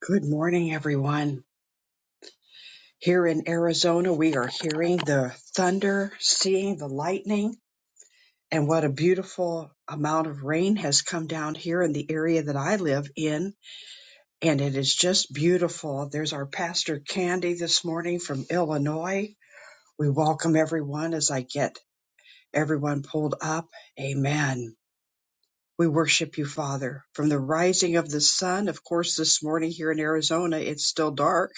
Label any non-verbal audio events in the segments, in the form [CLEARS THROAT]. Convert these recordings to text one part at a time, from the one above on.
Good morning, everyone. Here in Arizona, we are hearing the thunder, seeing the lightning, and what a beautiful amount of rain has come down here in the area that I live in. And it is just beautiful. There's our pastor Candy this morning from Illinois. We welcome everyone as I get everyone pulled up. Amen. We worship you, Father. From the rising of the sun, of course, this morning here in Arizona, it's still dark.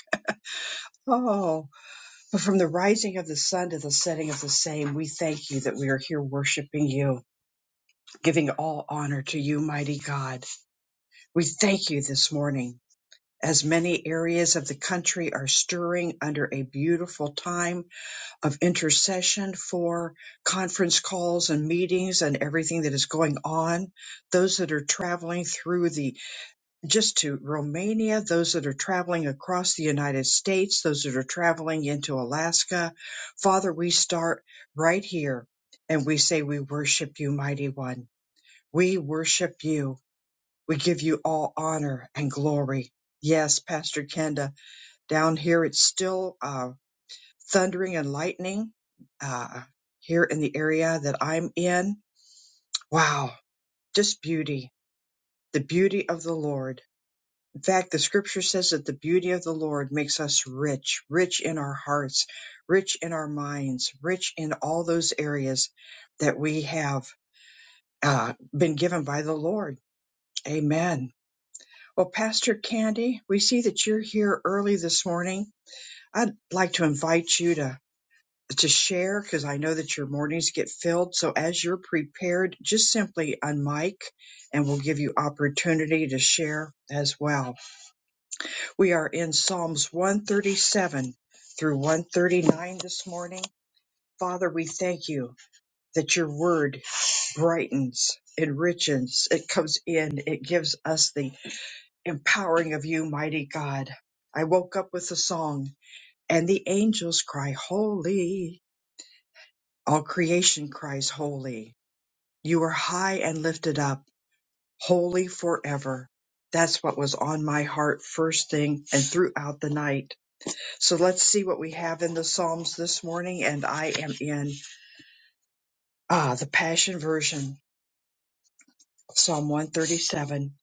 Oh. But from the rising of the sun to the setting of the same, we thank you that we are here worshiping you, giving all honor to you, mighty God. We thank you this morning. As many areas of the country are stirring under a beautiful time of intercession for conference calls and meetings and everything that is going on, those that are traveling through the just to Romania, those that are traveling across the United States, those that are traveling into Alaska. Father, we start right here and we say, We worship you, mighty one. We worship you. We give you all honor and glory. Yes, Pastor Kenda, down here it's still uh, thundering and lightning uh, here in the area that I'm in. Wow, just beauty, the beauty of the Lord In fact, the scripture says that the beauty of the Lord makes us rich, rich in our hearts, rich in our minds, rich in all those areas that we have uh, been given by the Lord. Amen. Well, Pastor Candy, we see that you're here early this morning. I'd like to invite you to to share because I know that your mornings get filled. So as you're prepared, just simply unmic, and we'll give you opportunity to share as well. We are in Psalms 137 through 139 this morning. Father, we thank you that your word brightens, enriches, it comes in, it gives us the empowering of you, mighty God. I woke up with a song, and the angels cry, Holy. All creation cries, Holy. You are high and lifted up, holy forever. That's what was on my heart first thing and throughout the night So let's see what we have in the Psalms this morning. And I am in ah, the Passion Version, Psalm 137.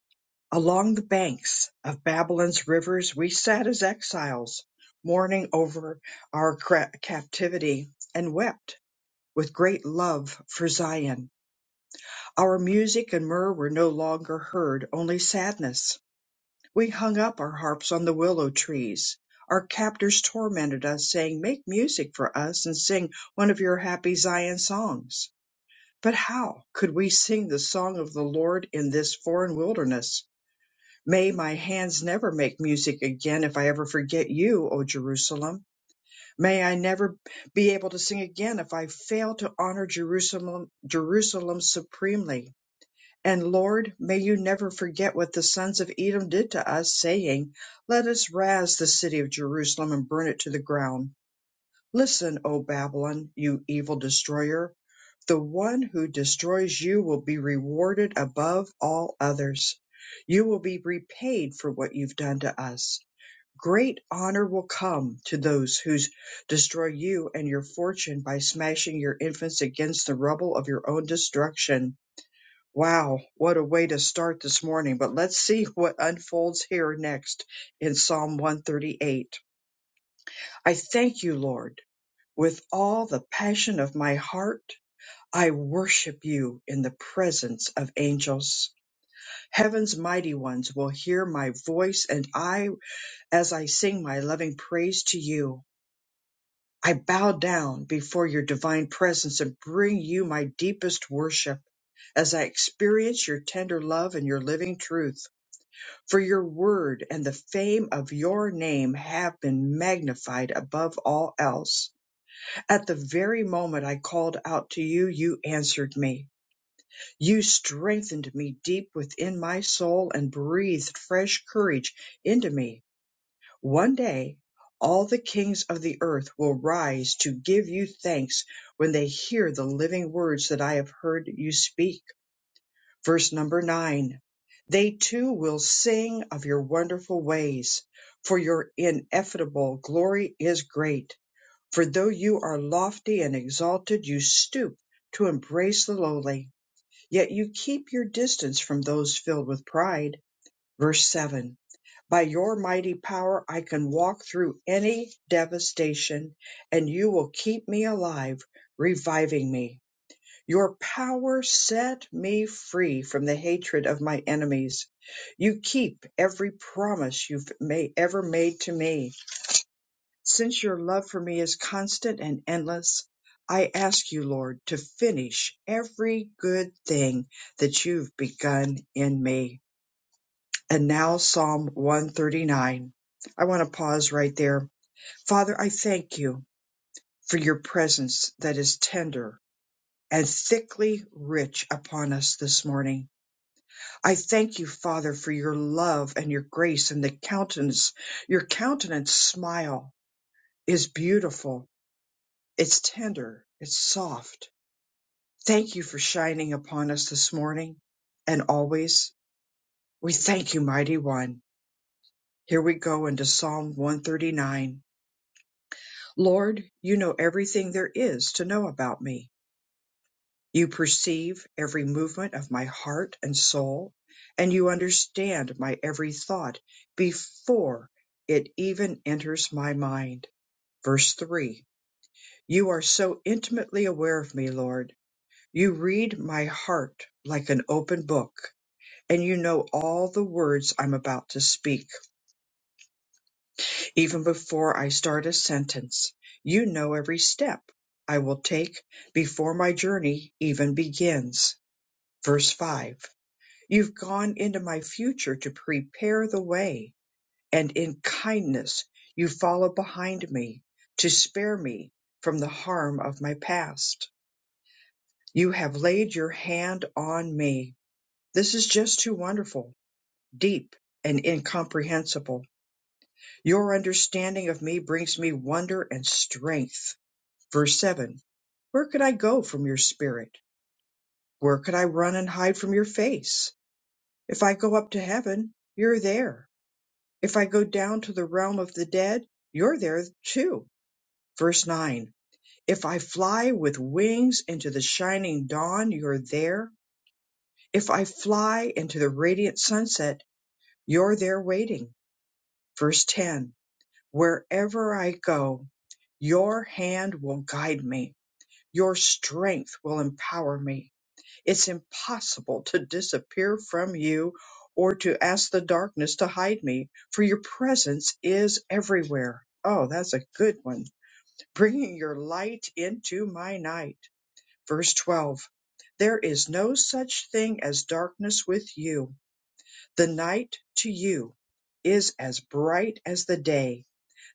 Along the banks of Babylon's rivers, we sat as exiles, mourning over our cra- captivity, and wept with great love for Zion. Our music and myrrh were no longer heard, only sadness We hung up our harps on the willow trees. Our captors tormented us, saying, Make music for us and sing one of your happy Zion songs. But how could we sing the song of the Lord in this foreign wilderness? May my hands never make music again if I ever forget you, O Jerusalem. May I never be able to sing again if I fail to honor Jerusalem, Jerusalem supremely. And Lord, may you never forget what the sons of Edom did to us, saying, Let us razz the city of Jerusalem and burn it to the ground. Listen, O Babylon, you evil destroyer. The one who destroys you will be rewarded above all others. You will be repaid for what you've done to us. Great honor will come to those who destroy you and your fortune by smashing your infants against the rubble of your own destruction Wow, what a way to start this morning. But let's see what unfolds here next in Psalm 138. I thank you, Lord, with all the passion of my heart. I worship you in the presence of angels. Heaven's mighty ones will hear my voice, and I, as I sing my loving praise to you, I bow down before your divine presence and bring you my deepest worship as I experience your tender love and your living truth. for your word and the fame of your name have been magnified above all else. At the very moment I called out to you, you answered me. You strengthened me deep within my soul and breathed fresh courage into me. One day, all the kings of the earth will rise to give you thanks when they hear the living words that I have heard you speak. Verse number nine. They too will sing of your wonderful ways, for your ineffable glory is great. For though you are lofty and exalted, you stoop to embrace the lowly, yet you keep your distance from those filled with pride. Verse 7 By your mighty power I can walk through any devastation, and you will keep me alive, reviving me. Your power set me free from the hatred of my enemies. You keep every promise you've made, ever made to me. Since your love for me is constant and endless, I ask you, Lord, to finish every good thing that you've begun in me. And now, Psalm 139. I want to pause right there. Father, I thank you for your presence that is tender and thickly rich upon us this morning. I thank you, Father, for your love and your grace and the countenance. Your countenance smile is beautiful. It's tender. It's soft. Thank you for shining upon us this morning and always. We thank you, mighty one. Here we go into Psalm 139. Lord, you know everything there is to know about me. You perceive every movement of my heart and soul, and you understand my every thought before it even enters my mind. Verse 3 You are so intimately aware of me, Lord. You read my heart like an open book, and you know all the words I'm about to speak. Even before I start a sentence, you know every step I will take before my journey even begins. Verse 5 You've gone into my future to prepare the way, and in kindness you follow behind me to spare me from the harm of my past. You have laid your hand on me. This is just too wonderful, deep, and incomprehensible. Your understanding of me brings me wonder and strength. Verse 7 Where could I go from your spirit? Where could I run and hide from your face? If I go up to heaven, you're there. If I go down to the realm of the dead, you're there too. Verse 9 If I fly with wings into the shining dawn, you're there. If I fly into the radiant sunset, you're there waiting. Verse 10 Wherever I go, your hand will guide me, your strength will empower me. It's impossible to disappear from you or to ask the darkness to hide me, for your presence is everywhere. Oh, that's a good one. Bringing your light into my night. Verse 12. There is no such thing as darkness with you. The night to you is as bright as the day.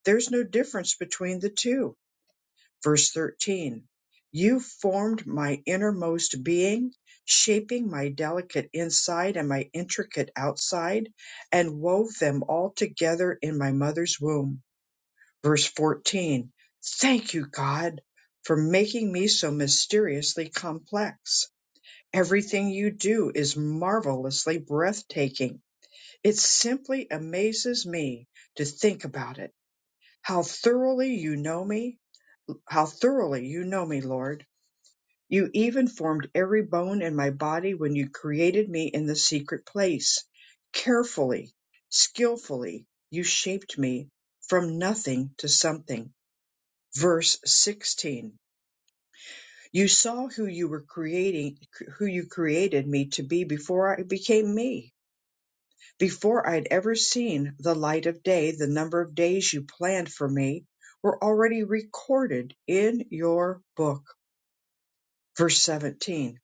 There's no difference between the two Verse 13 You formed my innermost being, shaping my delicate inside and my intricate outside, and wove them all together in my mother's womb. Verse 14 Thank you, God, for making me so mysteriously complex. Everything you do is marvelously breathtaking. It simply amazes me to think about it. How thoroughly you know me. How thoroughly you know me, Lord. You even formed every bone in my body when you created me in the secret place. Carefully, skillfully, you shaped me from nothing to something. Verse 16. You saw who you were creating, who you created me to be before I became me, before I'd ever seen the light of day. The number of days you planned for me were already recorded in your book. Verse 17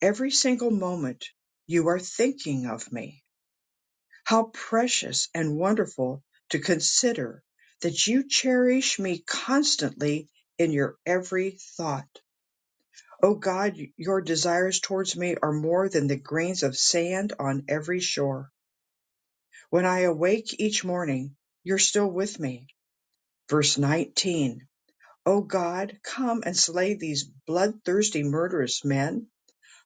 Every single moment you are thinking of me. How precious and wonderful to consider that you cherish me constantly in your every thought. O God, your desires towards me are more than the grains of sand on every shore. When I awake each morning, you're still with me. Verse 19. O God, come and slay these bloodthirsty murderous men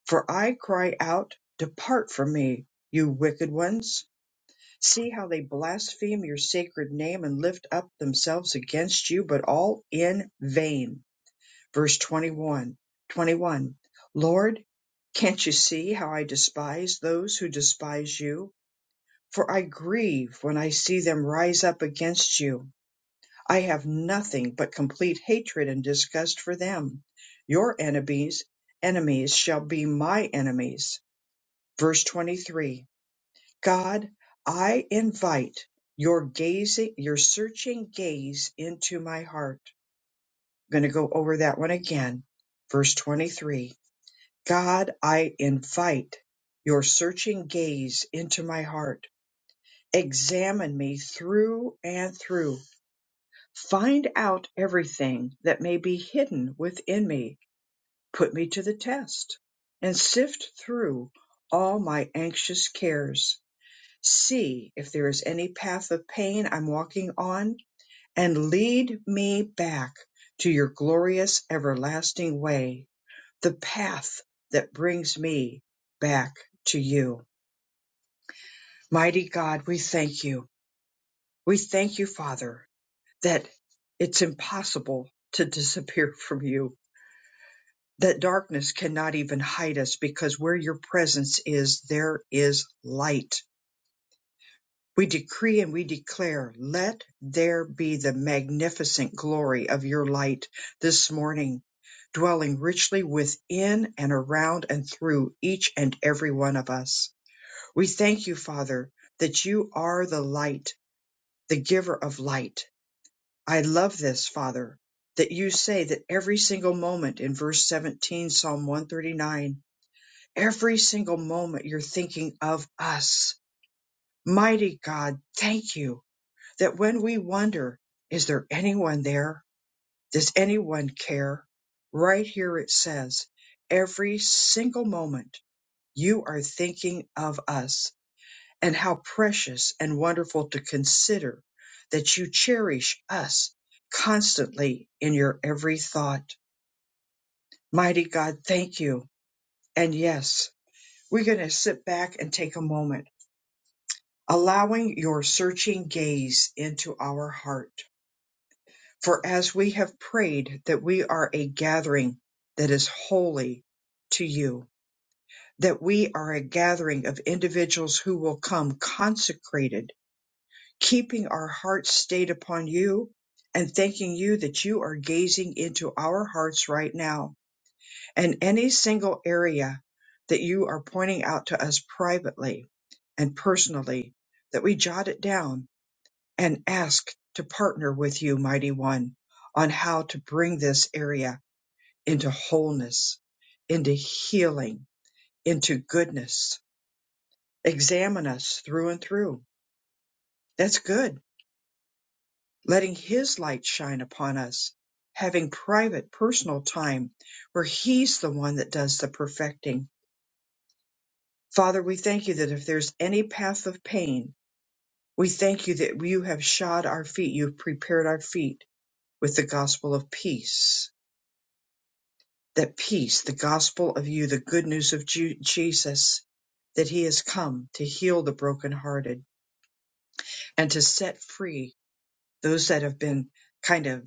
For I cry out, Depart from me, you wicked ones. See how they blaspheme your sacred name and lift up themselves against you, but all in vain. Verse 21, 21. Lord, can't you see how I despise those who despise you? For I grieve when I see them rise up against you. I have nothing but complete hatred and disgust for them. Your enemies, enemies shall be my enemies Verse 23 God, I invite your gazing, your searching gaze into my heart. I'm going to go over that one again. Verse 23 God, I invite your searching gaze into my heart. Examine me through and through. Find out everything that may be hidden within me. Put me to the test and sift through all my anxious cares See if there is any path of pain I'm walking on, and lead me back to your glorious everlasting way, the path that brings me back to you. Mighty God, we thank you. We thank you, Father, that it's impossible to disappear [LAUGHS] from you, that darkness cannot even hide us because where your presence is, there is light We decree and we declare, let there be the magnificent glory of your light this morning, dwelling richly within and around and through each and every one of us. We thank you, Father, that you are the light, the giver of light. I love this, Father, that you say that every single moment in verse 17, Psalm 139, every single moment you're thinking of us. Mighty God, thank you that when we wonder, is there anyone there? Does anyone care? Right here it says, every single moment you are thinking of us and how precious and wonderful to consider that you cherish us constantly in your every thought. Mighty God, thank you. And yes, we're going to sit back and take a moment, allowing your searching gaze into our heart For as we have prayed that we are a gathering that is holy to you, that we are a gathering of individuals who will come consecrated, keeping our hearts stayed upon you and thanking you that you are gazing into our hearts right now and any single area that you are pointing out to us privately and personally, that we jot it down and ask to partner with you, Mighty One, on how to bring this area into wholeness, into healing, into goodness. Examine us through and through. That's good. Letting His light shine upon us, having private, personal time where He's the one that does the perfecting. Father, we thank you that if there's any path of pain, we thank you that you have shod our feet, you've prepared our feet with the gospel of peace that peace, the gospel of you, the good news of Ju- Jesus, that he has come to heal the brokenhearted and to set free those that have been kind of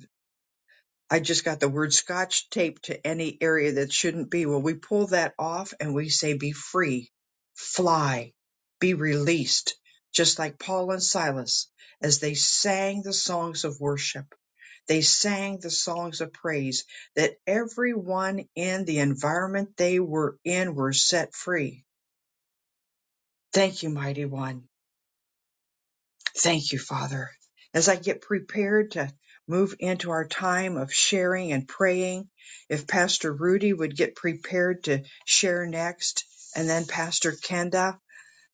I just got the word scotch taped to any area that shouldn't be. Well, we pull that off and we say, be free, fly, be released, just like Paul and Silas as they sang the songs of worship. They sang the songs of praise that everyone in the environment they were in were set free. Thank you, mighty one. Thank you, Father. As I get prepared to move into our time of sharing and praying, if Pastor Rudy would get prepared to share next, and then Pastor Kenda,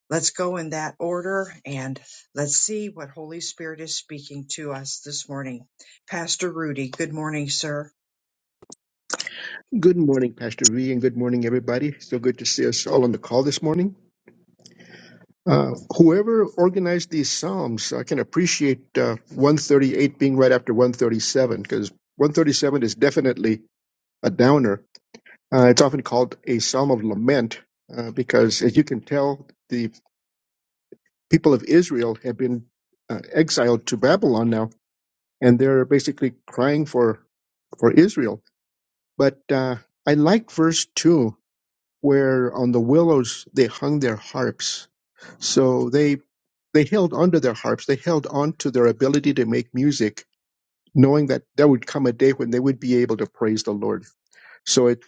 let's go in that order and let's see what Holy Spirit is speaking to us this morning. Pastor Rudy, good morning, sir. Good morning, Pastor V, and good morning, everybody. So good to see us all on the call this morning. Uh, whoever organized these Psalms, I can appreciate uh, 138 being right after 137, because 137 is definitely a downer. Uh, it's often called a Psalm of Lament, uh, because as you can tell, the people of Israel have been uh, exiled to Babylon now, and they're basically crying for, for Israel. But uh, I like verse 2 where on the willows they hung their harps. So they they held onto their harps. They held on to their ability to make music, knowing that there would come a day when they would be able to praise the Lord. So it,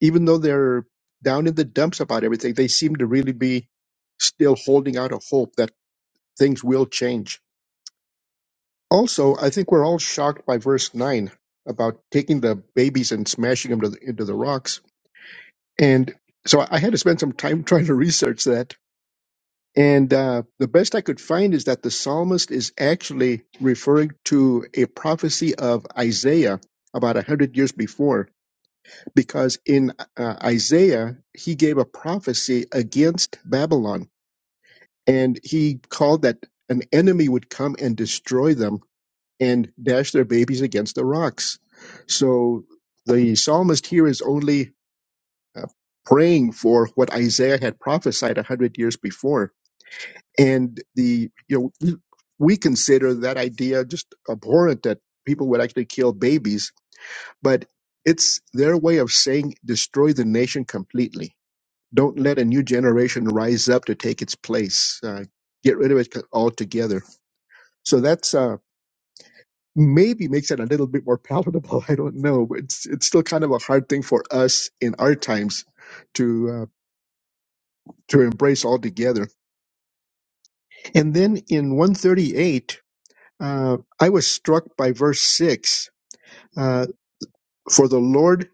even though they're down in the dumps about everything, they seem to really be still holding out a hope that things will change. Also, I think we're all shocked by verse nine about taking the babies and smashing them to the, into the rocks. And so I had to spend some time [LAUGHS] trying to research that And uh, the best I could find is that the psalmist is actually referring to a prophecy of Isaiah about a hundred years before, because in uh, Isaiah he gave a prophecy against Babylon, and he called that an enemy would come and destroy them and dash their babies against the rocks. So the psalmist here is only uh, praying for what Isaiah had prophesied a hundred years before and the you know we we consider that idea just abhorrent that people would actually kill babies but it's their way of saying destroy the nation completely don't let a new generation rise up to take its place uh, get rid of it altogether so that's uh maybe makes it a little bit more palatable [LAUGHS] i don't know but it's it's still kind of a hard thing for us in our times to uh, to embrace altogether and then in 138 uh, I was struck by verse six. Uh, for the Lord,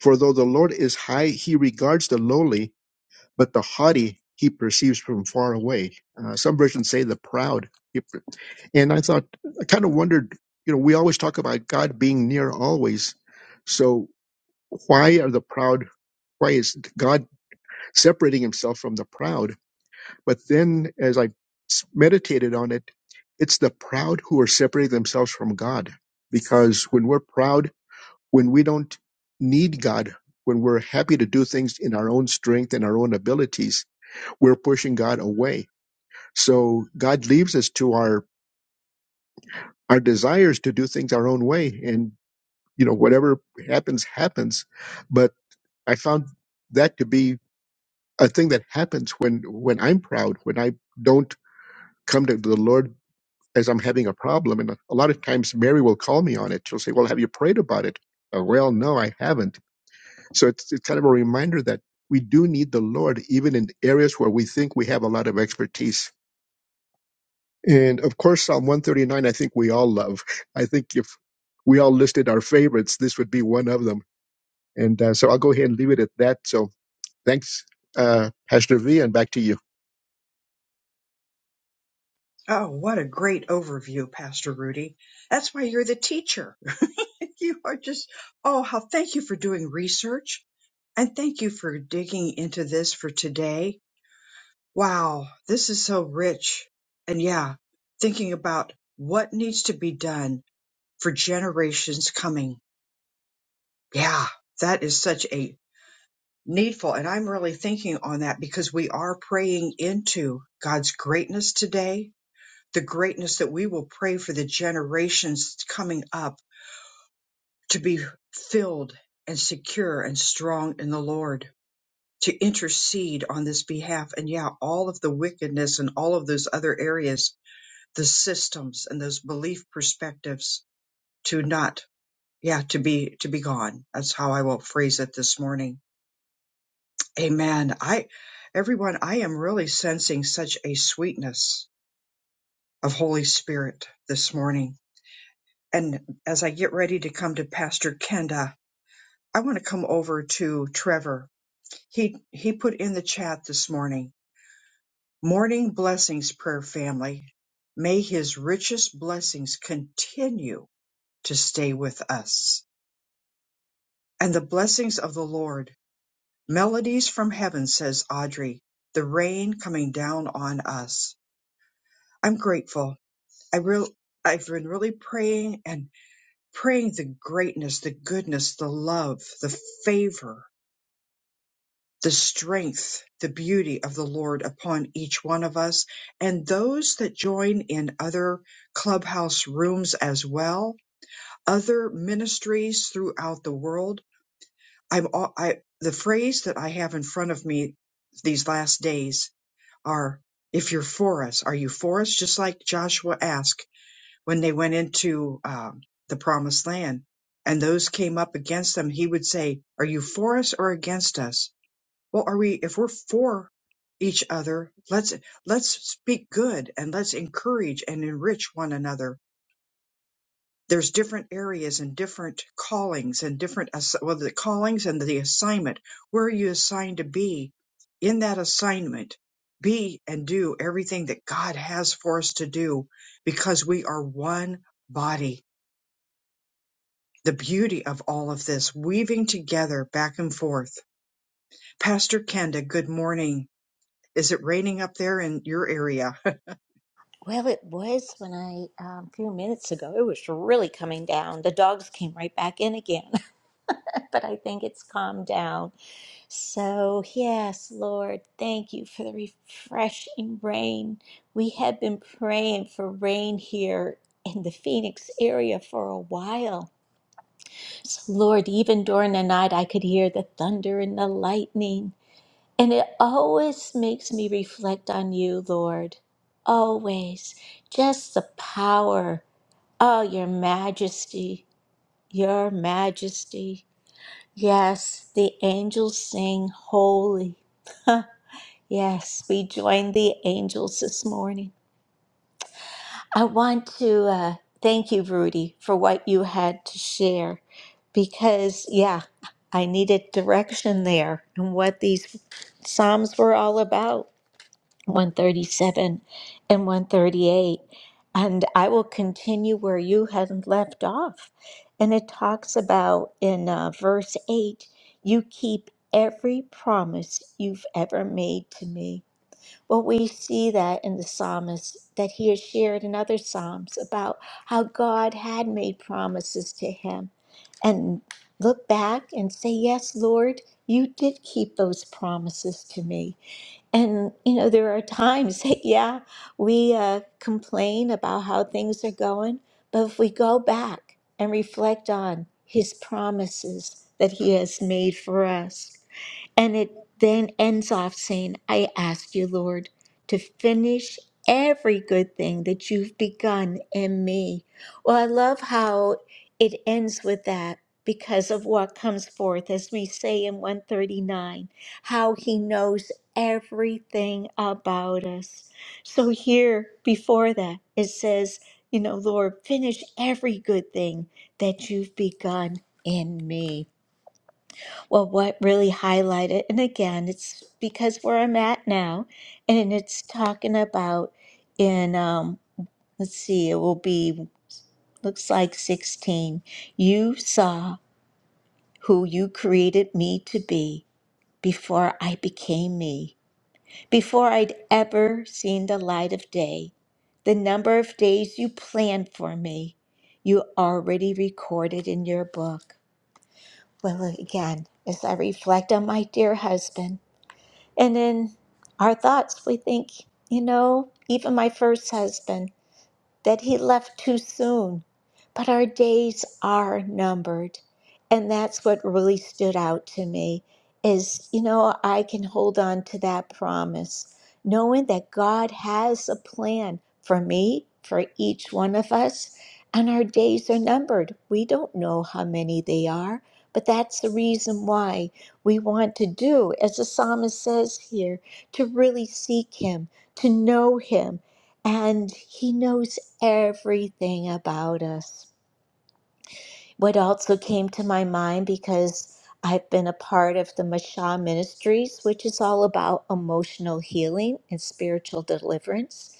for though the Lord is high, he regards the lowly, but the haughty he perceives from far away. Uh, some versions say the proud. And I thought, I kind of wondered, you know, we always talk about God being near always. So why are the proud? Why is God separating himself from the proud? But then as I meditated on it, it's the proud who are separating themselves from God. Because when we're proud, when we don't need God, when we're happy to do things in our own strength and our own abilities, we're pushing God away. So God leaves us to our, our desires to do things our own way. And, you know, whatever happens, happens. But I found that to be a thing that happens when, when I'm proud, when I don't come to the Lord as I'm having a problem. And a lot of times Mary will call me on it. She'll say, Well, have you prayed about it? Uh, well, no, I haven't. So it's, it's kind of a reminder that we do need the Lord, even in areas where we think we have a lot of expertise. And of course, Psalm 139, I think we all love. I think if we all listed our favorites, this would be one of them. And uh, so I'll go ahead and leave it at that. So thanks, uh, Pastor V, and back to you. Oh, what a great overview, Pastor Rudy. That's why you're the teacher. [LAUGHS] You are just, oh, how thank you for doing research And thank you for digging into this for today. Wow, this is so rich. And yeah, thinking about what needs to be done for generations coming. Yeah, that is such a needful. And I'm really thinking on that because we are praying into God's greatness today, the greatness that we will pray for the generations coming up to be filled and secure and strong in the Lord. to intercede on this behalf. And yeah, all of the wickedness and all of those other areas, the systems and those belief perspectives to not, yeah, to be, to be gone. That's how I will phrase it this morning. Amen. I, everyone, I am really sensing such a sweetness of Holy Spirit this morning. And as I get ready to come to Pastor Kenda, I want to come over to Trevor. He, he put in the chat this morning Morning Blessings Prayer Family, may His richest blessings continue to stay with us. And the blessings of the Lord, melodies from heaven, says Audrey, the rain coming down on us. I'm grateful. I real, I've been really praying and praying the greatness, the goodness, the love, the favor the strength, the beauty of the Lord upon each one of us and those that join in other clubhouse rooms as well, other ministries throughout the world. I'm all, I the phrase that I have in front of me these last days are if you're for us, are you for us? Just like Joshua asked when they went into um, the promised land and those came up against them, he would say, Are you for us or against us? Well, are we, if we're for each other, let's, let's speak good and let's encourage and enrich one another. There's different areas and different callings and different, ass- well, the callings and the assignment. Where are you assigned to be in that assignment? Be and do everything that God has for us to do because we are one body. The beauty of all of this weaving together back and forth. Pastor Kenda, good morning. Is it raining up there in your area? Well, it was when I, um, a few minutes ago, it was really coming down. The dogs came right back in again, [LAUGHS] but I think it's calmed down. So, yes, Lord, thank you for the refreshing rain. We have been praying for rain here in the Phoenix area for a while. So, Lord, even during the night, I could hear the thunder and the lightning. And it always makes me reflect on you, Lord. Always. Just the power. Oh, your majesty. Your majesty. Yes, the angels sing holy. [LAUGHS] yes, we joined the angels this morning. I want to uh, thank you, Rudy, for what you had to share because, yeah, I needed direction there and what these Psalms were all about. 137 and 138. And I will continue where you had left off. And it talks about in uh, verse 8 you keep every promise you've ever made to me. Well, we see that in the psalmist that he has shared in other psalms about how God had made promises to him. And look back and say, Yes, Lord, you did keep those promises to me. And, you know, there are times, [LAUGHS] yeah, we uh, complain about how things are going, but if we go back and reflect on his promises that he has made for us, and it then ends off saying, I ask you, Lord, to finish every good thing that you've begun in me. Well, I love how it ends with that because of what comes forth, as we say in 139, how he knows everything about us. So here before that, it says, you know, Lord, finish every good thing that you've begun in me. Well, what really highlighted, and again, it's because where I'm at now, and it's talking about in, um, let's see, it will be, looks like 16. You saw who you created me to be before I became me, before I'd ever seen the light of day. The number of days you planned for me, you already recorded in your book. Well, again, as I reflect on my dear husband, And in our thoughts, we think, you know, even my first husband that he left too soon. But our days are numbered. And that's what really stood out to me is, you know, I can hold on to that promise, knowing that God has a plan for me, for each one of us, and our days are numbered. We don't know how many they are, but that's the reason why we want to do, as the psalmist says here, to really seek him, to know him, and he knows everything about us. What also came to my mind because I've been a part of the Mashah Ministries, which is all about emotional healing and spiritual deliverance.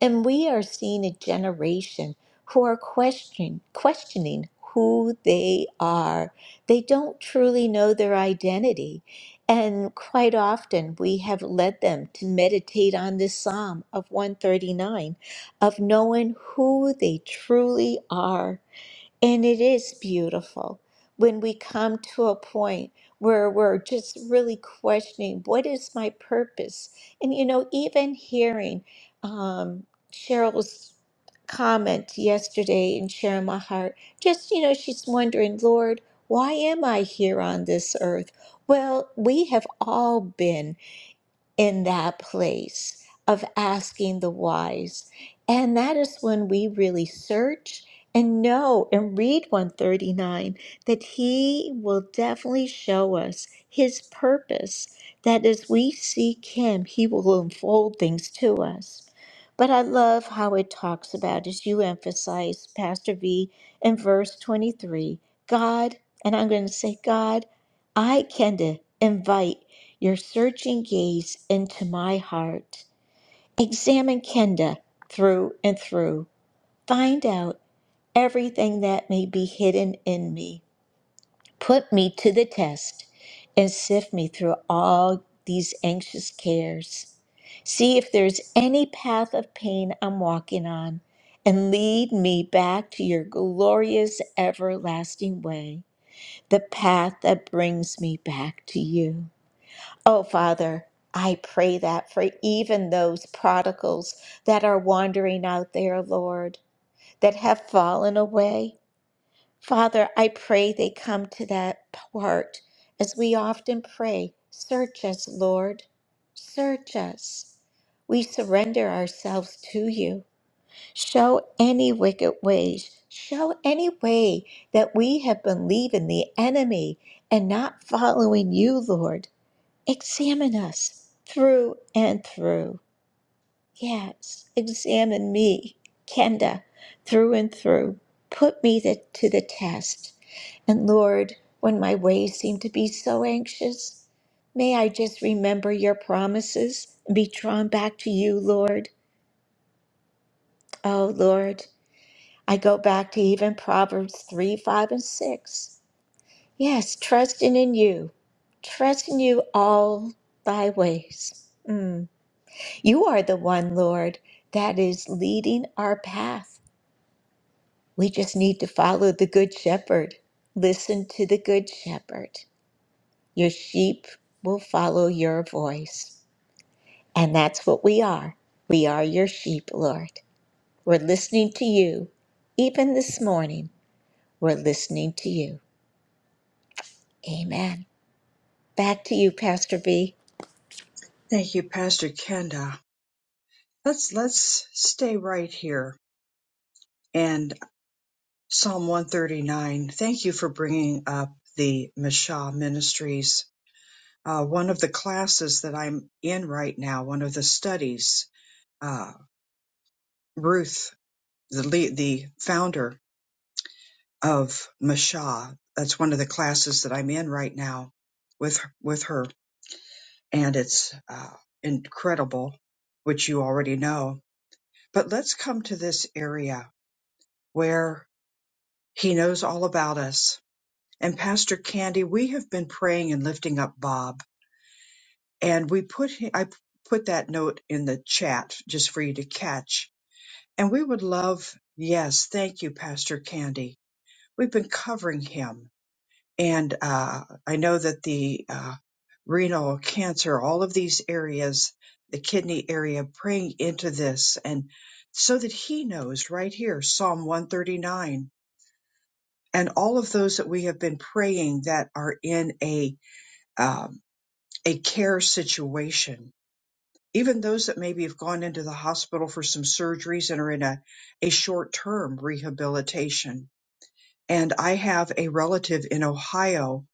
And we are seeing a generation who are questioning questioning who they are. They don't truly know their identity. And quite often we have led them to meditate on this Psalm of 139 of knowing who they truly are. And it is beautiful when we come to a point where we're just really questioning what is my purpose? And, you know, even hearing um, Cheryl's comment yesterday in sharing my heart, just, you know, she's wondering, Lord, why am I here on this earth? Well, we have all been in that place of asking the wise. And that is when we really search and know and read 139 that He will definitely show us His purpose, that as we seek Him, He will unfold things to us. But I love how it talks about, as you emphasize, Pastor V, in verse 23, God, and I'm going to say, God, I can invite your searching gaze into my heart. Examine Kenda through and through. Find out everything that may be hidden in me. Put me to the test and sift me through all these anxious cares. See if there's any path of pain I'm walking on and lead me back to your glorious everlasting way, the path that brings me back to you. Oh, Father, I pray that for even those prodigals that are wandering out there, Lord, that have fallen away. Father, I pray they come to that part as we often pray Search us, Lord, search us. We surrender ourselves to you. Show any wicked ways, show any way that we have been leaving the enemy and not following you, Lord. Examine us through and through. Yes, examine me, Kenda, through and through. Put me the, to the test. And Lord, when my ways seem to be so anxious, may I just remember your promises and be drawn back to you, Lord. Oh, Lord, I go back to even Proverbs 3, 5, and 6. Yes, trusting in you, trusting you all thy ways. Mm. You are the one, Lord, that is leading our path. We just need to follow the Good Shepherd. Listen to the Good Shepherd. Your sheep will follow your voice. And that's what we are. We are your sheep, Lord. We're listening to you. Even this morning, we're listening to you. Amen. Back to you, Pastor B. [LAUGHS] Thank you, Pastor Kenda. Let's let's stay right here. And Psalm 139. Thank you for bringing up the Mishah Ministries. Uh, one of the classes that I'm in right now, one of the studies, uh, Ruth, the lead, the founder of Mishah. That's one of the classes that I'm in right now with with her, and it's uh, incredible, which you already know But let's come to this area where he knows all about us. And Pastor Candy, we have been praying and lifting up Bob, and we put hi- I put that note in the chat just for you to catch. And we would love, yes, thank you, Pastor Candy. We've been covering him, and uh, I know that the uh, renal cancer, all of these areas, the kidney area, praying into this, and so that he knows right here, Psalm 139 and all of those that we have been praying that are in a um, a care situation, even those that maybe have gone into the hospital for some surgeries and are in a, a short term rehabilitation. And I have a relative in Ohio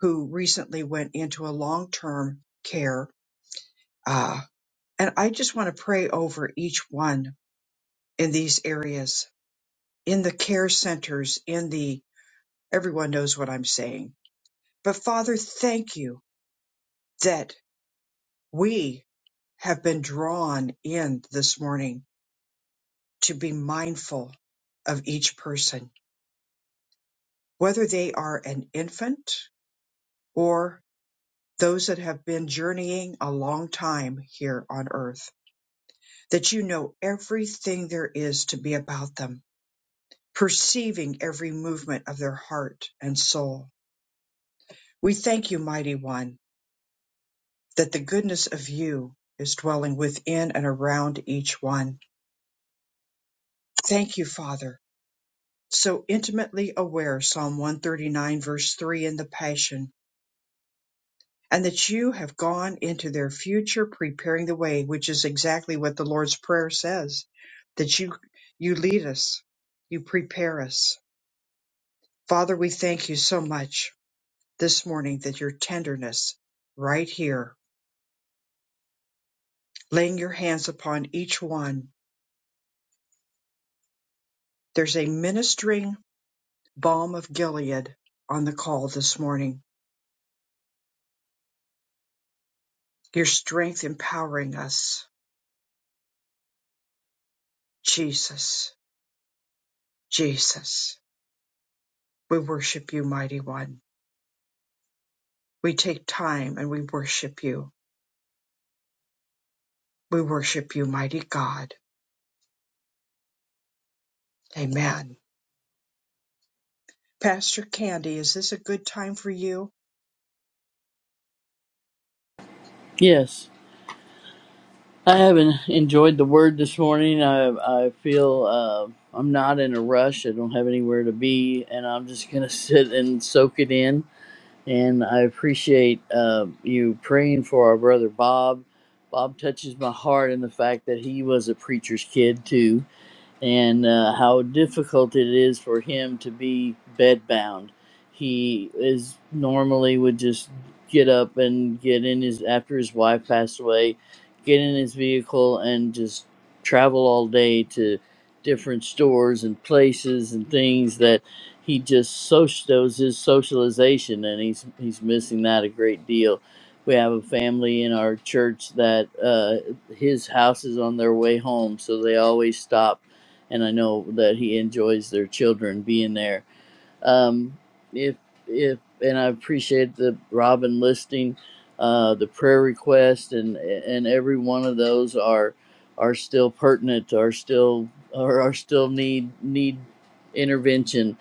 who recently went into a long term care. Uh, and I just want to pray over each one in these areas, in the care centers, in the everyone knows what I'm saying. But Father, thank you that. We have been drawn in this morning to be mindful of each person, whether they are an infant or those that have been journeying a long time here on earth, that you know everything there is to be about them, perceiving every movement of their heart and soul. We thank you, mighty one, that the goodness of you is dwelling within and around each one. Thank you, Father, so intimately aware, Psalm 139, verse 3 in the Passion, and that you have gone into their future preparing the way, which is exactly what the Lord's Prayer says, that you, you lead us, you prepare us. Father, we thank you so much this morning that your tenderness right here, laying your hands upon each one. There's a ministering balm of Gilead on the call this morning. Your strength empowering us, Jesus. Jesus, we worship you, mighty one. We take time and we worship you. We worship you, mighty God. Amen. Pastor Candy, is this a good time for you? Yes, I haven't enjoyed the word this morning. I I feel uh, I'm not in a rush. I don't have anywhere to be, and I'm just gonna [LAUGHS] sit and soak it in. And I appreciate uh, you praying for our brother Bob. Bob touches my heart in the fact that he was a preacher's kid too and uh, how difficult it is for him to be bedbound. He is normally would just get up and get in his after his wife passed away, get in his vehicle and just travel all day to different stores and places and things that he just social that was his socialization and he's he's missing that a great deal. We have a family in our church that uh, his house is on their way home, so they always stop and I know that he enjoys their children being there. Um, if if and I appreciate the Robin listing, uh, the prayer request, and and every one of those are are still pertinent, are still are, are still need need intervention.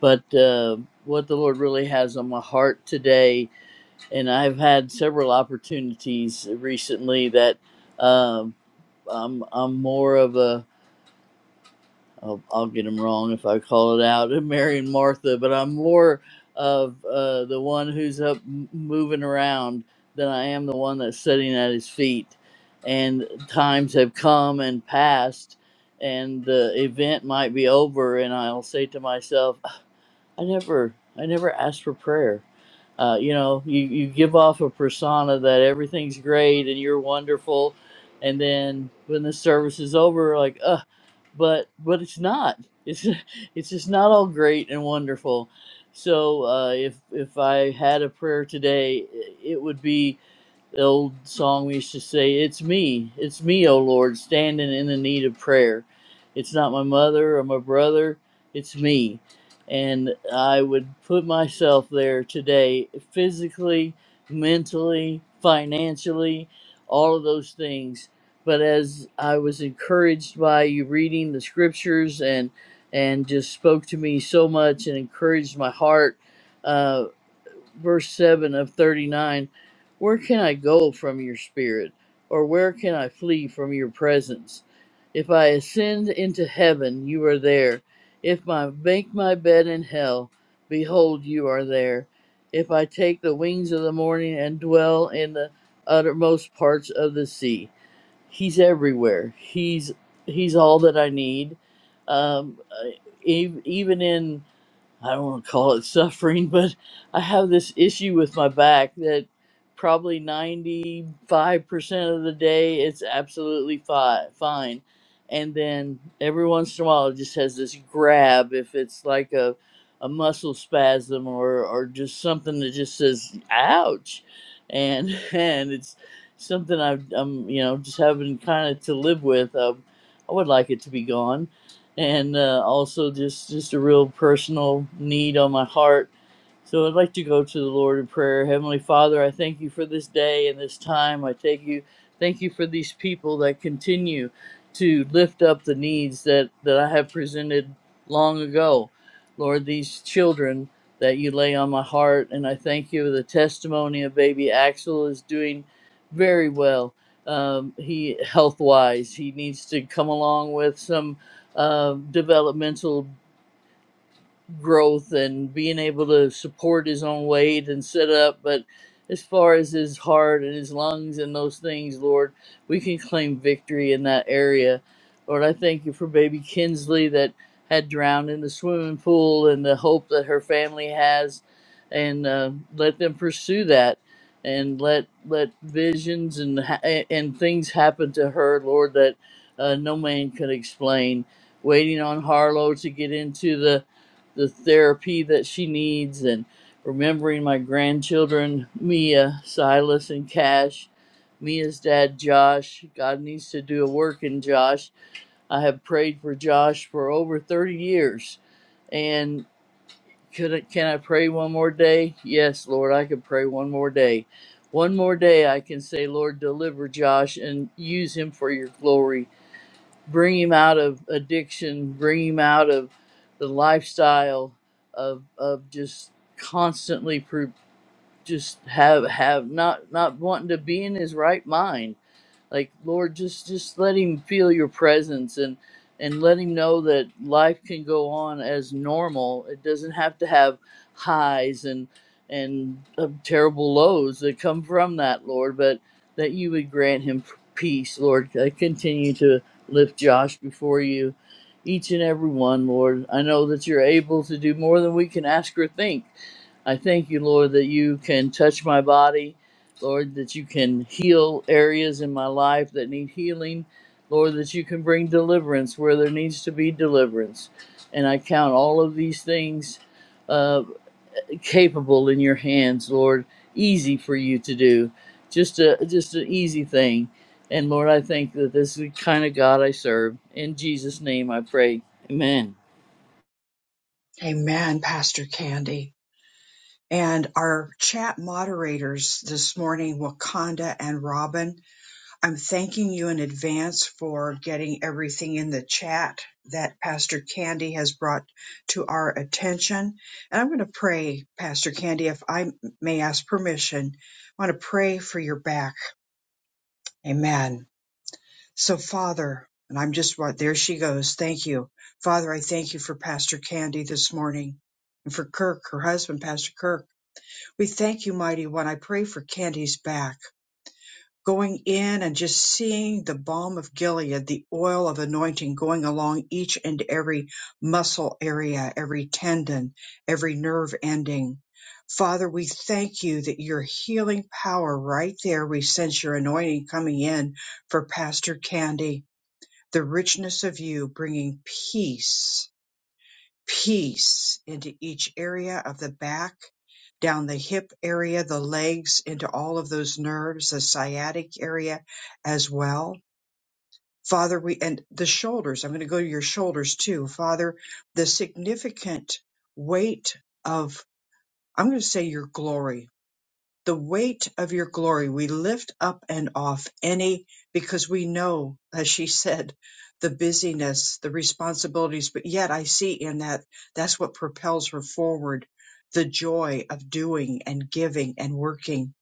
But uh, what the Lord really has on my heart today, and I've had several opportunities recently that um, I'm I'm more of a I'll, I'll get them wrong if I call it out, Mary and Martha, but I'm more of uh, the one who's up m- moving around than I am the one that's sitting at his feet. And times have come and passed, and the event might be over, and I'll say to myself, I never, I never asked for prayer. Uh, you know, you, you give off a persona that everything's great and you're wonderful, and then when the service is over, like, uh, but but it's not. It's [LAUGHS] it's just not all great and wonderful. So uh, if if I had a prayer today, i- it would be the old song we used to say, It's me, it's me, O Lord, standing in the need of prayer. It's not my mother or my brother, it's me. And I would put myself there today, physically, mentally, financially, all of those things. But as I was encouraged by you reading the scriptures and and just spoke to me so much and encouraged my heart uh, verse 7 of 39 Where can I go from your spirit? Or where can I flee from your presence? If I ascend into heaven, you are there. If I make my bed in hell, behold, you are there. If I take the wings of the morning and dwell in the uttermost parts of the sea, He's everywhere. He's He's all that I need. Um, e- even in I don't want to call it [LAUGHS] suffering, but I have this issue with my back that probably 95% of the day it's absolutely fi- fine. And then every once in a while it just has this grab if it's like a, a muscle spasm or, or just something that just says, ouch. And, [LAUGHS] and it's something I've, I'm, you know, just having kind of to live with. Um, I would like it to be gone and uh, also just just a real personal need on my heart so I'd like to go to the Lord in prayer. Heavenly Father, I thank you for this day and this time. I thank you, thank you for these people that continue to lift up the needs that, that I have presented long ago. Lord, these children that you lay on my heart, and I thank you. for The testimony of baby Axel is doing very well. Um, he health wise, he needs to come along with some uh, developmental growth and being able to support his own weight and sit up. But as far as his heart and his lungs and those things, Lord, we can claim victory in that area. Lord, I thank you for baby Kinsley that had drowned in the swimming pool and the hope that her family has, and uh, let them pursue that. And let let visions and ha- and things happen to her, Lord, that uh, no man could explain. Waiting on Harlow to get into the the therapy that she needs and remembering my grandchildren, Mia, Silas, and Cash. Mia's dad, Josh. God needs to do a work in Josh. I have prayed for Josh for over 30 years. And could I, can I pray one more day? Yes, Lord, I can pray one more day. One more day, I can say, Lord, deliver Josh and use him for your glory bring him out of addiction, bring him out of the lifestyle of of just constantly pro- just have have not not wanting to be in his right mind like lord just just let him feel your presence and and let him know that life can go on as normal it doesn't have to have highs and and uh, terrible lows that come from that lord but that you would grant him p- peace lord i continue to lift josh before you each and every one lord i know that you're able to do more than we can ask or think I thank you, Lord, that you can touch my body Lord, that you can heal areas in my life that need healing. Lord, that you can bring deliverance where there needs to be deliverance. And I count all of these things uh, capable in your hands, Lord. Easy for you to do, just a just an easy thing. And Lord, I think that this is the kind of God I serve. In Jesus' name, I pray. Amen. Amen, Pastor Candy. And our chat moderators this morning, Wakanda and Robin, I'm thanking you in advance for getting everything in the chat that Pastor Candy has brought to our attention. And I'm going to pray, Pastor Candy, if I may ask permission, I want to pray for your back. Amen. So, Father, and I'm just what there she goes. Thank you. Father, I thank you for Pastor Candy this morning and for Kirk, her husband, Pastor Kirk. We thank you, Mighty One. I pray for Candy's back going in and just seeing the balm of Gilead, the oil of anointing going along each and every muscle area, every tendon, every nerve ending. Father, we thank you that your healing power right there. We sense your anointing coming in for Pastor Candy, the richness of you bringing peace peace into each area of the back, down the hip area, the legs, into all of those nerves, the sciatic area as well. Father, we, and the shoulders, I'm going to go to your shoulders too. Father, the significant weight of, I'm going to say your glory the weight of your glory. We lift up and off any, because we know, as she said, the busyness, the responsibilities, but yet I see in that that's what propels her forward the joy of doing and giving and working.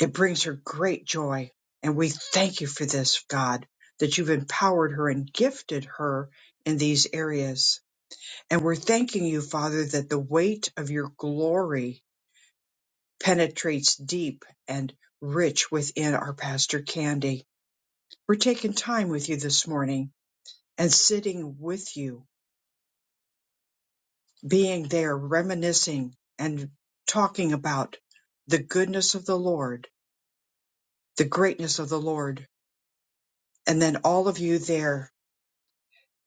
It brings her great joy. And we thank you for this, God, that you've empowered her and gifted her in these areas. And we're thanking you, Father, that the weight of your glory penetrates deep and rich within our Pastor Candy. We're taking time with you this morning and sitting with you, being there, reminiscing and talking about the goodness of the Lord, the greatness of the Lord. And then all of you there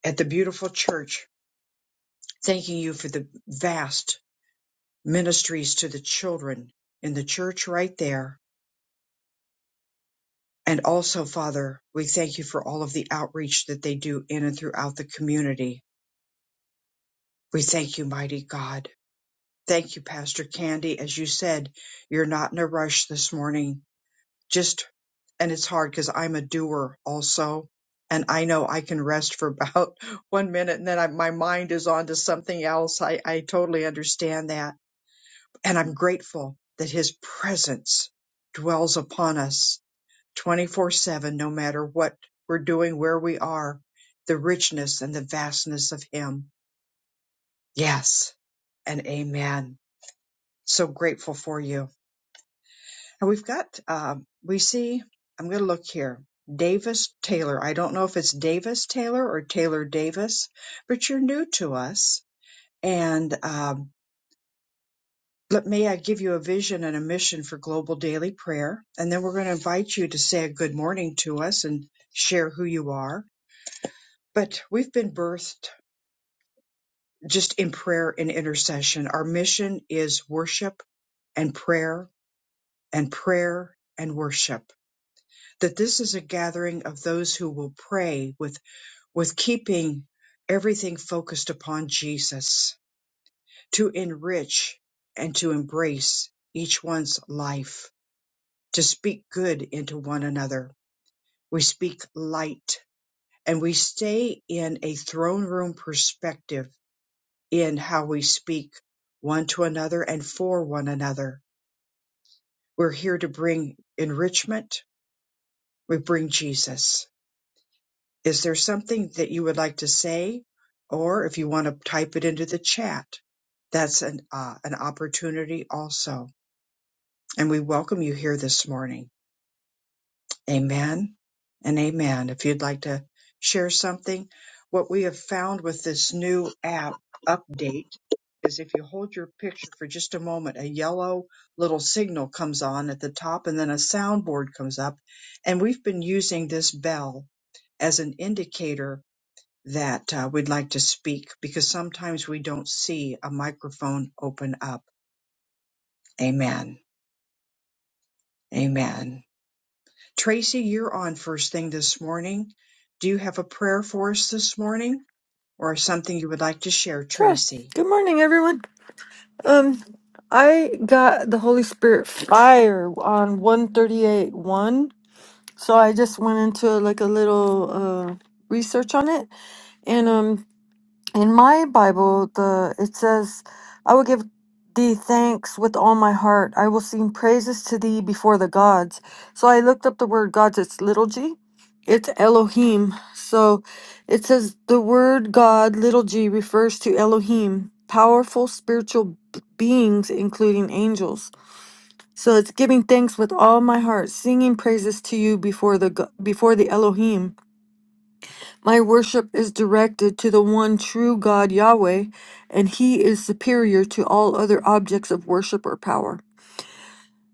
at the beautiful church, thanking you for the vast ministries to the children in the church right there. And also, Father, we thank you for all of the outreach that they do in and throughout the community We thank you, mighty God. Thank you, Pastor Candy. As you said, you're not in a rush this morning. Just, and it's hard because I'm a doer also. And I know I can rest for about [LAUGHS] one minute and then I, my mind is on to something else. I, I totally understand that. And I'm grateful that his presence dwells upon us 24 7, no matter what we're doing, where we are, the richness and the vastness of him. Yes and amen. So grateful for you. And we've got, um, we see, I'm going to look here. Davis Taylor. I don't know if it's Davis Taylor or Taylor Davis, but you're new to us. And um, let may I give you a vision and a mission for Global Daily Prayer. And then we're going to invite you to say a good morning to us and share who you are. But we've been birthed just in prayer and intercession. Our mission is worship and prayer and prayer and worship that this is a gathering of those who will pray with with keeping everything focused upon Jesus to enrich and to embrace each one's life to speak good into one another we speak light and we stay in a throne room perspective in how we speak one to another and for one another we're here to bring enrichment we bring Jesus Is there something that you would like to say? Or if you want to type it into the chat, that's an, uh, an opportunity also. And we welcome you here this morning. Amen and amen. If you'd like to share something, what we have found with this new app update is if you hold your picture for just a moment, a yellow little signal comes on at the top and then a soundboard comes up. And we've been using this bell as an indicator that uh, we'd like to speak because sometimes we don't see a microphone open up. Amen. Amen. Tracy, you're on first thing this morning. Do you have a prayer for us this morning or something you would like to share, Sure. Tracy? Good morning, everyone. Um, I got the Holy Spirit fire on 138 1. So I just went into like a little uh research on it. And um in my Bible, the it says, "I will give thee thanks with all my heart. I will sing praises to thee before the gods." So I looked up the word gods. It's little g, it's Elohim. So it says the word God, little g, refers to Elohim, powerful spiritual b- beings, including angels. So it's giving thanks with all my heart, singing praises to you before the go- before the Elohim. My worship is directed to the one true God Yahweh, and He is superior to all other objects of worship or power.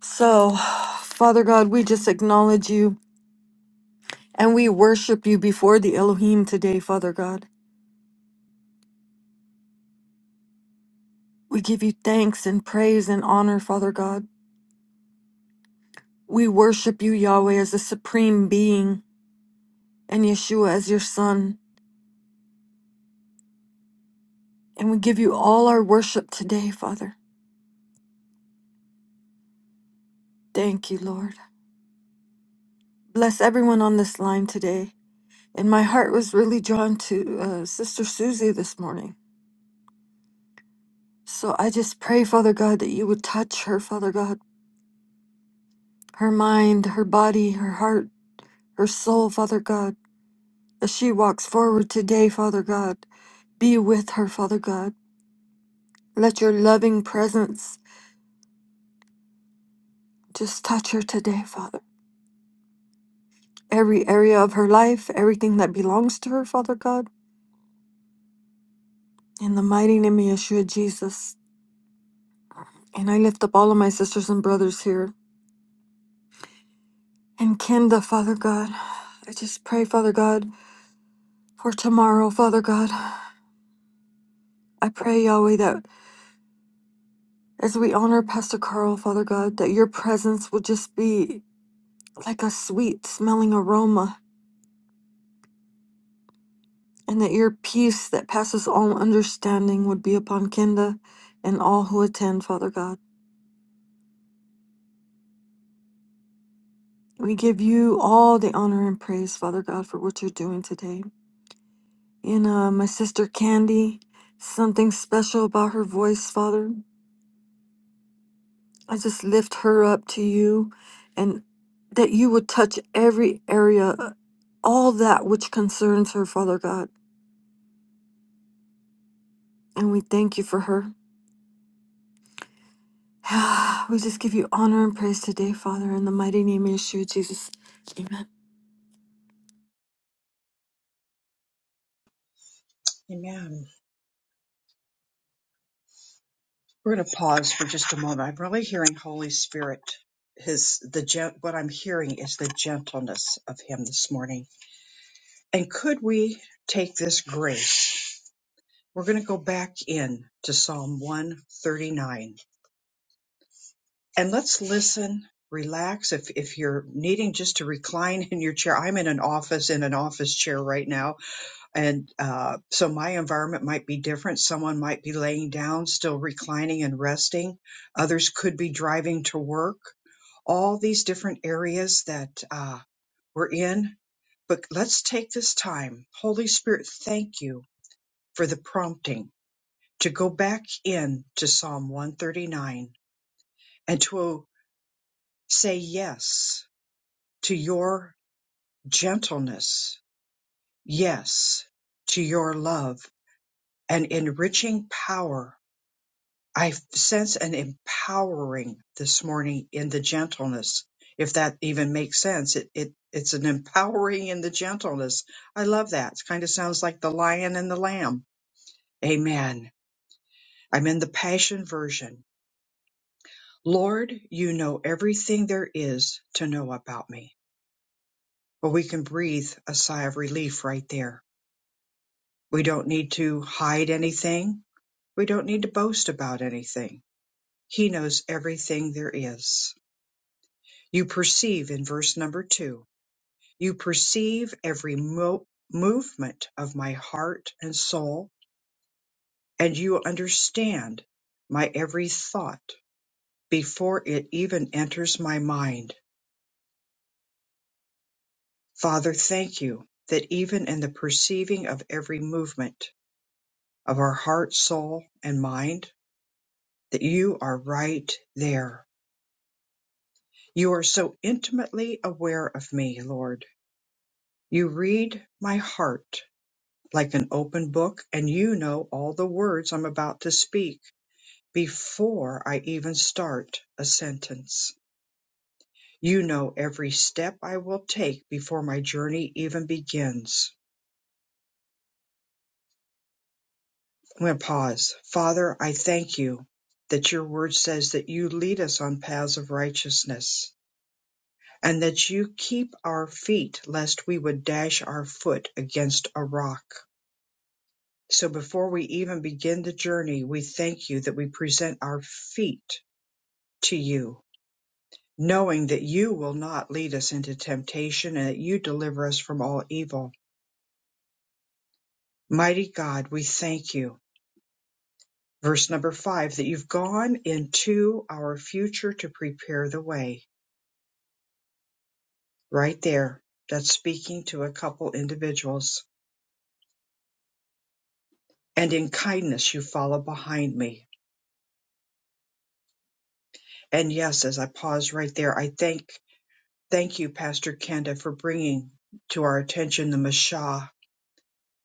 So, [SIGHS] Father God, we just acknowledge you and we worship you before the Elohim today, Father God. We give you thanks and praise and honor, Father God. We worship you, Yahweh, as the supreme being and Yeshua as your son. And we give you all our worship today, Father. Thank you, Lord. Bless everyone on this line today. And my heart was really drawn to uh, Sister Susie this morning. So I just pray, Father God, that you would touch her, Father God, her mind, her body, her heart, her soul, Father God, as she walks forward today, Father God. Be with her, Father God. Let your loving presence just touch her today, Father. Every area of her life, everything that belongs to her, Father God. In the mighty name of Yeshua Jesus. And I lift up all of my sisters and brothers here And Kinda, Father God, I just pray, Father God, for tomorrow, Father God. I pray, Yahweh, that as we honor Pastor Carl, Father God, that your presence will just be like a sweet smelling aroma, and that your peace that passes all understanding would be upon Kinda and all who attend, Father God. We give you all the honor and praise, Father God, for what you're doing today. In uh, my sister Candy, something special about her voice, Father. I just lift her up to you and that you would touch every area, uh, all that which concerns her, Father God. And we thank you for her. [SIGHS] we just give you honor and praise today, Father, in the mighty name of Yeshua, Jesus. Amen. Amen. We're going to pause for just a moment. I'm really hearing Holy Spirit. His the gen- what I'm hearing is the gentleness of him this morning. And could we take this grace? We're going to go back in to Psalm 139 and let's listen relax if if you're needing just to recline in your chair i'm in an office in an office chair right now and uh, so my environment might be different someone might be laying down still reclining and resting others could be driving to work all these different areas that uh, we're in but let's take this time holy spirit thank you for the prompting to go back in to psalm 139 and to say yes to your gentleness, yes, to your love and enriching power. I sense an empowering this morning in the gentleness. If that even makes sense, it, it it's an empowering in the gentleness. I love that. It kind of sounds like the lion and the lamb. Amen. I'm in the passion version. Lord, you know everything there is to know about me. Well, we can breathe a sigh of relief right there We don't need to hide anything. We don't need to boast about anything. He knows everything there is. You perceive in verse number two, you perceive every mo- movement of my heart and soul, and you understand my every thought before it even enters my mind. Father, thank you that even in the perceiving of every movement of our heart, soul, and mind, that you are right there You are so intimately aware of me, Lord. You read my heart like an open book, and you know all the words I'm about to speak before I even start a sentence. You know every step I will take before my journey even begins. I'm going to pause. Father, I thank you that your word says that you lead us on paths of righteousness and that you keep our feet lest we would dash our foot against a rock. So before we even begin the journey, we thank you that we present our feet to you, knowing that you will not lead us into temptation and that you deliver us from all evil. Mighty God, we thank you. Verse number five, that you've gone into our future to prepare the way. Right there, that's speaking to a couple individuals. And in kindness, you follow behind me. And yes, as I pause right there, I thank Thank you, Pastor Kenda, for bringing to our attention the Mashah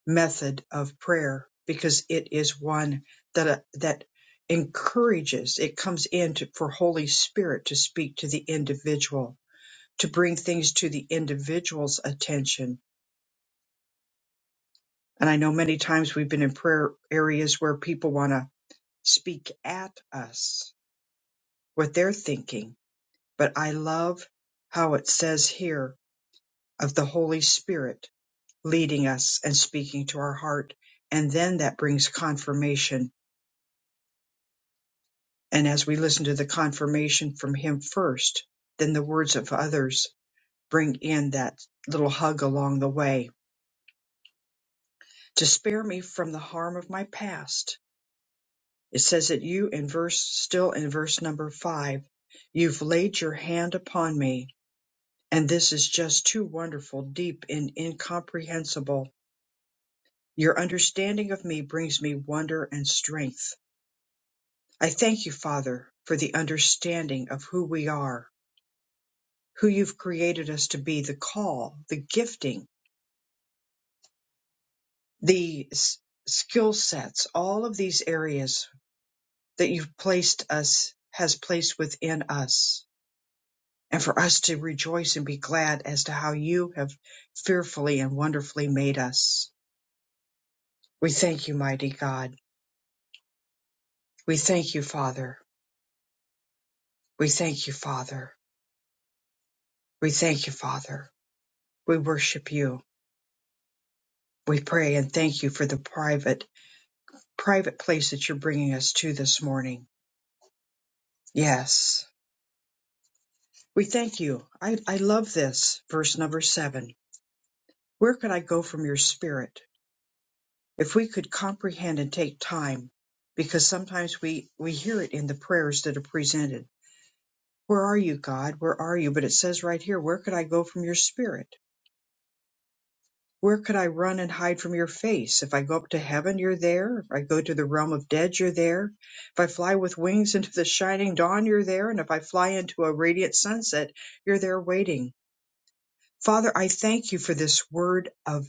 method of prayer because it is one that uh, that encourages. It comes in to, for Holy Spirit to speak to the individual, to bring things to the individual's attention. And I know many times we've been in prayer areas where people want to speak at us what they're thinking, but I love how it says here of the Holy Spirit leading us and speaking to our heart. And then that brings confirmation. And as we listen to the confirmation from Him first, then the words of others bring in that little hug along the way to spare me from the harm of my past. It says that you in verse, still in verse number five, you've laid your hand upon me. And this is just too wonderful, deep and incomprehensible. Your understanding of me brings me wonder and strength. I thank you, Father, for the understanding of who we are, who you've created us to be, the call, the gifting, the s- skill sets, all of these areas that you've placed us, has placed within us. And for us to rejoice and be glad as to how you have fearfully and wonderfully made us. We thank you, mighty God. We thank you, Father. We thank you, Father. We thank you, Father. We worship you. We pray and thank you for the private private place that you're bringing us to this morning. Yes. We thank you. I, I love this verse number seven. Where could I go from your spirit? If we could comprehend and take time, because sometimes we, we hear it in the prayers that are presented. Where are you, God? Where are you? But it says right here, where could I go from your spirit? Where could I run and hide from your face? If I go up to heaven, you're there. If I go to the realm of dead, you're there. If I fly with wings into the shining dawn, you're there. And if I fly into a radiant sunset, you're there waiting. Father, I thank you for this word of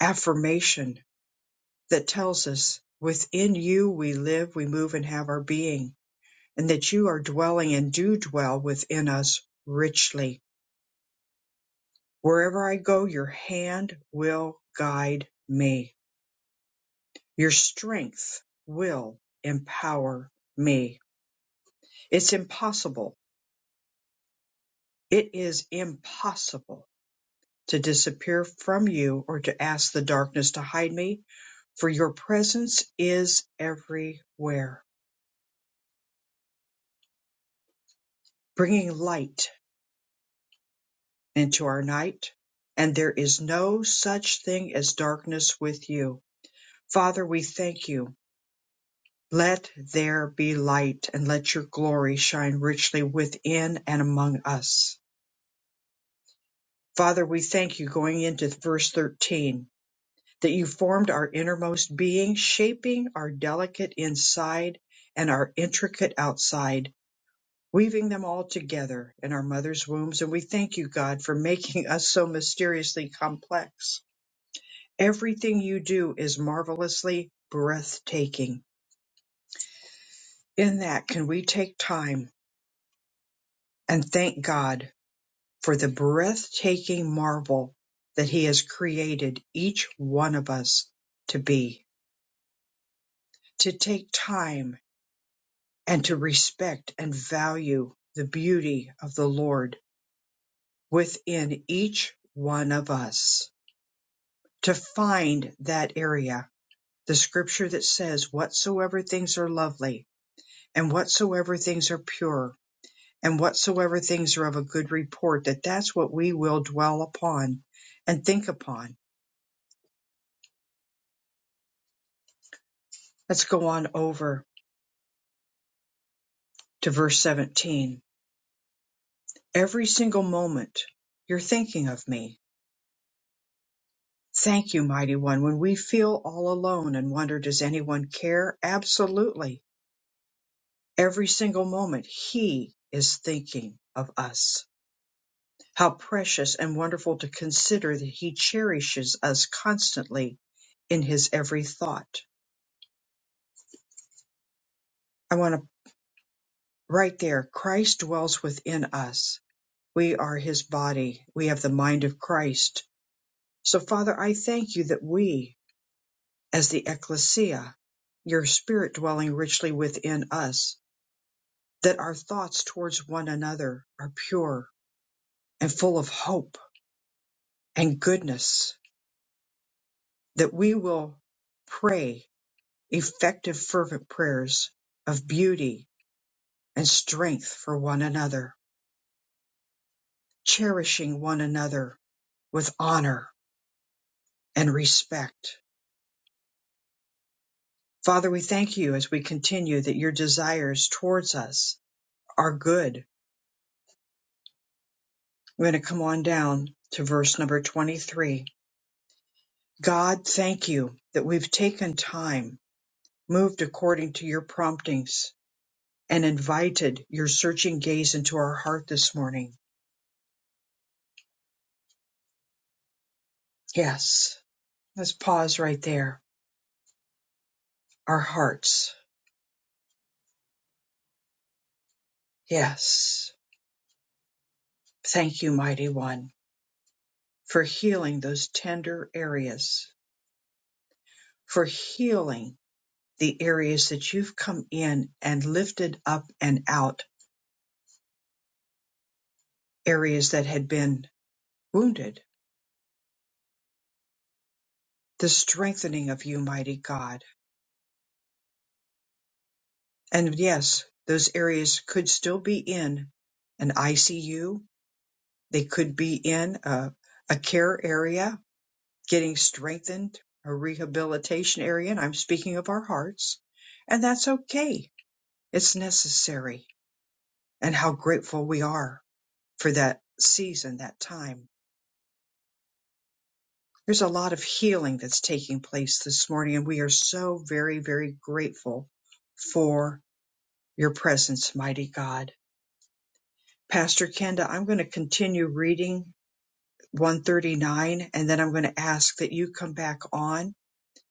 affirmation that tells us within you we live, we move, and have our being, and that you are dwelling and do dwell within us richly. Wherever I go, your hand will guide me. Your strength will empower me. It's impossible. It is impossible to disappear from you or to ask the darkness to hide me, for your presence is everywhere, bringing light into our night. And there is no such thing as darkness with you. Father, we thank you. Let there be light and let your glory shine richly within and among us. Father, we thank you going into verse 13 that you formed our innermost being, shaping our delicate inside and our intricate outside, weaving them all together in our mother's wombs. And we thank you, God, for making us so mysteriously complex. Everything you do is marvelously breathtaking. In that, can we take time and thank God for the breathtaking marvel that He has created each one of us to be? to take time and to respect and value the beauty of the Lord within each one of us, to find that area. The scripture that says, Whatsoever things are lovely, and whatsoever things are pure, and whatsoever things are of a good report, that that's what we will dwell upon and think upon. Let's go on over to verse 17. Every single moment you're thinking of me Thank you, mighty one. When we feel all alone and wonder, does anyone care? Absolutely. Every single moment, He is thinking of us. How precious and wonderful to consider that He cherishes us constantly in His every thought. I want to, right there, Christ dwells within us. We are His body. We have the mind of Christ. So, Father, I thank you that we, as the ecclesia, your spirit dwelling richly within us, that our thoughts towards one another are pure and full of hope and goodness, that we will pray effective, fervent prayers of beauty and strength for one another, cherishing one another with honor and respect. Father, we thank you as we continue that your desires towards us are good. We're going to come on down to verse number 23. God, thank you that we've taken time moved according to your promptings, and invited your searching gaze into our heart this morning. Yes. Let's pause right there. Our hearts. Yes. Thank you, Mighty One, for healing those tender areas, for healing the areas that you've come in and lifted up and out, areas that had been wounded, the strengthening of you, Mighty God. And yes, those areas could still be in an ICU, They could be in a, a care area, getting strengthened, a rehabilitation area, and I'm speaking of our hearts. And that's okay. It's necessary. And how grateful we are for that season, that time. There's a lot of healing that's taking place this morning, and we are so very, very grateful for your presence, mighty God. Pastor Kenda, I'm going to continue reading 139, and then I'm going to ask that you come back on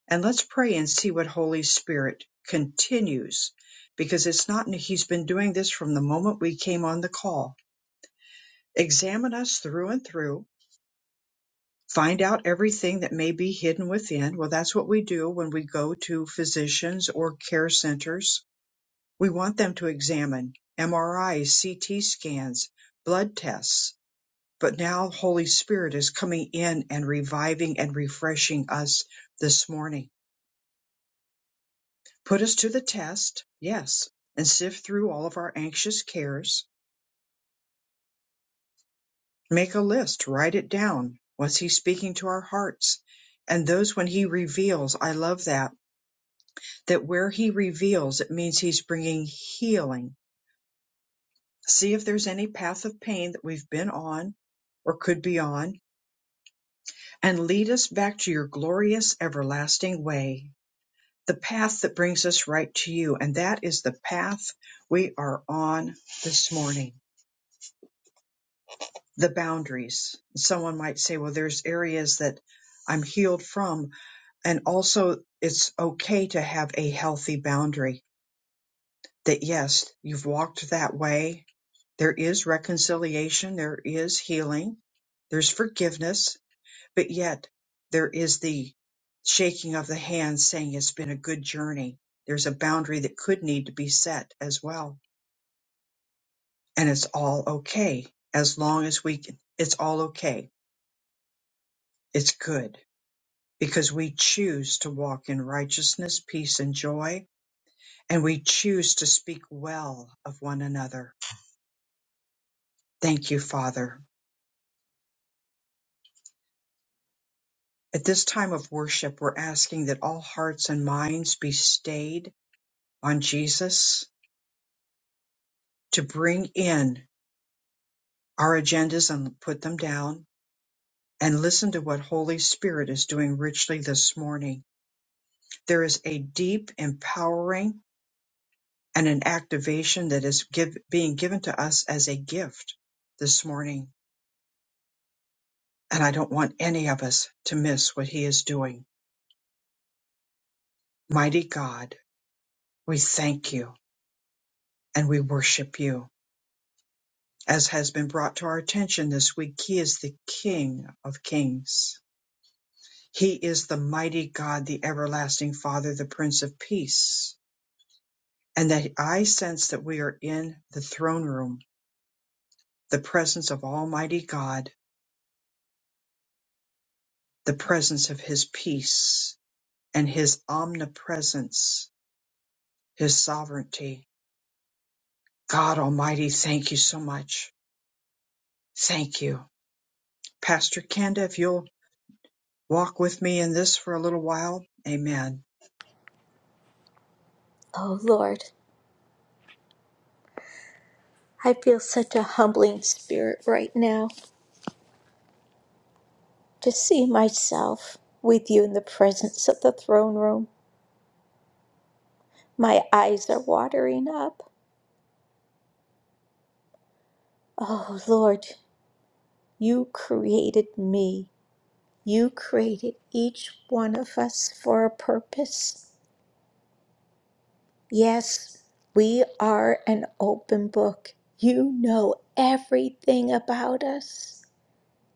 And let's pray and see what Holy Spirit continues because it's not, he's been doing this from the moment we came on the call. Examine us through and through, find out everything that may be hidden within. Well, that's what we do when we go to physicians or care centers. We want them to examine MRIs, CT scans, blood tests. But now Holy Spirit is coming in and reviving and refreshing us this morning. Put us to the test, yes, and sift through all of our anxious cares. Make a list, write it down. What's He speaking to our hearts? And those when He reveals, I love that, that where He reveals, it means He's bringing healing. See if there's any path of pain that we've been on or could be on, and lead us back to your glorious everlasting way, the path that brings us right to you. And that is the path we are on this morning. the boundaries. Someone might say, well, there's areas that I'm healed from. And also, it's okay to have a healthy boundary that, yes, you've walked that way. There is reconciliation, there is healing, there's forgiveness, but yet there is the shaking of the hand saying it's been a good journey. There's a boundary that could need to be set as well. And it's all okay as long as we can. It's all okay. It's good because we choose to walk in righteousness, peace, and joy, and we choose to speak well of one another. Thank you, Father. At this time of worship, we're asking that all hearts and minds be stayed on Jesus to bring in our agendas and put them down and listen to what Holy Spirit is doing richly this morning. There is a deep empowering and an activation that is give, being given to us as a gift this morning and I don't want any of us to miss what he is doing. Mighty God, we thank you and we worship you. As has been brought to our attention this week, he is the King of Kings. He is the mighty God, the everlasting Father, the Prince of Peace. And that I sense that we are in the throne room, the presence of Almighty God, the presence of his peace and his omnipresence, his sovereignty. God Almighty, thank you so much Thank you. Pastor Kenda, if you'll walk with me in this for a little while. Amen. Oh, Lord, I feel such a humbling spirit right now. to see myself with you in the presence of the throne room. My eyes are watering up. Oh, Lord, you created me. You created each one of us for a purpose. Yes, we are an open book. You know everything about us,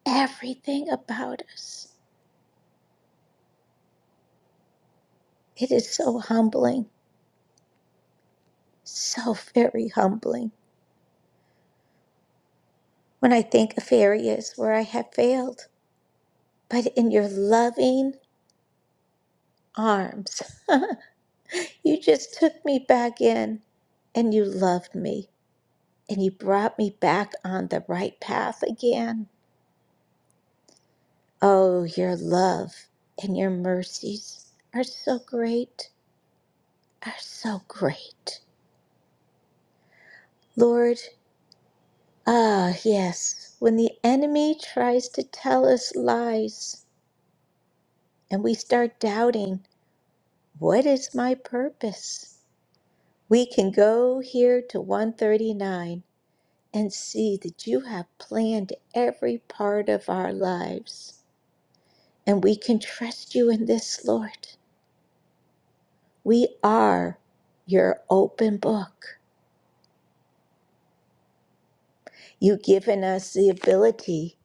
everything about us. It is so humbling, so very humbling when I think of areas where I have failed but in your loving arms, [LAUGHS] you just took me back in and you loved me and you brought me back on the right path again. Oh, your love and your mercies are so great, are so great. Lord, ah, yes, when the enemy tries to tell us lies and we start doubting, what is my purpose? We can go here to 139 and see that you have planned every part of our lives. And we can trust you in this, Lord. We are your open book. You've given us the ability,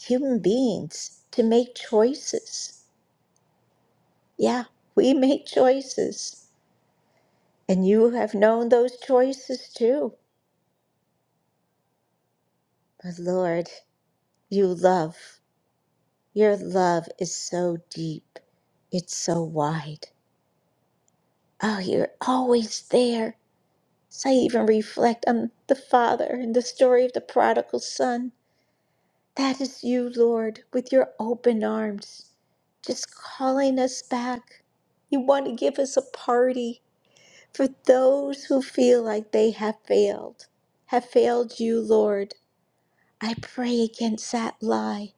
human beings, to make choices. Yeah, we [LAUGHS] make choices. And you have known those choices too. But Lord, you love. Your love is so deep, it's so wide. Oh, you're always there. As I even reflect on the Father and the story of the prodigal son, that is you, Lord, with your open arms, just calling us back. You want to give us a party for those who feel like they have failed, have failed you, Lord. I pray against that lie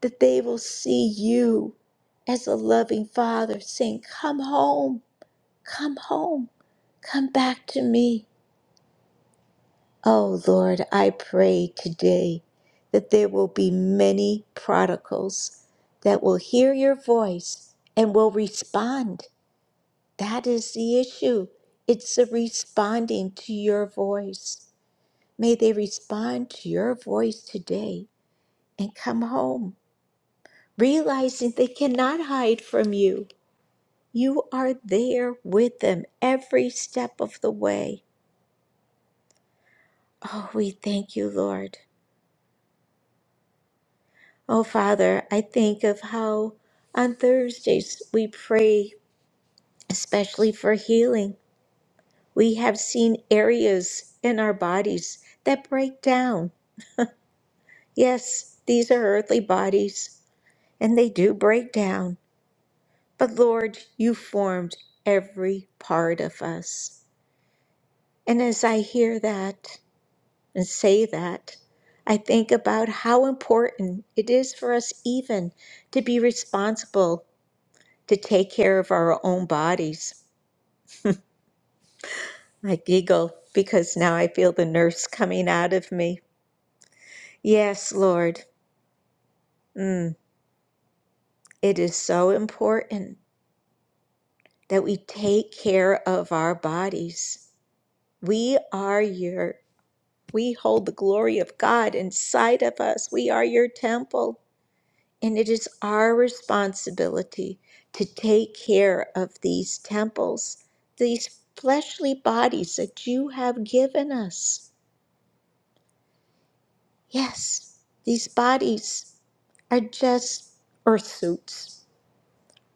that they will see you as a loving Father saying, Come home, come home, come back to me. Oh Lord, I pray today that there will be many prodigals that will hear your voice and will respond. That is the issue. It's the responding to your voice. May they respond to your voice today and come home, realizing they cannot hide from you. You are there with them every step of the way. Oh, we thank you, Lord. Oh, Father, I think of how on Thursdays we pray, especially for healing. We have seen areas in our bodies that break down. Yes, these are earthly bodies, and they do break down. But Lord, you formed every part of us. And as I hear that and say that, I think about how important it is for us even to be responsible to take care of our own bodies. I giggle because now I feel the nurse coming out of me. Yes, Lord, mm, it is so important that we take care of our bodies. We are your, we hold the glory of God inside of us. We are your temple, and it is our responsibility to take care of these temples, these fleshly bodies that you have given us. Yes, these bodies are just earth suits,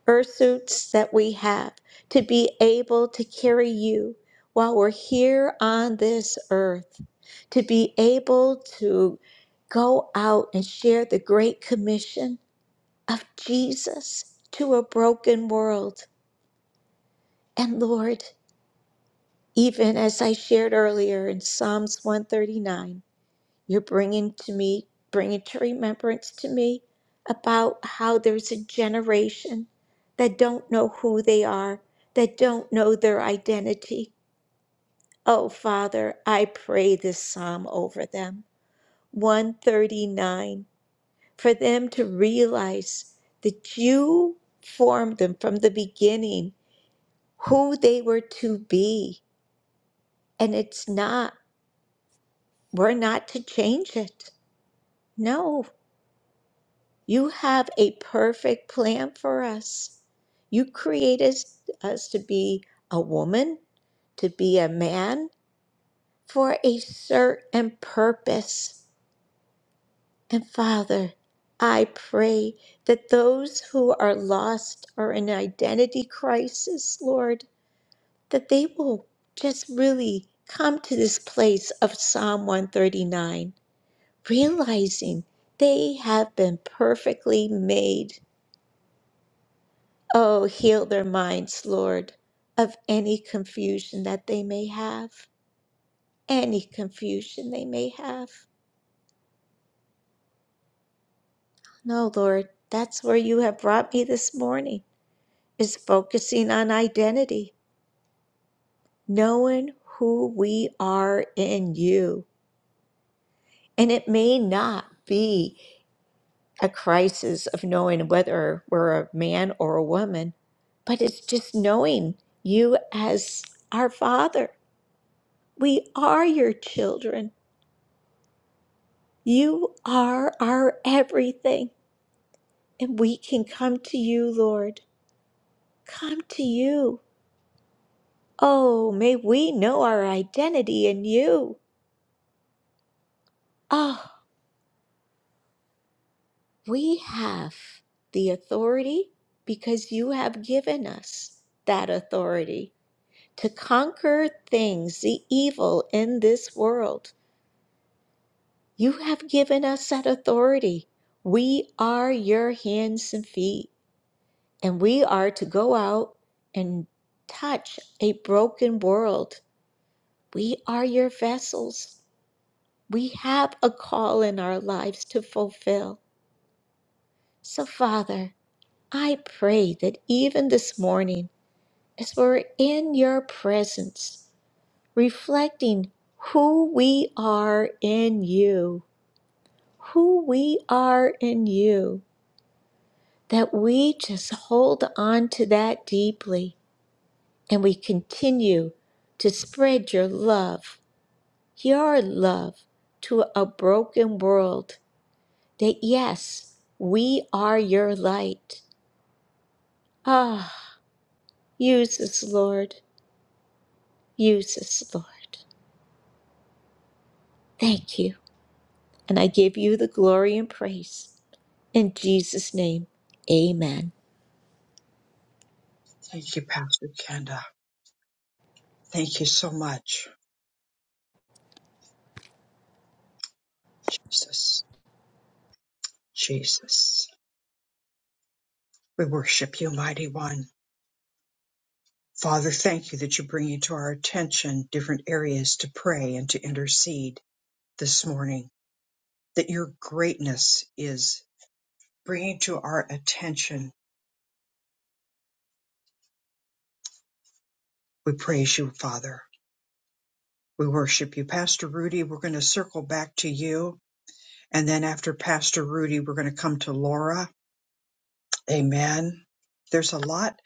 earth suits that we have to be able to carry you while we're here on this earth, to be able to go out and share the great commission of Jesus to a broken world. And Lord, even as I shared earlier in Psalms 139. You're bringing to me, bringing to remembrance to me about how there's a generation that don't know who they are, that don't know their identity. Oh, Father, I pray this psalm over them. 139, for them to realize that you formed them from the beginning, who they were to be. And it's not, we're not to change it. No, You have a perfect plan for us. You created us to be a woman, to be a man, for a certain purpose. And Father, I pray that those who are lost or in identity crisis, Lord, that they will just really come to this place of Psalm 139, realizing they have been perfectly made Oh, heal their minds, Lord, of any confusion that they may have, any confusion they may have. No, Lord, that's where you have brought me this morning, is focusing on identity, knowing who we are in you. And it may not be a crisis of knowing whether we're a man or a woman, but it's just knowing you as our Father. We are your children You are our everything, and we can come to you, Lord. Come to you. Oh, may we know our identity in you. Oh, we have the authority because you have given us that authority to conquer things, the evil in this world. You have given us that authority. We are your hands and feet. And we are to go out and touch a broken world. We are your vessels. We have a call in our lives to fulfill. So, Father, I pray that even this morning, as we're in your presence, reflecting who we are in you, who we are in you, that we just hold on to that deeply and we continue to spread your love, your love to a broken world. That yes, we are your light. Ah, use us, Lord. Use us, Lord. Thank you. And I give you the glory and praise. In Jesus' name, amen. Thank you, Pastor Kenda. Thank you so much. Jesus, Jesus. We worship you, mighty one. Father, thank you that you bring into our attention different areas to pray and to intercede this morning, that your greatness is bringing to our attention. We praise you, Father. We worship you. Pastor Rudy, we're going to circle back to you And then after Pastor Rudy, we're going to come to Laura. Amen. There's a lot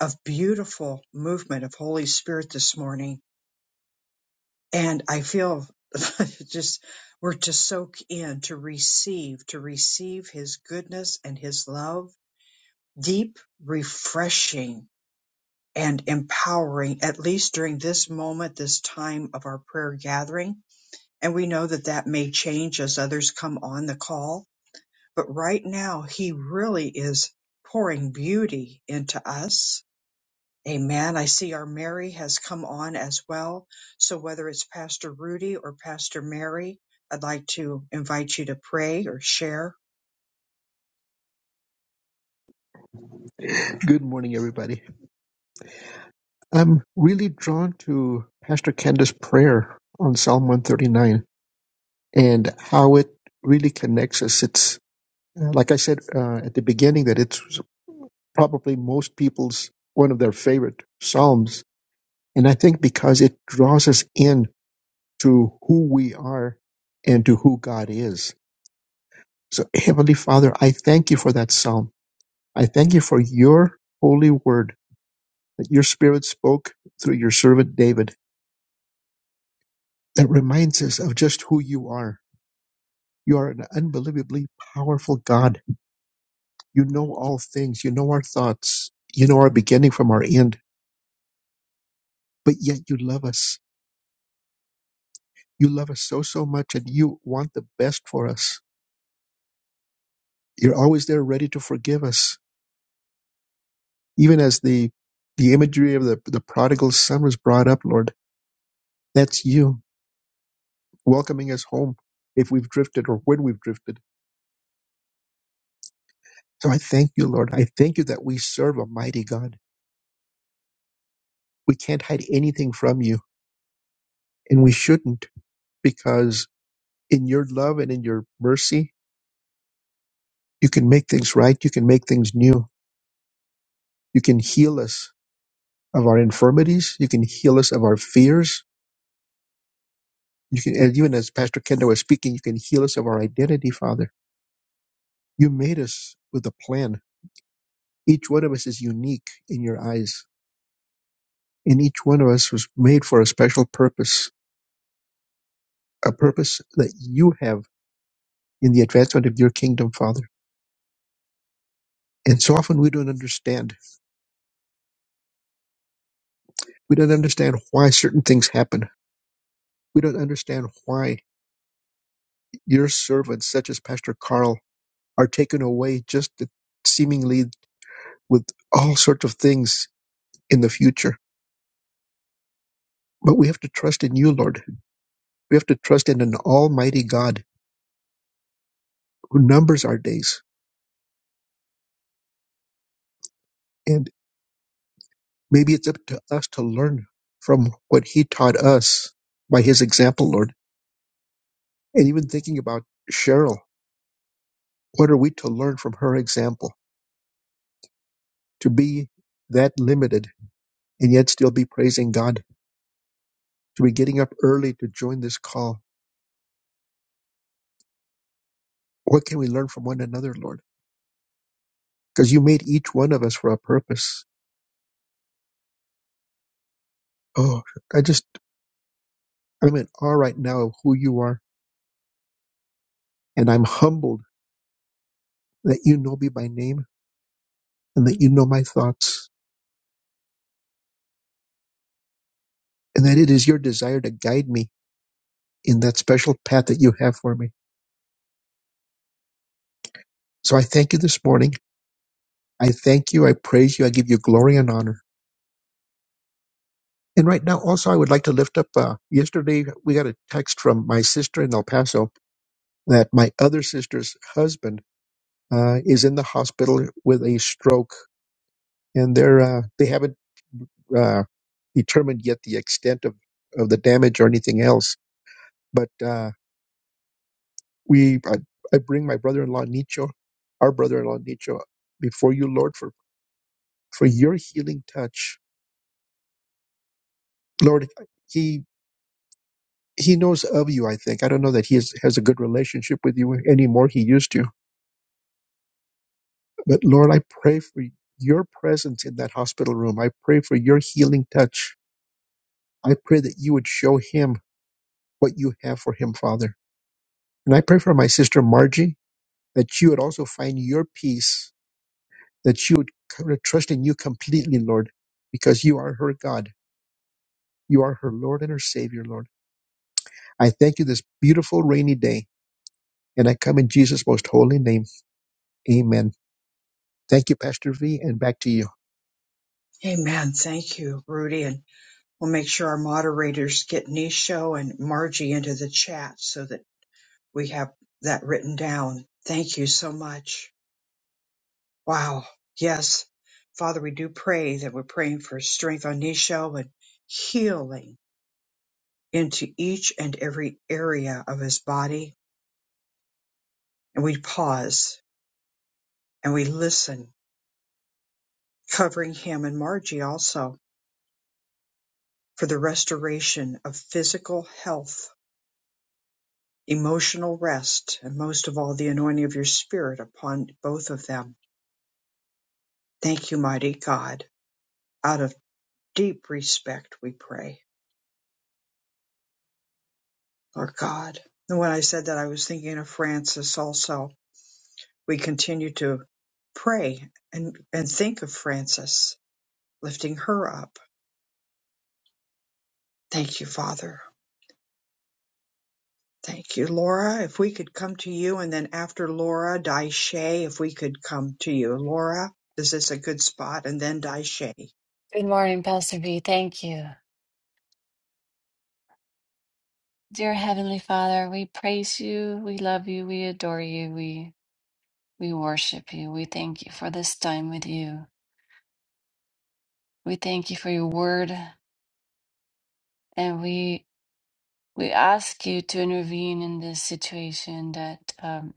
of beautiful movement of Holy Spirit this morning. And I feel [LAUGHS] just, we're to soak in, to receive, to receive His goodness and His love. Deep, refreshing, and empowering, at least during this moment, this time of our prayer gathering. And we know that that may change as others come on the call But right now, He really is pouring beauty into us. Amen. I see our Mary has come on as well. So whether it's Pastor Rudy or Pastor Mary, I'd like to invite you to pray or share. Good morning, everybody. I'm really drawn to Pastor Candace's prayer on Psalm 139 and how it really connects us. It's uh, like I said uh, at the beginning that it's probably most people's one of their favorite psalms, and I think because it draws us in to who we are and to who God is. So, Heavenly Father, I thank you for that psalm. I thank you for your holy word that your Spirit spoke through your servant David. That reminds us of just who you are. You are an unbelievably powerful God You know all things. You know our thoughts. You know our beginning from our end. But yet you love us. You love us so, so much and you want the best for us. You're always there ready to forgive us. Even as the, the imagery of the, the prodigal son was brought up, Lord, that's you welcoming us home if we've drifted or when we've drifted. So I thank you, Lord. I thank you that we serve a mighty God. We can't hide anything from you and we shouldn't because in your love and in your mercy You can make things right. You can make things new. You can heal us of our infirmities. You can heal us of our fears. You can, and even as Pastor Kendall was speaking, you can heal us of our identity, Father. You made us with a plan. Each one of us is unique in your eyes, and each one of us was made for a special purpose, a purpose that you have in the advancement of your kingdom, Father. And so often we don't understand. We don't understand why certain things happen. We don't understand why your servants, such as Pastor Carl, are taken away just seemingly with all sorts of things in the future. But we have to trust in you, Lord. We have to trust in an almighty God who numbers our days. And maybe it's up to us to learn from what he taught us by his example, Lord. And even thinking about Cheryl, what are we to learn from her example? To be that limited and yet still be praising God, to be getting up early to join this call. What can we learn from one another, Lord? because you made each one of us for a purpose. Oh, I just, I'm in awe right now of who you are. And I'm humbled that you know me by name and that you know my thoughts and that it is your desire to guide me in that special path that you have for me. So I thank you this morning. I thank you. I praise you. I give you glory and honor. And right now, also, I would like to lift up. Uh, yesterday, we got a text from my sister in El Paso that my other sister's husband uh, is in the hospital with a stroke and they're uh, they haven't uh, determined yet the extent of, of the damage or anything else. But uh, we, I, I bring my brother-in-law Nicho, our brother-in-law Nicho, before you, Lord, for for your healing touch, Lord. He he knows of you. I think I don't know that he is, has a good relationship with you anymore. He used to, but Lord, I pray for your presence in that hospital room. I pray for your healing touch. I pray that you would show him what you have for him, Father. And I pray for my sister Margie that you would also find your peace, that you would c- trust in you completely, Lord, because you are her God. You are her Lord and her Savior, Lord. I thank you this beautiful rainy day, and I come in Jesus' most holy name. Amen. Thank you, Pastor V, and back to you. Amen. Thank you, Rudy. And we'll make sure our moderators get Nisho and Margie into the chat so that we have that written down. Thank you so much. Wow. Yes. Father, we do pray that we're praying for strength on Nisho and healing into each and every area of his body. And we pause and we listen, covering him and Margie also for the restoration of physical health, emotional rest, and most of all, the anointing of your spirit upon both of them. Thank you, mighty God. Out of deep respect, we pray. Our God. And when I said that, I was thinking of Francis also. We continue to pray and, and think of Francis, lifting her up. Thank you, Father. Thank you, Laura. If we could come to you, and then after Laura, Daishe, if we could come to you. Laura, is this a good spot? And then Daishe. Good morning, Pastor V. Thank you. Dear Heavenly Father, we praise you, we love you, we adore you, we we worship you. We thank you for this time with you. We thank you for your word, and we we ask you to intervene in this situation that um,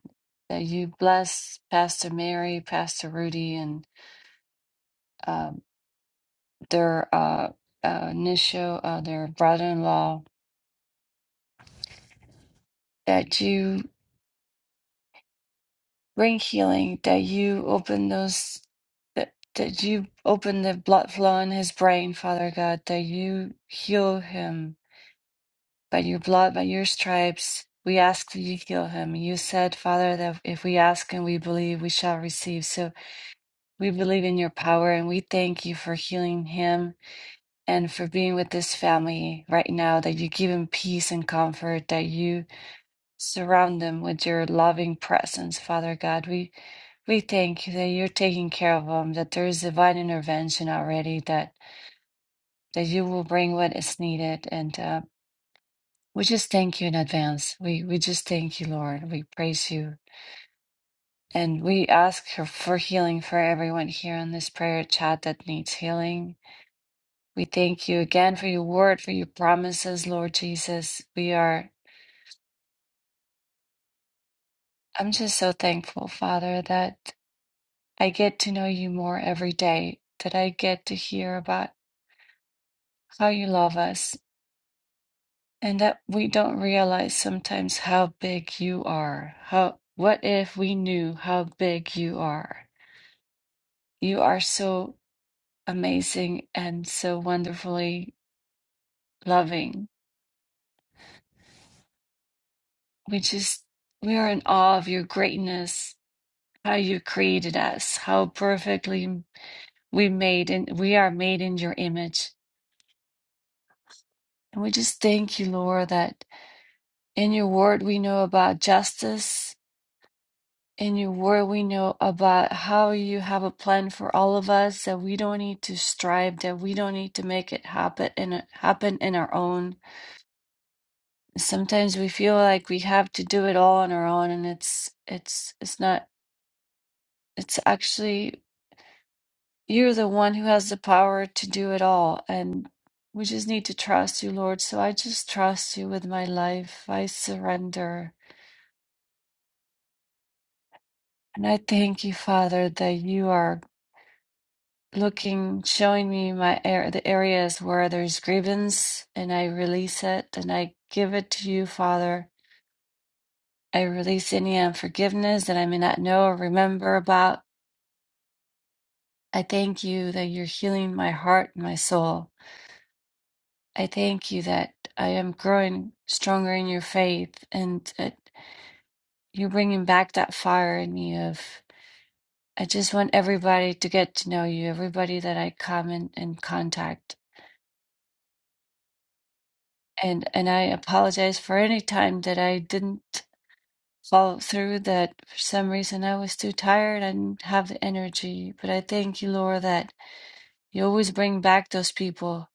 that you bless Pastor Mary, Pastor Rudy, and um, their uh, uh, Nisho, uh, their brother-in-law, that you bring healing that you open those that, that you open the blood flow in his brain father god that you heal him by your blood by your stripes we ask that you heal him you said father that if we ask and we believe we shall receive so we believe in your power and we thank you for healing him and for being with this family right now that you give him peace and comfort that you surround them with your loving presence father god we we thank you that you're taking care of them, that there is divine intervention already, that that you will bring what is needed, and uh, we just thank you in advance. We we just thank you, Lord. We praise you, and we ask for, for healing for everyone here on this prayer chat that needs healing. We thank you again for your word, for your promises, Lord Jesus. We are. I'm just so thankful, Father, that I get to know you more every day. That I get to hear about how you love us And that we don't realize sometimes how big you are. How, what if we knew how big you are? You are so amazing and so wonderfully loving. We just, we are in awe of your greatness, how you created us, how perfectly we made and we are made in your image. And we just thank you, Lord, that in your word we know about justice in your word we know about how you have a plan for all of us that we don't need to strive that we don't need to make it happen and happen in our own sometimes we feel like we have to do it all on our own and it's it's it's not it's actually you're the one who has the power to do it all and we just need to trust you lord so i just trust you with my life i surrender and i thank you father that you are looking, showing me my air, the areas where there's grievance, and I release it and I give it to you, Father. I release any unforgiveness that I may not know or remember about. I thank you that you're healing my heart and my soul. I thank you that I am growing stronger in your faith and that you're bringing back that fire in me of I just want everybody to get to know you, everybody that I come in, in contact. and and I apologize for any time that I didn't follow through that for some reason I was too tired I didn't have the energy but I thank you Laura that you always bring back those people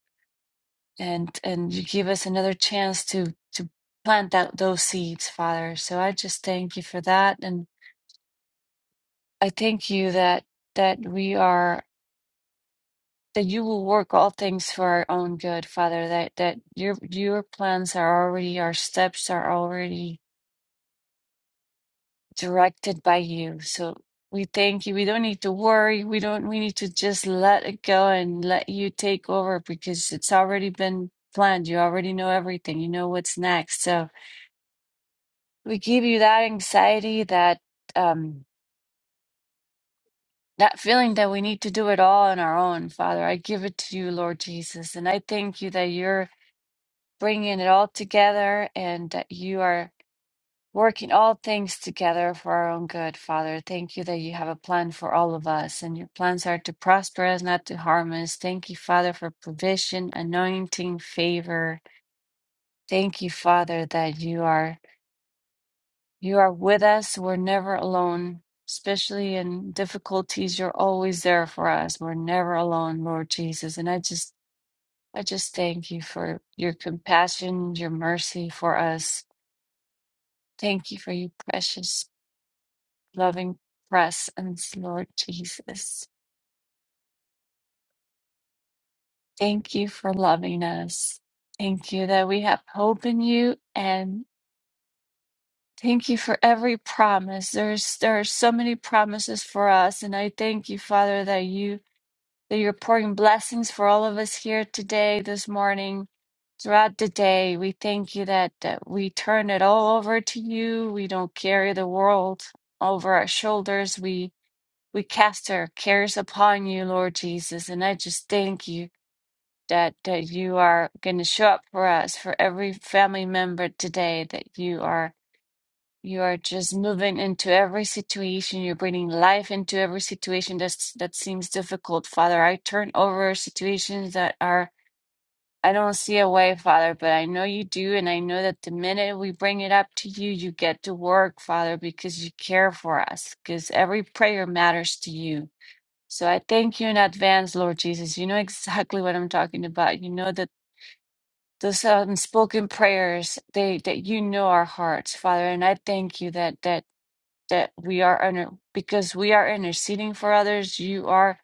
and and you give us another chance to to plant out those seeds father so I just thank you for that and I thank you that that we are that you will work all things for our own good father that that your your plans are already our steps are already directed by you. So we thank you. We don't need to worry. We don't, we need to just let it go and let you take over because it's already been planned. You already know everything. You know what's next. So we give you that anxiety, that, um, that feeling that we need to do it all on our own, Father. I give it to you, Lord Jesus. And I thank you that you're bringing it all together and that you are. working all things together for our own good, Father. Thank you that you have a plan for all of us, and your plans are to prosper us, not to harm us. Thank you, Father, for provision, anointing, favor. Thank you, Father, that you are you are with us. We're never alone. Especially in difficulties, you're always there for us. We're never alone, Lord Jesus. And I just I just thank you for your compassion, your mercy for us. Thank you for your precious loving presence, Lord Jesus. Thank you for loving us. Thank you that we have hope in you and thank you for every promise. There's there are so many promises for us and I thank you, Father, that you that you're pouring blessings for all of us here today, this morning, throughout the day. We thank you that, that we turn it all over to you. We don't carry the world over our shoulders. We we cast our cares upon you, Lord Jesus. And I just thank you that that you are going to show up for us, for every family member today. That you are you are just moving into every situation. You're bringing life into every situation that's that seems difficult, Father. I turn over situations that are. I don't see a way, Father, but I know you do, and I know that the minute we bring it up to you, you get to work, Father, because you care for us, because every prayer matters to you. So I thank you in advance, Lord Jesus. You know exactly what I'm talking about. You know that those unspoken prayers, they that you know our hearts, Father. And I thank you that that that we are under because we are interceding for others. You are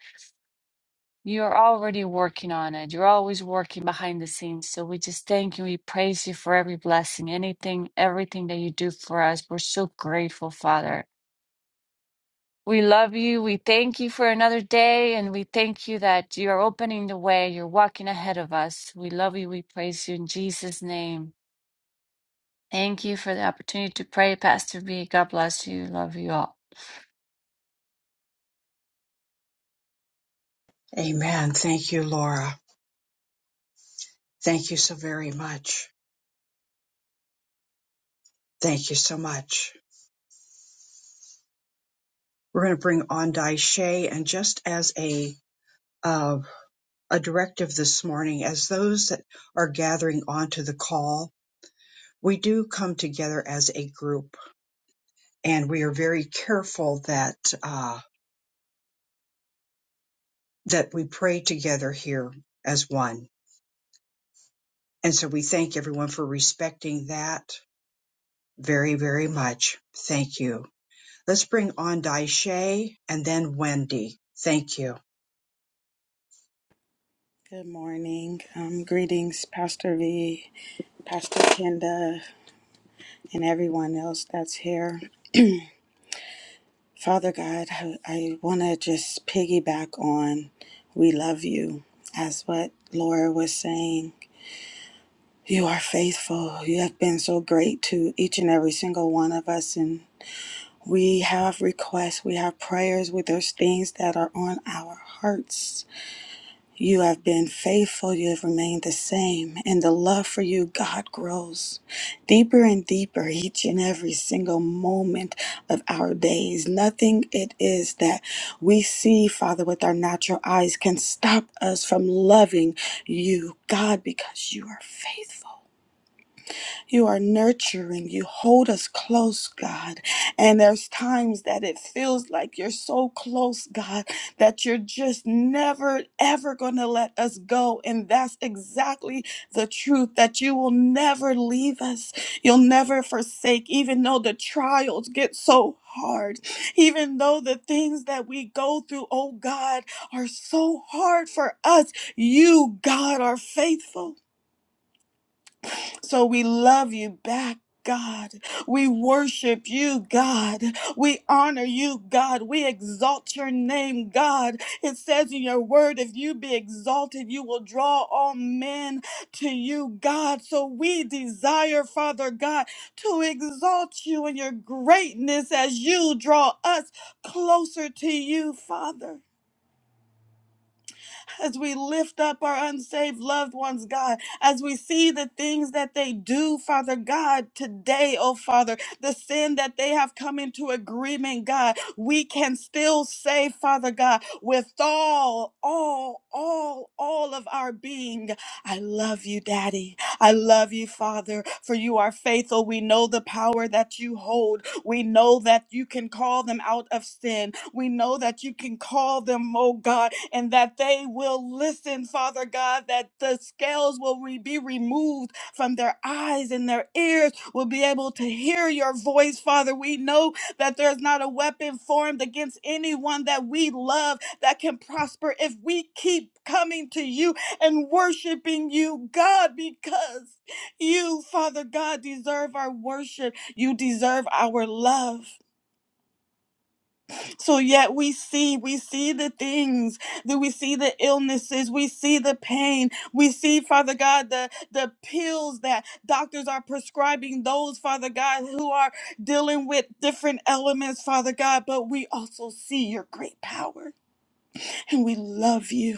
you are already working on it. You're always working behind the scenes. So we just thank you. We praise you for every blessing, anything, everything that you do for us. We're so grateful, Father. We love you. We thank you for another day, and we thank you that you're opening the way. You're walking ahead of us. We love you. We praise you in Jesus' name. Thank you for the opportunity to pray, Pastor B. God bless you. Love you all. Amen. Thank you, Laura. Thank you so very much. Thank you so much. We're going to bring on Daishe, and just as a a directive this morning as those that are gathering onto the call. We do come together as a group, and we are very careful that uh, that we pray together here as one. And so we thank everyone for respecting that very, very much. Thank you. Let's bring on Daishe and then Wendy. Thank you. Good morning. Um, greetings, Pastor V, Pastor Kenda, and everyone else that's here. Father God, I, I want to just piggyback on we love you, as what Laura was saying. You are faithful. You have been so great to each and every single one of us. And we have requests, we have prayers, with those things that are on our hearts You have been faithful. You have remained the same. And the love for you, God, grows deeper and deeper each and every single moment of our days. Nothing it is that we see, Father, with our natural eyes can stop us from loving you, God, because you are faithful. You are nurturing. You hold us close, God. And there's times that it feels like you're so close, God, that you're just never, ever going to let us go. And that's exactly the truth that you will never leave us. You'll never forsake, even though the trials get so hard, even though the things that we go through, oh God, are so hard for us. You, God, are faithful. So we love you back. God, we worship you, God. We honor you, God. We exalt your name, God. It says in your word, if you be exalted, you will draw all men to you, God. So we desire, Father God, to exalt you in your greatness as you draw us closer to you, Father as we lift up our unsaved loved ones, God, as we see the things that they do, Father God, today, oh Father, the sin that they have come into agreement, God, we can still say, Father God, with all, all, all, all of our being, I love you, Daddy. I love you, Father, for you are faithful. We know the power that you hold. We know that you can call them out of sin. We know that you can call them, oh God, and that they will listen, Father God, that the scales will re- be removed from their eyes and their ears will be able to hear your voice, Father. We know that there's not a weapon formed against anyone that we love that can prosper if we keep coming to you and worshiping you, God, because you, Father God, deserve our worship. You deserve our love so yet we see we see the things that we see the illnesses we see the pain we see father god the the pills that doctors are prescribing those father god who are dealing with different elements father god but we also see your great power and we love you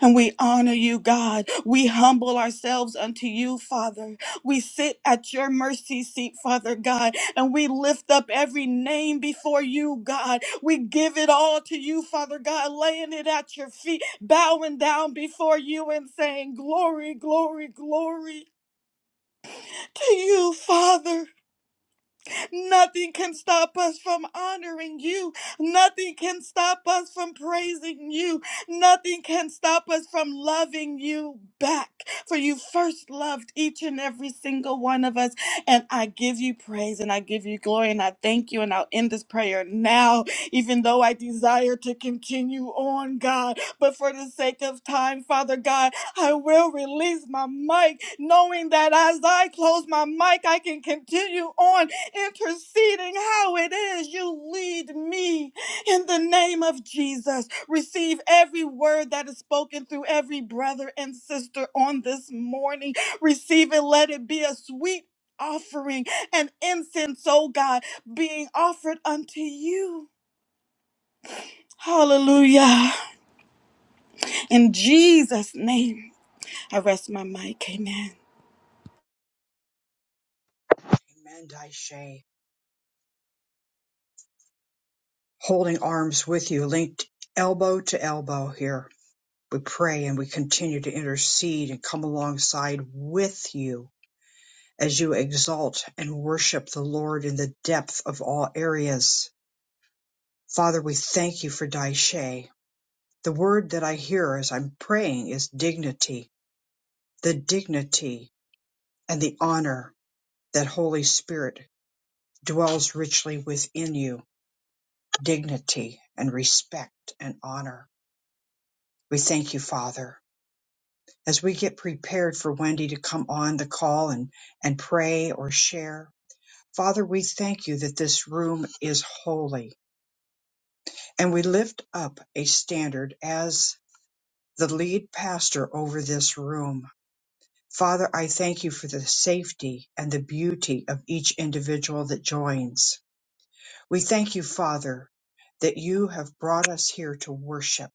and we honor you, God. We humble ourselves unto you, Father. We sit at your mercy seat, Father God, and we lift up every name before you, God. We give it all to you, Father God, laying it at your feet, bowing down before you and saying, Glory, glory, glory to you, Father. Nothing can stop us from honoring you. Nothing can stop us from praising you. Nothing can stop us from loving you back. For you first loved each and every single one of us. And I give you praise and I give you glory and I thank you. And I'll end this prayer now, even though I desire to continue on, God. But for the sake of time, Father God, I will release my mic, knowing that as I close my mic, I can continue on interceding how it is you lead me in the name of Jesus. Receive every word that is spoken through every brother and sister on this morning. Receive it, let it be a sweet offering and incense, oh God, being offered unto you. Hallelujah. In Jesus' name, I rest my mic. Amen. Amen, Daishe. Holding arms with you, linked elbow to elbow here. We pray and we continue to intercede and come alongside with you as you exalt and worship the Lord in the depth of all areas. Father, we thank you for Daishe. The word that I hear as I'm praying is dignity, the dignity and the honor that Holy Spirit dwells richly within you, dignity and respect and honor. We thank you, Father. as we get prepared for Wendy to come on the call and, and pray or share. Father, we thank you that this room is holy and we lift up a standard as the lead pastor over this room. Father, I thank you for the safety and the beauty of each individual that joins. We thank you, Father, that you have brought us here to worship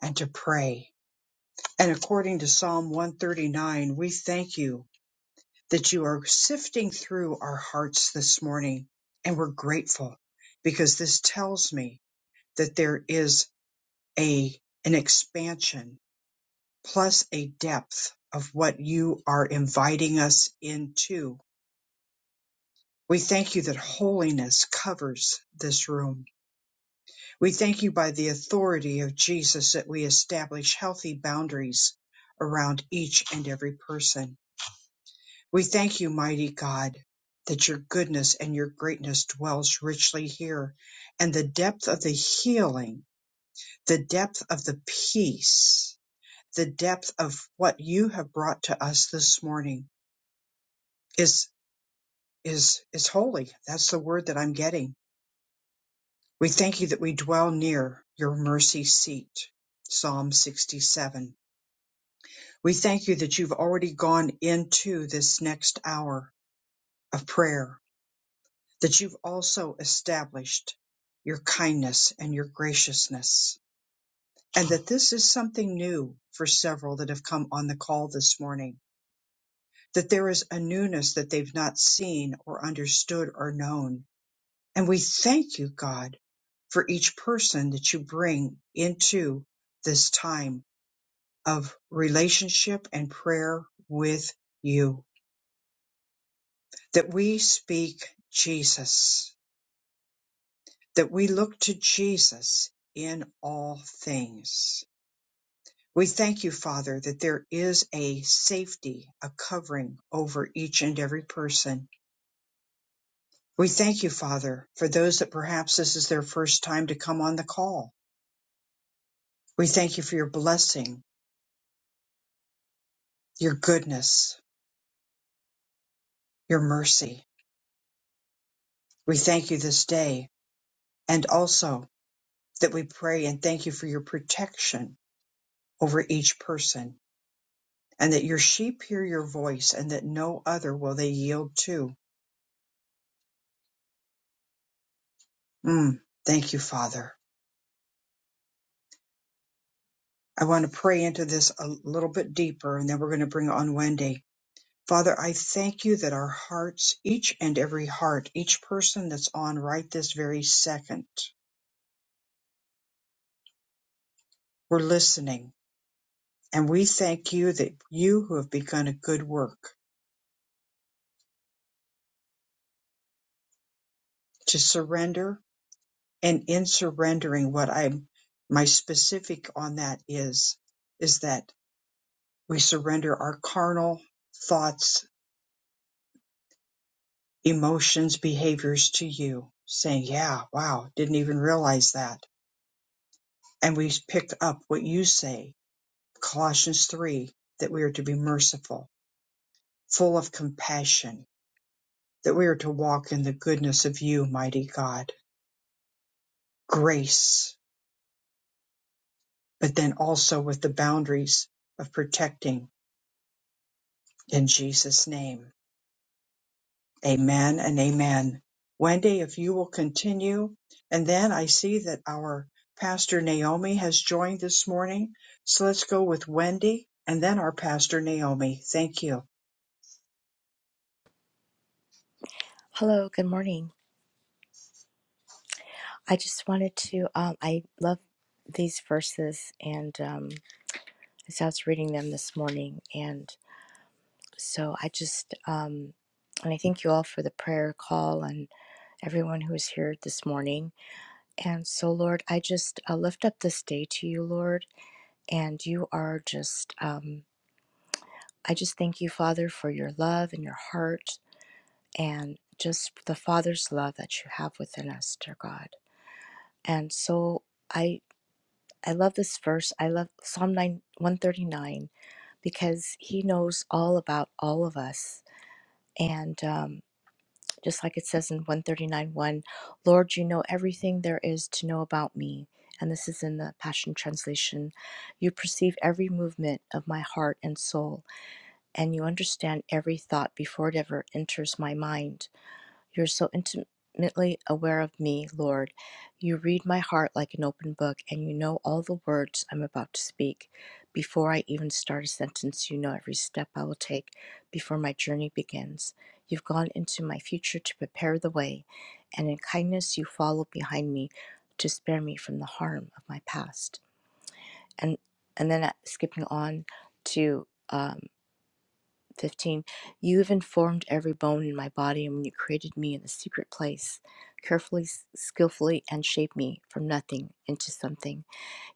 and to pray. And according to Psalm 139, we thank you that you are sifting through our hearts this morning. And we're grateful because this tells me that there is a, an expansion plus a depth of what you are inviting us into. We thank you that holiness covers this room. We thank you by the authority of Jesus that we establish healthy boundaries around each and every person. We thank you, mighty God, that your goodness and your greatness dwells richly here, and the depth of the healing, the depth of the peace, the depth of what you have brought to us this morning is is is holy. That's the word that I'm getting. We thank you that we dwell near your mercy seat. Psalm 67. We thank you that you've already gone into this next hour of prayer that you've also established your kindness and your graciousness. And that this is something new for several that have come on the call this morning, that there is a newness that they've not seen or understood or known. And we thank you, God, for each person that you bring into this time of relationship and prayer with you, that we speak Jesus that we look to Jesus in all things. We thank you, Father, that there is a safety, a covering over each and every person. We thank you, Father, for those that perhaps this is their first time to come on the call. We thank you for your blessing, your goodness, your mercy. We thank you this day and also that we pray and thank you for your protection over each person and that your sheep hear your voice and that no other will they yield to. Mm, thank you, Father. I want to pray into this a little bit deeper, and then we're going to bring on Wendy. Father, I thank you that our hearts, each and every heart, each person that's on right this very second, we're listening. And we thank you that you who have begun a good work to surrender and in surrendering what I'm, my specific on that is, is that we surrender our carnal thoughts emotions, behaviors to you, saying, Yeah, wow, didn't even realize that. And we pick up what you say, Colossians 3, that we are to be merciful, full of compassion, that we are to walk in the goodness of you, mighty God, grace, but then also with the boundaries of protecting in Jesus' name Amen and amen. Wendy, if you will continue. And then I see that our pastor Naomi has joined this morning. So let's go with Wendy and then our pastor Naomi. Thank you. Hello, good morning. I just wanted to, um, I love these verses, and um, as I was reading them this morning, and so I just, um, and I thank you all for the prayer call and everyone who is here this morning. And so, Lord, I just uh, lift up this day to you, Lord, and you are just, um, I just thank you, Father, for your love and your heart, and just the Father's love that you have within us, dear God. And so, I. I love this verse. I love Psalm 9, 139 because he knows all about all of us. And um, just like it says in 139 1, Lord, you know everything there is to know about me. And this is in the Passion Translation. You perceive every movement of my heart and soul, and you understand every thought before it ever enters my mind. You're so intimately aware of me, Lord. You read my heart like an open book, and you know all the words I'm about to speak. Before I even start a sentence, you know every step I will take before my journey begins. You've gone into my future to prepare the way, and in kindness you follow behind me to spare me from the harm of my past. And and then uh, skipping on to um, 15. You have informed every bone in my body, and when you created me in the secret place, carefully, skillfully, and shaped me from nothing into something.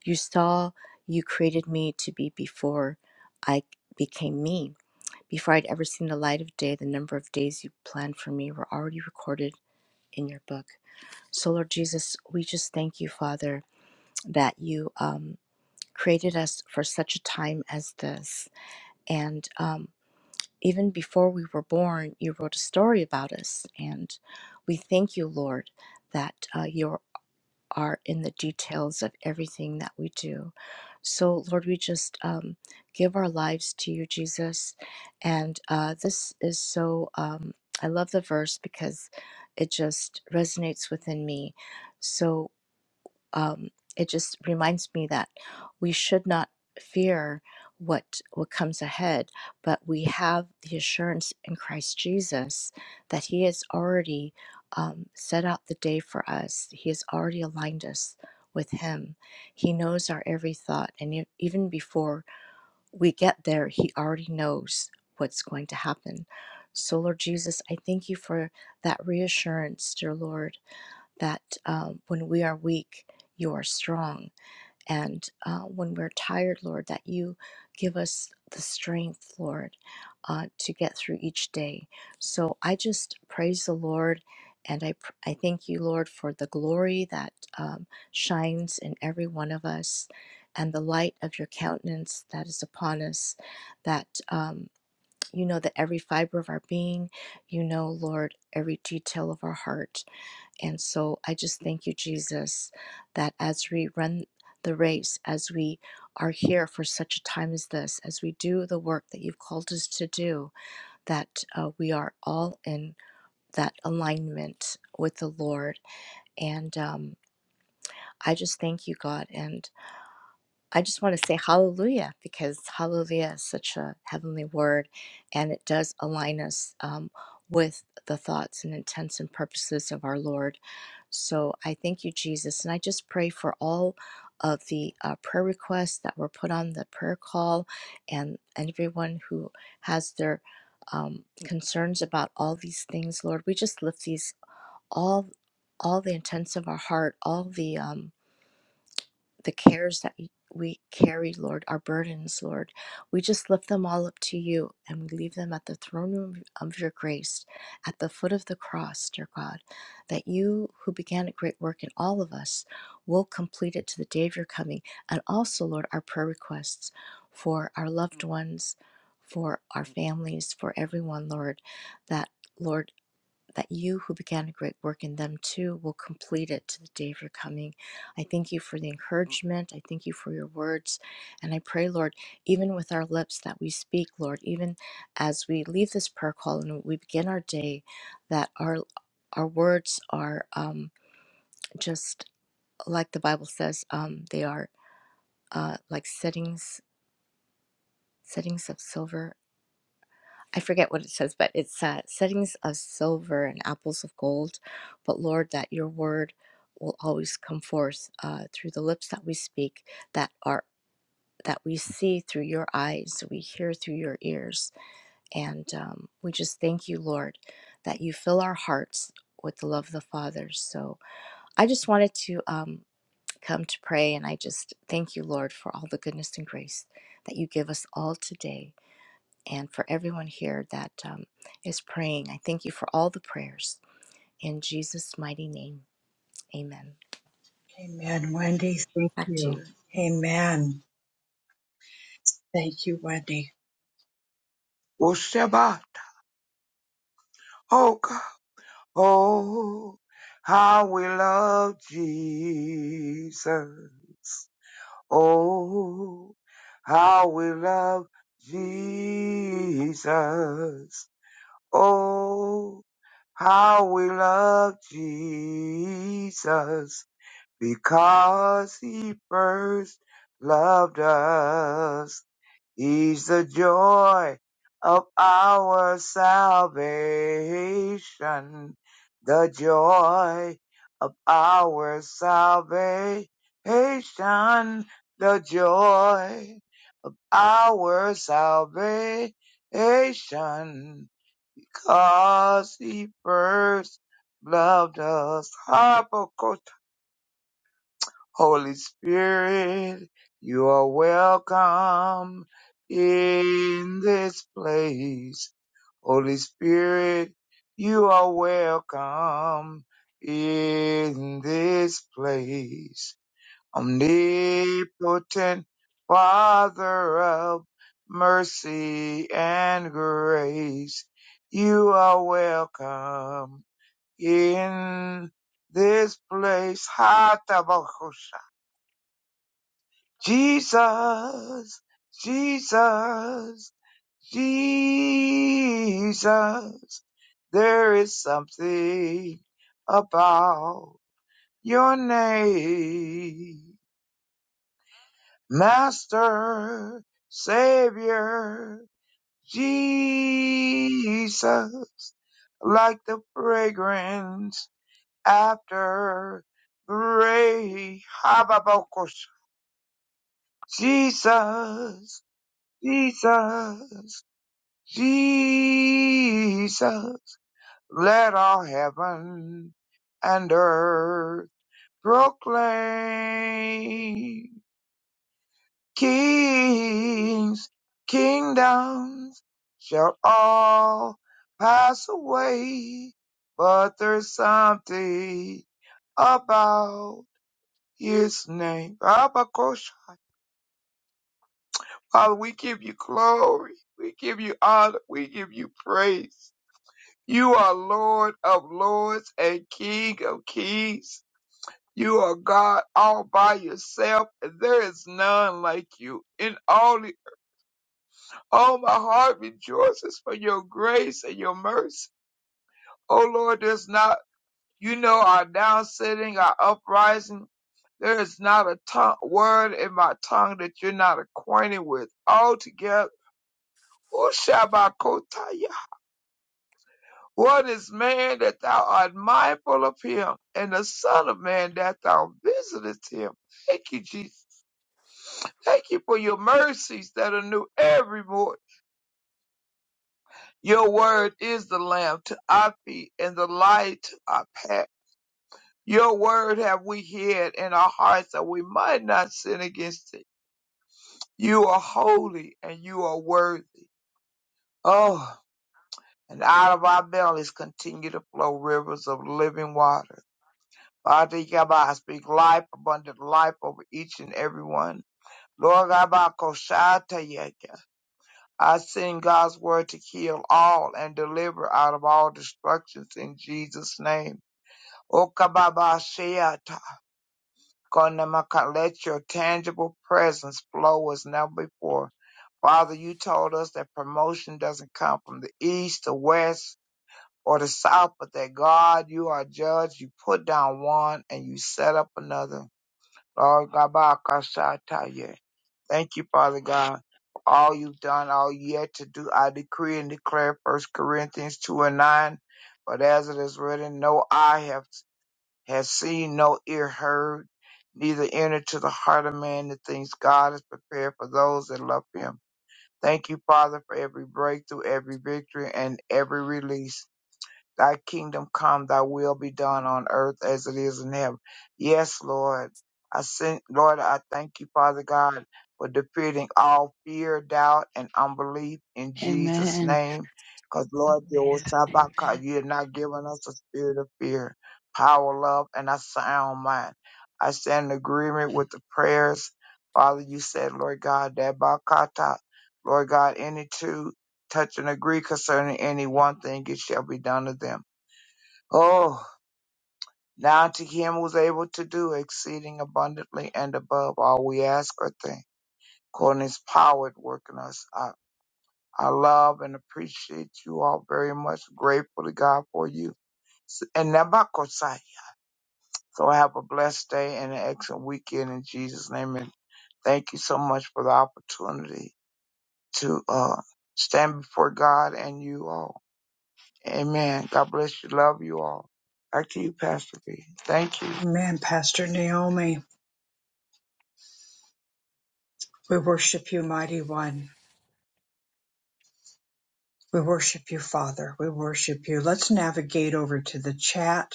You saw you created me to be before I became me. Before I'd ever seen the light of day, the number of days you planned for me were already recorded in your book. So, Lord Jesus, we just thank you, Father, that you um, created us for such a time as this. And um, even before we were born, you wrote a story about us. And we thank you, Lord, that uh, you are in the details of everything that we do. So, Lord, we just um, give our lives to you, Jesus. And uh, this is so, um, I love the verse because it just resonates within me. So, um, it just reminds me that we should not fear what what comes ahead but we have the assurance in christ jesus that he has already um, set out the day for us he has already aligned us with him he knows our every thought and e- even before we get there, He already knows what's going to happen. So, Lord Jesus, I thank you for that reassurance, dear Lord, that um, when we are weak, you are strong. And uh, when we're tired, Lord, that you give us the strength, Lord, uh, to get through each day. So I just praise the Lord. And I, pr- I thank you, Lord, for the glory that um, shines in every one of us and the light of your countenance that is upon us, that um, you know that every fiber of our being, you know, Lord, every detail of our heart. And so I just thank you, Jesus, that as we run the race, as we are here for such a time as this, as we do the work that you've called us to do, that uh, we are all in that alignment with the Lord. And um, I just thank you, God. And I just want to say hallelujah because hallelujah is such a heavenly word and it does align us um, with the thoughts and intents and purposes of our Lord. So I thank you, Jesus. And I just pray for all of the uh, prayer requests that were put on the prayer call and, and everyone who has their um, concerns about all these things, Lord. We just lift these all, all the intents of our heart, all the, um, the cares that we carry, Lord, our burdens, Lord. We just lift them all up to you and we leave them at the throne room of your grace, at the foot of the cross, dear God, that you who began a great work in all of us will complete it to the day of your coming. And also, Lord, our prayer requests for our loved ones, for our families, for everyone, Lord, that, Lord, that you who began a great work in them too will complete it to the day of your coming. I thank you for the encouragement. I thank you for your words. And I pray, Lord, even with our lips that we speak, Lord, even as we leave this prayer call and we begin our day, that our our words are um, just like the Bible says, um, they are uh, like settings settings of silver I forget what it says, but it's uh, settings of silver and apples of gold. But Lord, that your word will always come forth uh, through the lips that we speak, that are that we see through your eyes, we hear through your ears, and um, we just thank you, Lord, that you fill our hearts with the love of the Father. So I just wanted to um, come to pray, and I just thank you, Lord, for all the goodness and grace that you give us all today and for everyone here that um, is praying. I thank you for all the prayers. In Jesus' mighty name, amen. Amen, Wendy. Thank Back to you. you. Amen. Thank you, Wendy. Oh, Shabbat. Oh, God. Oh, how we love Jesus. Oh, how we love Jesus. Oh, how we love Jesus because he first loved us. He's the joy of our salvation. The joy of our salvation. The joy of our salvation. Because he first loved us. Holy Spirit, you are welcome in this place. Holy Spirit, you are welcome in this place. Omnipotent Father of mercy and grace, you are welcome in this place. Ha Jesus, Jesus, Jesus. There is something about your name. Master, Savior, Jesus. Like the fragrance after the rain. Hababokos. Jesus, Jesus. Jesus, let all heaven and earth proclaim. Kings, kingdoms shall all pass away, but there's something about his name. Abba Koshai. Father, we give you glory. We give you honor. We give you praise. You are Lord of lords and King of kings. You are God all by yourself, and there is none like you. In all, the- all my heart rejoices for your grace and your mercy. O Lord, there's not, you know, our down sitting, our uprising. There is not a tongue, word in my tongue that you're not acquainted with. Altogether, who shall What is man that thou art mindful of him, and the Son of Man that thou visitest him? Thank you, Jesus. Thank you for your mercies that are new every morning. Your word is the lamp to our feet and the light to our path. Your word have we hid in our hearts that we might not sin against it. You are holy and you are worthy. Oh, and out of our bellies continue to flow rivers of living water. Father Yaba, I speak life, abundant life over each and every one. Lord Yaba, Koshata Yeka. I send God's word to heal all and deliver out of all destructions in Jesus' name. Okababa Sheata. Konamaka, Let your tangible presence flow as never before. Father, you told us that promotion doesn't come from the east, the west, or the south, but that God, you are judge. You put down one and you set up another. Lord Rabakashataya. Thank you, Father God, for all you've done, all yet to do. I decree and declare First Corinthians 2 and 9. But as it is written, no eye have, has seen, no ear heard, neither entered to the heart of man the things God has prepared for those that love him. Thank you, Father, for every breakthrough, every victory, and every release. Thy kingdom come, thy will be done on earth as it is in heaven. Yes, Lord. I sent, Lord, I thank you, Father God, for defeating all fear, doubt, and unbelief in Jesus' Amen. name. Because, Lord, you Amen. Amen. you're not giving us a spirit of fear, power, love, and a sound mind. I stand in agreement with the prayers. Father, you said, Lord God, that Bakata, Lord God, any two touch and agree concerning any one thing, it shall be done to them. Oh, now to him who's able to do exceeding abundantly and above all we ask or think, according to his power at work in us. I, I love and appreciate you all very much. Grateful to God for you. And Nabakosai. So have a blessed day and an excellent weekend in Jesus' name. And thank you so much for the opportunity to uh, stand before God and you all. Amen. God bless you. Love you all. Back to you, Pastor B. Thank you. Amen, Pastor Naomi. We worship you, mighty one. We worship you, Father. We worship you. Let's navigate over to the chat.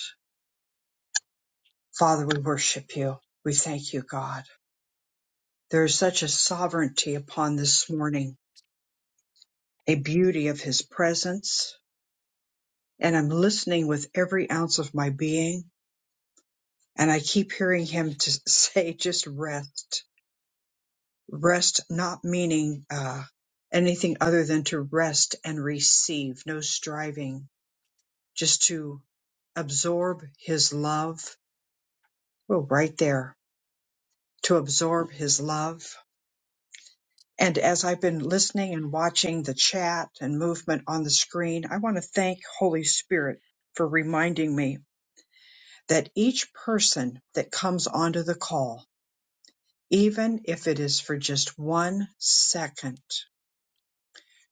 Father, we worship you. We thank you, God. There is such a sovereignty upon this morning, a beauty of His presence. And I'm listening with every ounce of my being. And I keep hearing Him [LAUGHS] to say, just rest. Rest, not meaning uh, anything other than to rest and receive, no striving, just to absorb His love. Oh, right there. To absorb His love. And as I've been listening and watching the chat and movement on the screen, I want to thank Holy Spirit for reminding me that each person that comes onto the call, even if it is for just one second,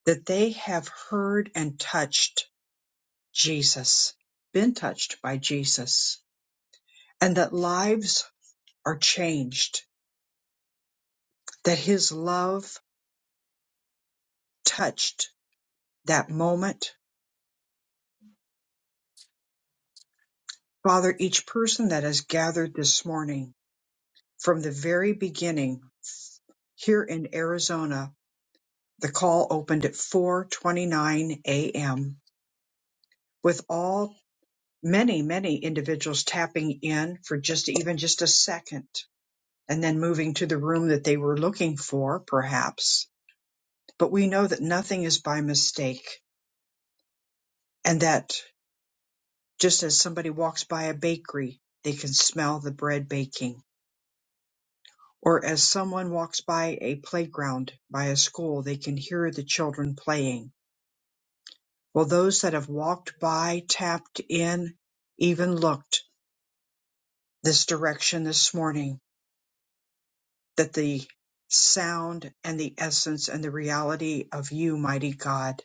that they have heard and touched Jesus, been touched by Jesus, and that lives are changed, that his love touched that moment. Father, each person that has gathered this morning, From the very beginning, here in Arizona, the call opened at 4:29 a.m. with all many many individuals tapping in for just even just a second and then moving to the room that they were looking for perhaps. But we know that nothing is by mistake and that just as somebody walks by a bakery, they can smell the bread baking. Or as someone walks by a playground, by a school, they can hear the children playing While those that have walked by, tapped in, even looked this direction this morning, that the sound and the essence and the reality of you, mighty God,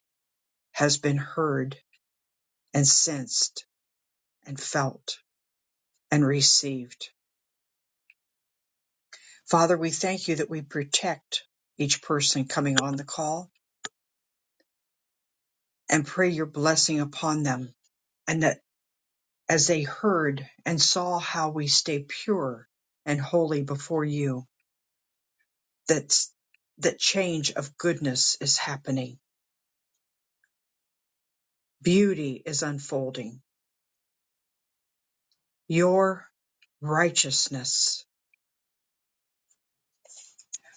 has been heard and sensed and felt and received. Father, we thank you that we protect each person coming on the call and pray your blessing upon them and that as they heard and saw how we stay pure and holy before you, that that change of goodness is happening. Beauty is unfolding. Your righteousness.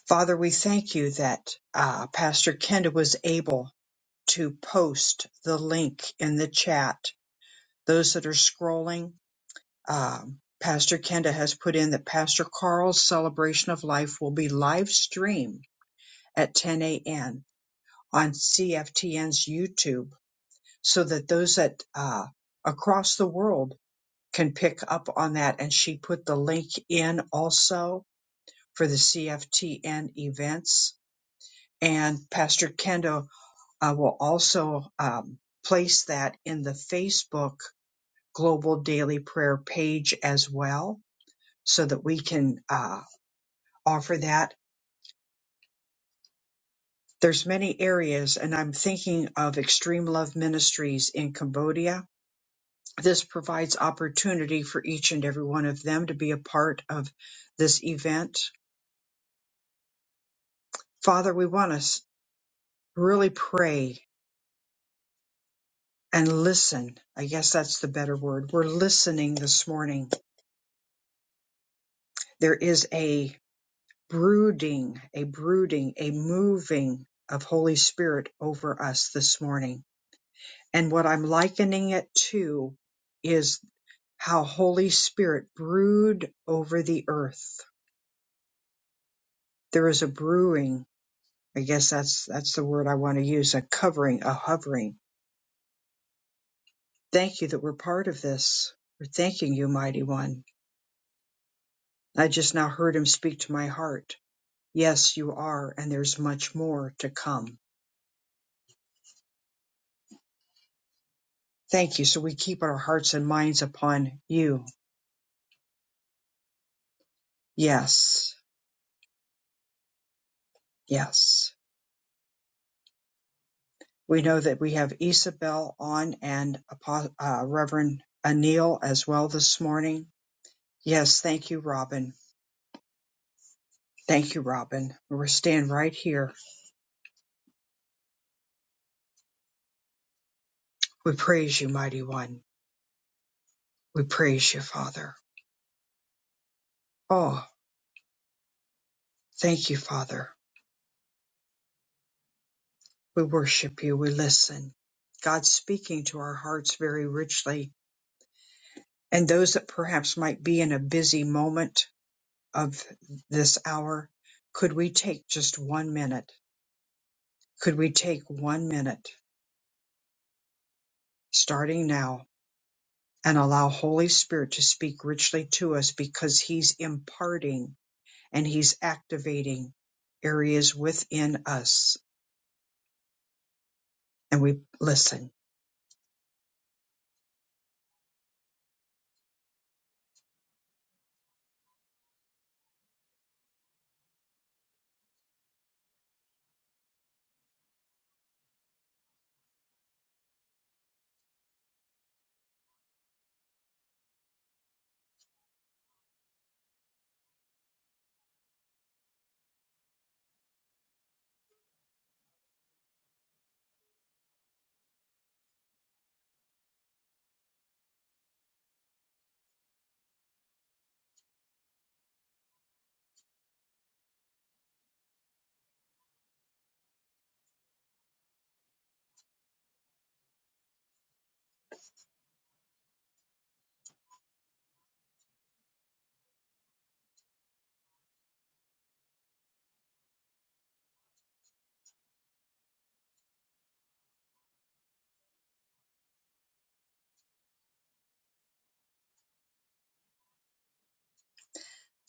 Father, we thank you that uh, Pastor Kenda was able to post the link in the chat. Those that are scrolling, um, Pastor Kenda has put in that Pastor Carl's celebration of life will be live streamed at 10 a.m. on CFTN's YouTube so that those that uh, across the world can pick up on that. And she put the link in also for the CFTN events. And Pastor Kendo uh, will also um, place that in the Facebook Global Daily Prayer page as well so that we can uh, offer that. There's many areas, and I'm thinking of Extreme Love Ministries in Cambodia. This provides opportunity for each and every one of them to be a part of this event. Father, we want to. really pray and listen. I guess that's the better word. We're listening this morning. There is a brooding, a brooding, a moving of Holy Spirit over us this morning. And what I'm likening it to is how Holy Spirit brood over the earth. There is a brewing. I guess that's that's the word I want to use, a covering, a hovering. Thank you that we're part of this. We're thanking you, mighty one. I just now heard him speak to my heart. Yes, you are, and there's much more to come. Thank you. So we keep our hearts and minds upon you. Yes, yes. We know that we have Isabel on and uh, Reverend Anil as well this morning. Yes, thank you, Robin. Thank you, Robin. We're staying right here. We praise you, Mighty One. We praise you, Father. Oh, thank you, Father. We worship you. We listen. God speaking to our hearts very richly. And those that perhaps might be in a busy moment of this hour, could we take just one minute? Could we take one minute starting now and allow Holy Spirit to speak richly to us because he's imparting and he's activating areas within us and we listen.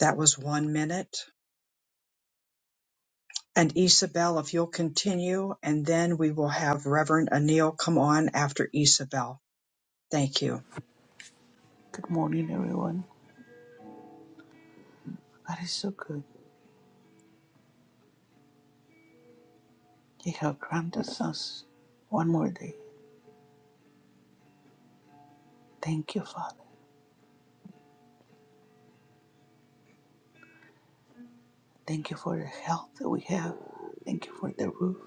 That was one minute. and Isabel, if you'll continue, and then we will have Reverend Anil come on after Isabel. Thank you. Good morning, everyone. God is so good. You have granted us one more day. Thank you, Father. Thank you for the health that we have. Thank you for the roof.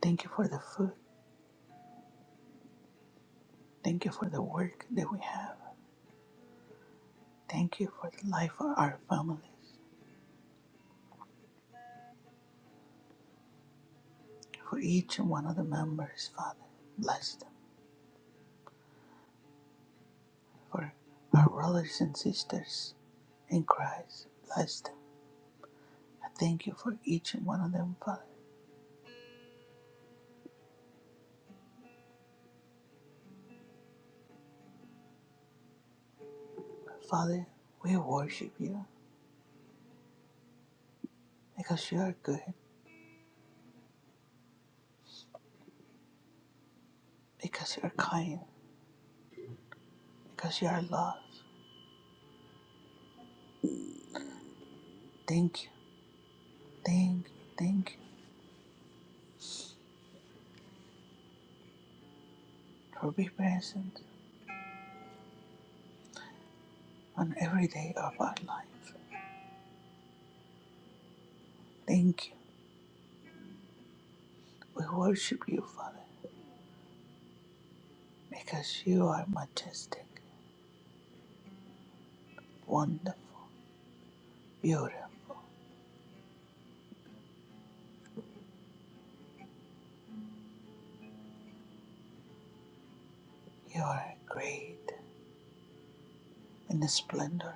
Thank you for the food. Thank you for the work that we have. Thank you for the life of our families, for each and one of the members, Father. Bless them. For our brothers and sisters in Christ, bless them. I thank you for each and one of them, Father. Father, we worship you because you are good, because you are kind because you are loved. Thank you, thank you, thank you for being present on every day of our life. Thank you. We worship you, Father, because you are majestic, wonderful, beautiful. You are great in the splendor.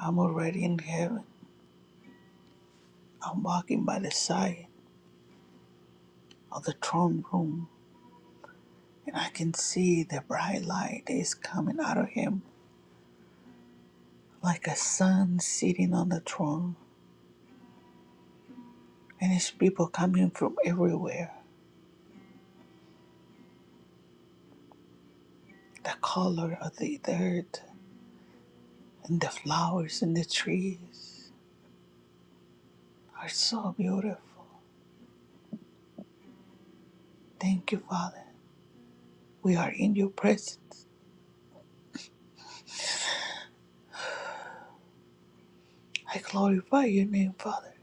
I'm already in heaven. I'm walking by the side of the throne room, and I can see the bright light is coming out of him like a sun sitting on the throne, and his people coming from everywhere. The color of the dirt and the flowers and the trees are so beautiful. Thank you, Father. We are in your presence. I glorify your name, Father.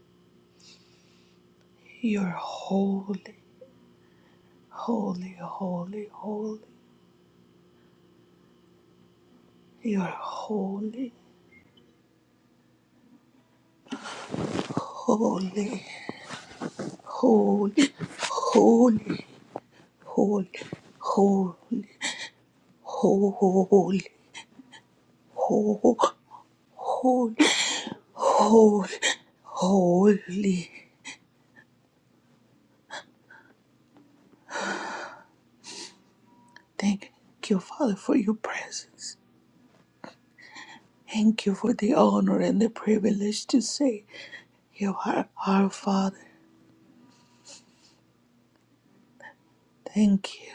You're holy, holy, holy, holy. You're holy, holy, holy, holy, holy, holy, holy, holy, holy, holy. Thank you, Father, for your presence. Thank you for the honor and the privilege to say you are our Father. Thank you.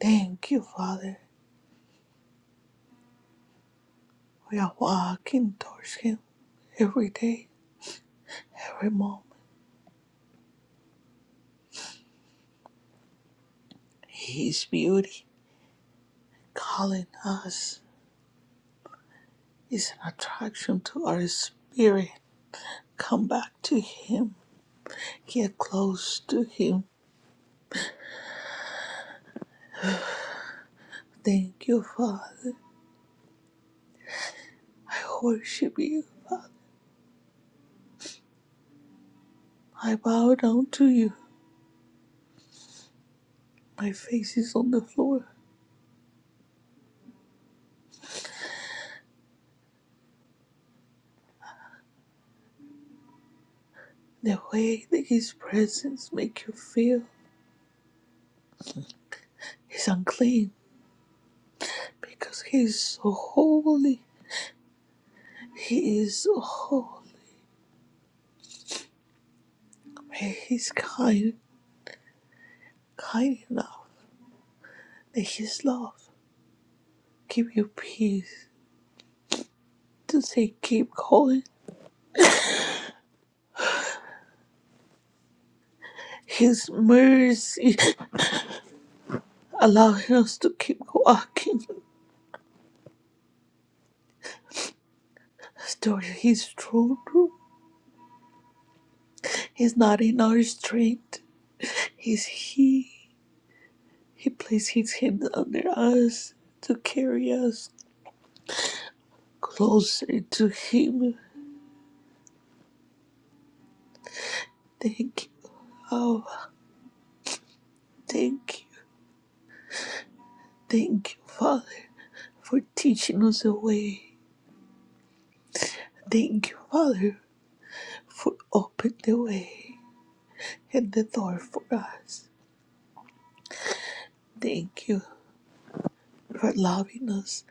Thank you, Father. We are walking towards Him every day, every moment. His beauty calling us is an attraction to our spirit. Come back to Him. Get close to Him. Thank you, Father. I worship you, Father. I bow down to you. My face is on the floor. The way that his presence makes you feel is unclean because he is so holy. He is so holy. May his kind, kind enough that his love give you peace to say keep going. His mercy [LAUGHS] [COUGHS] allowing us to keep walking towards his throne room. He's not in our strength. He's he. He places his hand under us to carry us closer to Him. Thank you, Abba. Thank you. Thank you, Father, for teaching us the way. Thank you, Father, for opening the way and the door for us. Thank you for loving us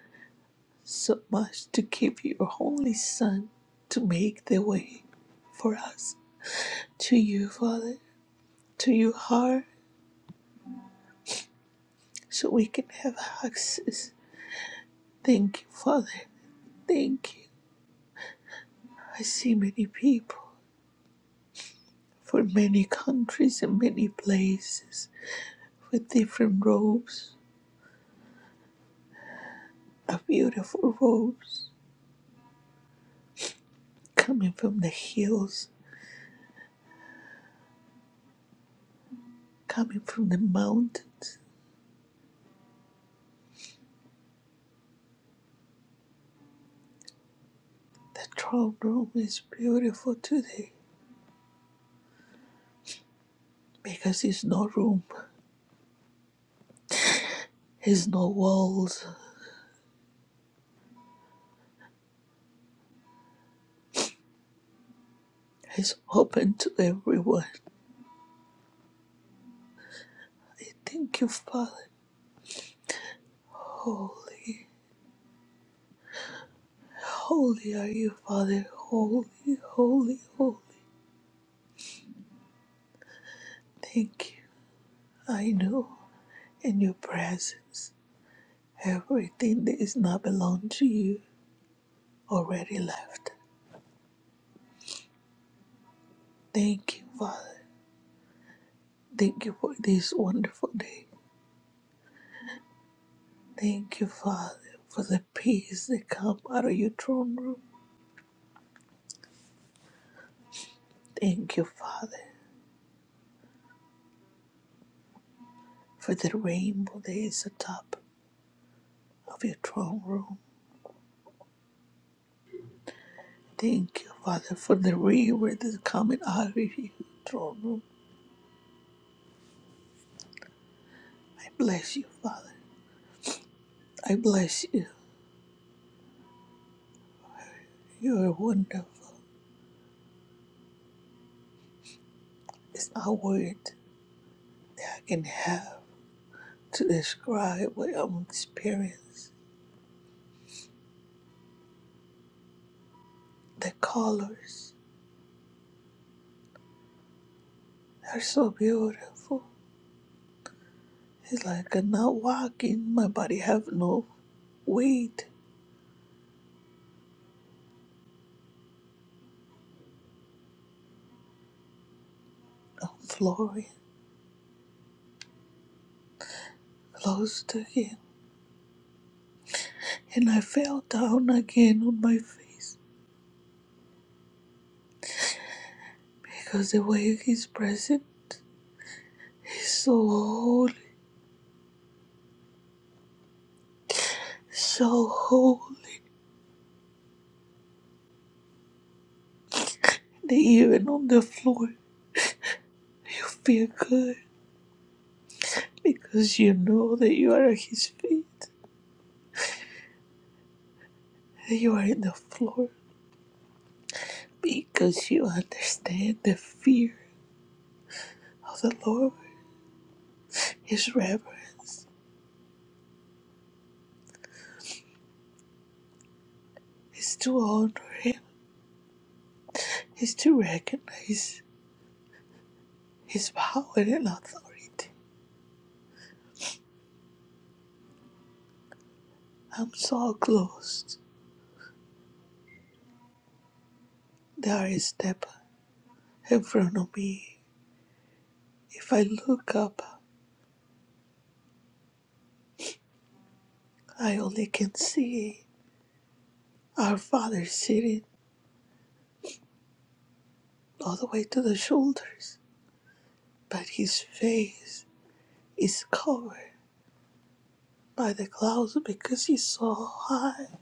so much to give your only Son to make the way for us to you, Father, to your heart, so we can have access. Thank you, Father. Thank you. I see many people for many countries and many places with different robes, a beautiful robes coming from the hills, coming from the mountains. The throne room is beautiful today because it's no room, it's no walls, it's open to everyone. I thank you, Father. Holy, holy are you, Father. Holy, holy, holy. Thank you. I know in your presence. Everything that is not belong to you already left. Thank you, Father. Thank you for this wonderful day. Thank you, Father, for the peace that come out of your throne room. Thank you, Father, for the rainbow that is atop of your throne room. Thank you, Father, for the river that's coming out of your throne room. I bless you, Father. I bless you. You are wonderful. It's not word that I can have. to describe what I'm experiencing. The colors are so beautiful. It's like I'm not walking. My body have no weight. I'm flooring closed again, and I fell down again on my face because the way he's present is so holy, so holy. That even on the floor, you feel good because you know that you are at his feet. That you are in the floor because you understand the fear of the Lord, His reverence, is to honor Him, is to recognize His power and authority. I'm so close. There is step in front of me. If I look up, I only can see our Father sitting all the way to the shoulders, but His face is covered by the clouds because He's so high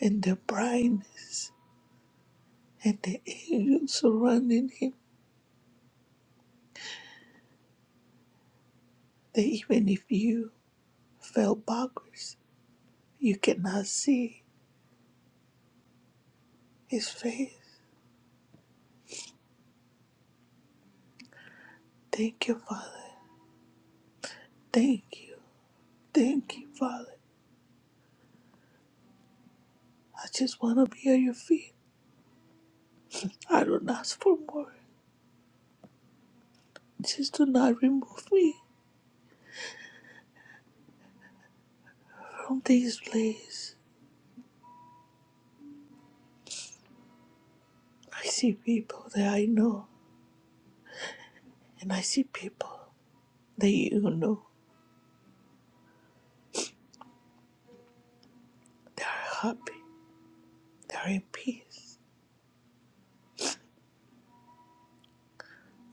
and the brightness and the angels surrounding him, that even if you fell backwards, you cannot see his face. Thank you, Father. Thank you. Thank you, Father. I just want to be at your feet. I don't ask for more. Just do not remove me from this place. I see people that I know, and I see people that you know. They are happy. They are in peace.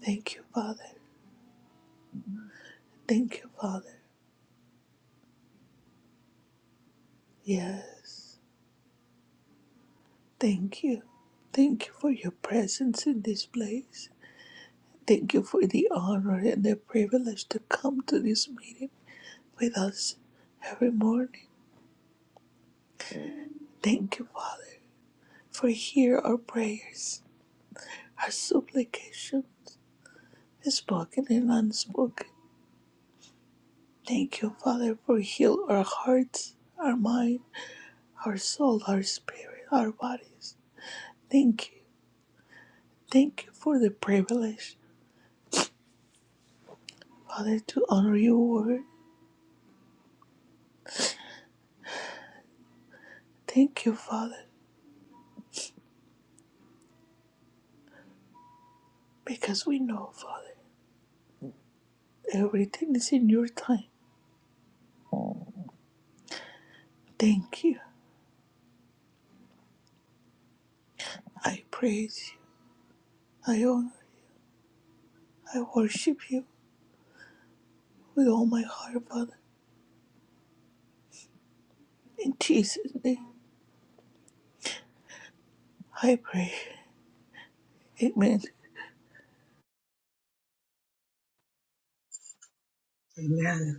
Thank you, Father. Thank you, Father. Yes. Thank you. Thank you for your presence in this place. Thank you for the honor and the privilege to come to this meeting with us every morning. Thank you, Father, for hear our prayers, our supplication, spoken and unspoken. Thank you, Father, for heal our hearts, our mind, our soul, our spirit, our bodies. Thank you. Thank you for the privilege, Father, to honor your word. Thank you, Father because we know, Father, everything is in your time. Thank you. I praise you. I honor, I worship you with all my heart, Father. In Jesus' name, I pray. Amen. Amen.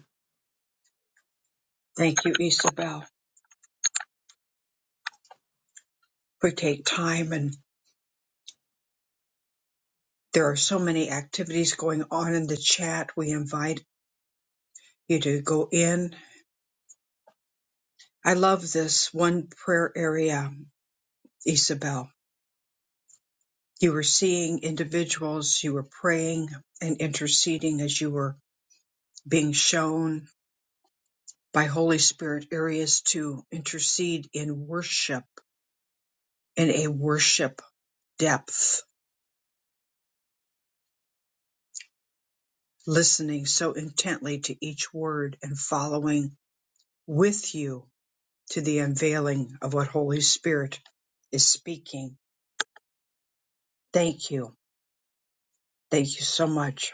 Thank you, Isabel. We take time, and there are so many activities going on in the chat. We invite you to go in. I love this one prayer area, Isabel. You were seeing individuals, you were praying and interceding as you were being shown by Holy Spirit areas to intercede in worship in a worship depth, listening so intently to each word and following with you to the unveiling of what Holy Spirit is speaking. Thank you. Thank you so much.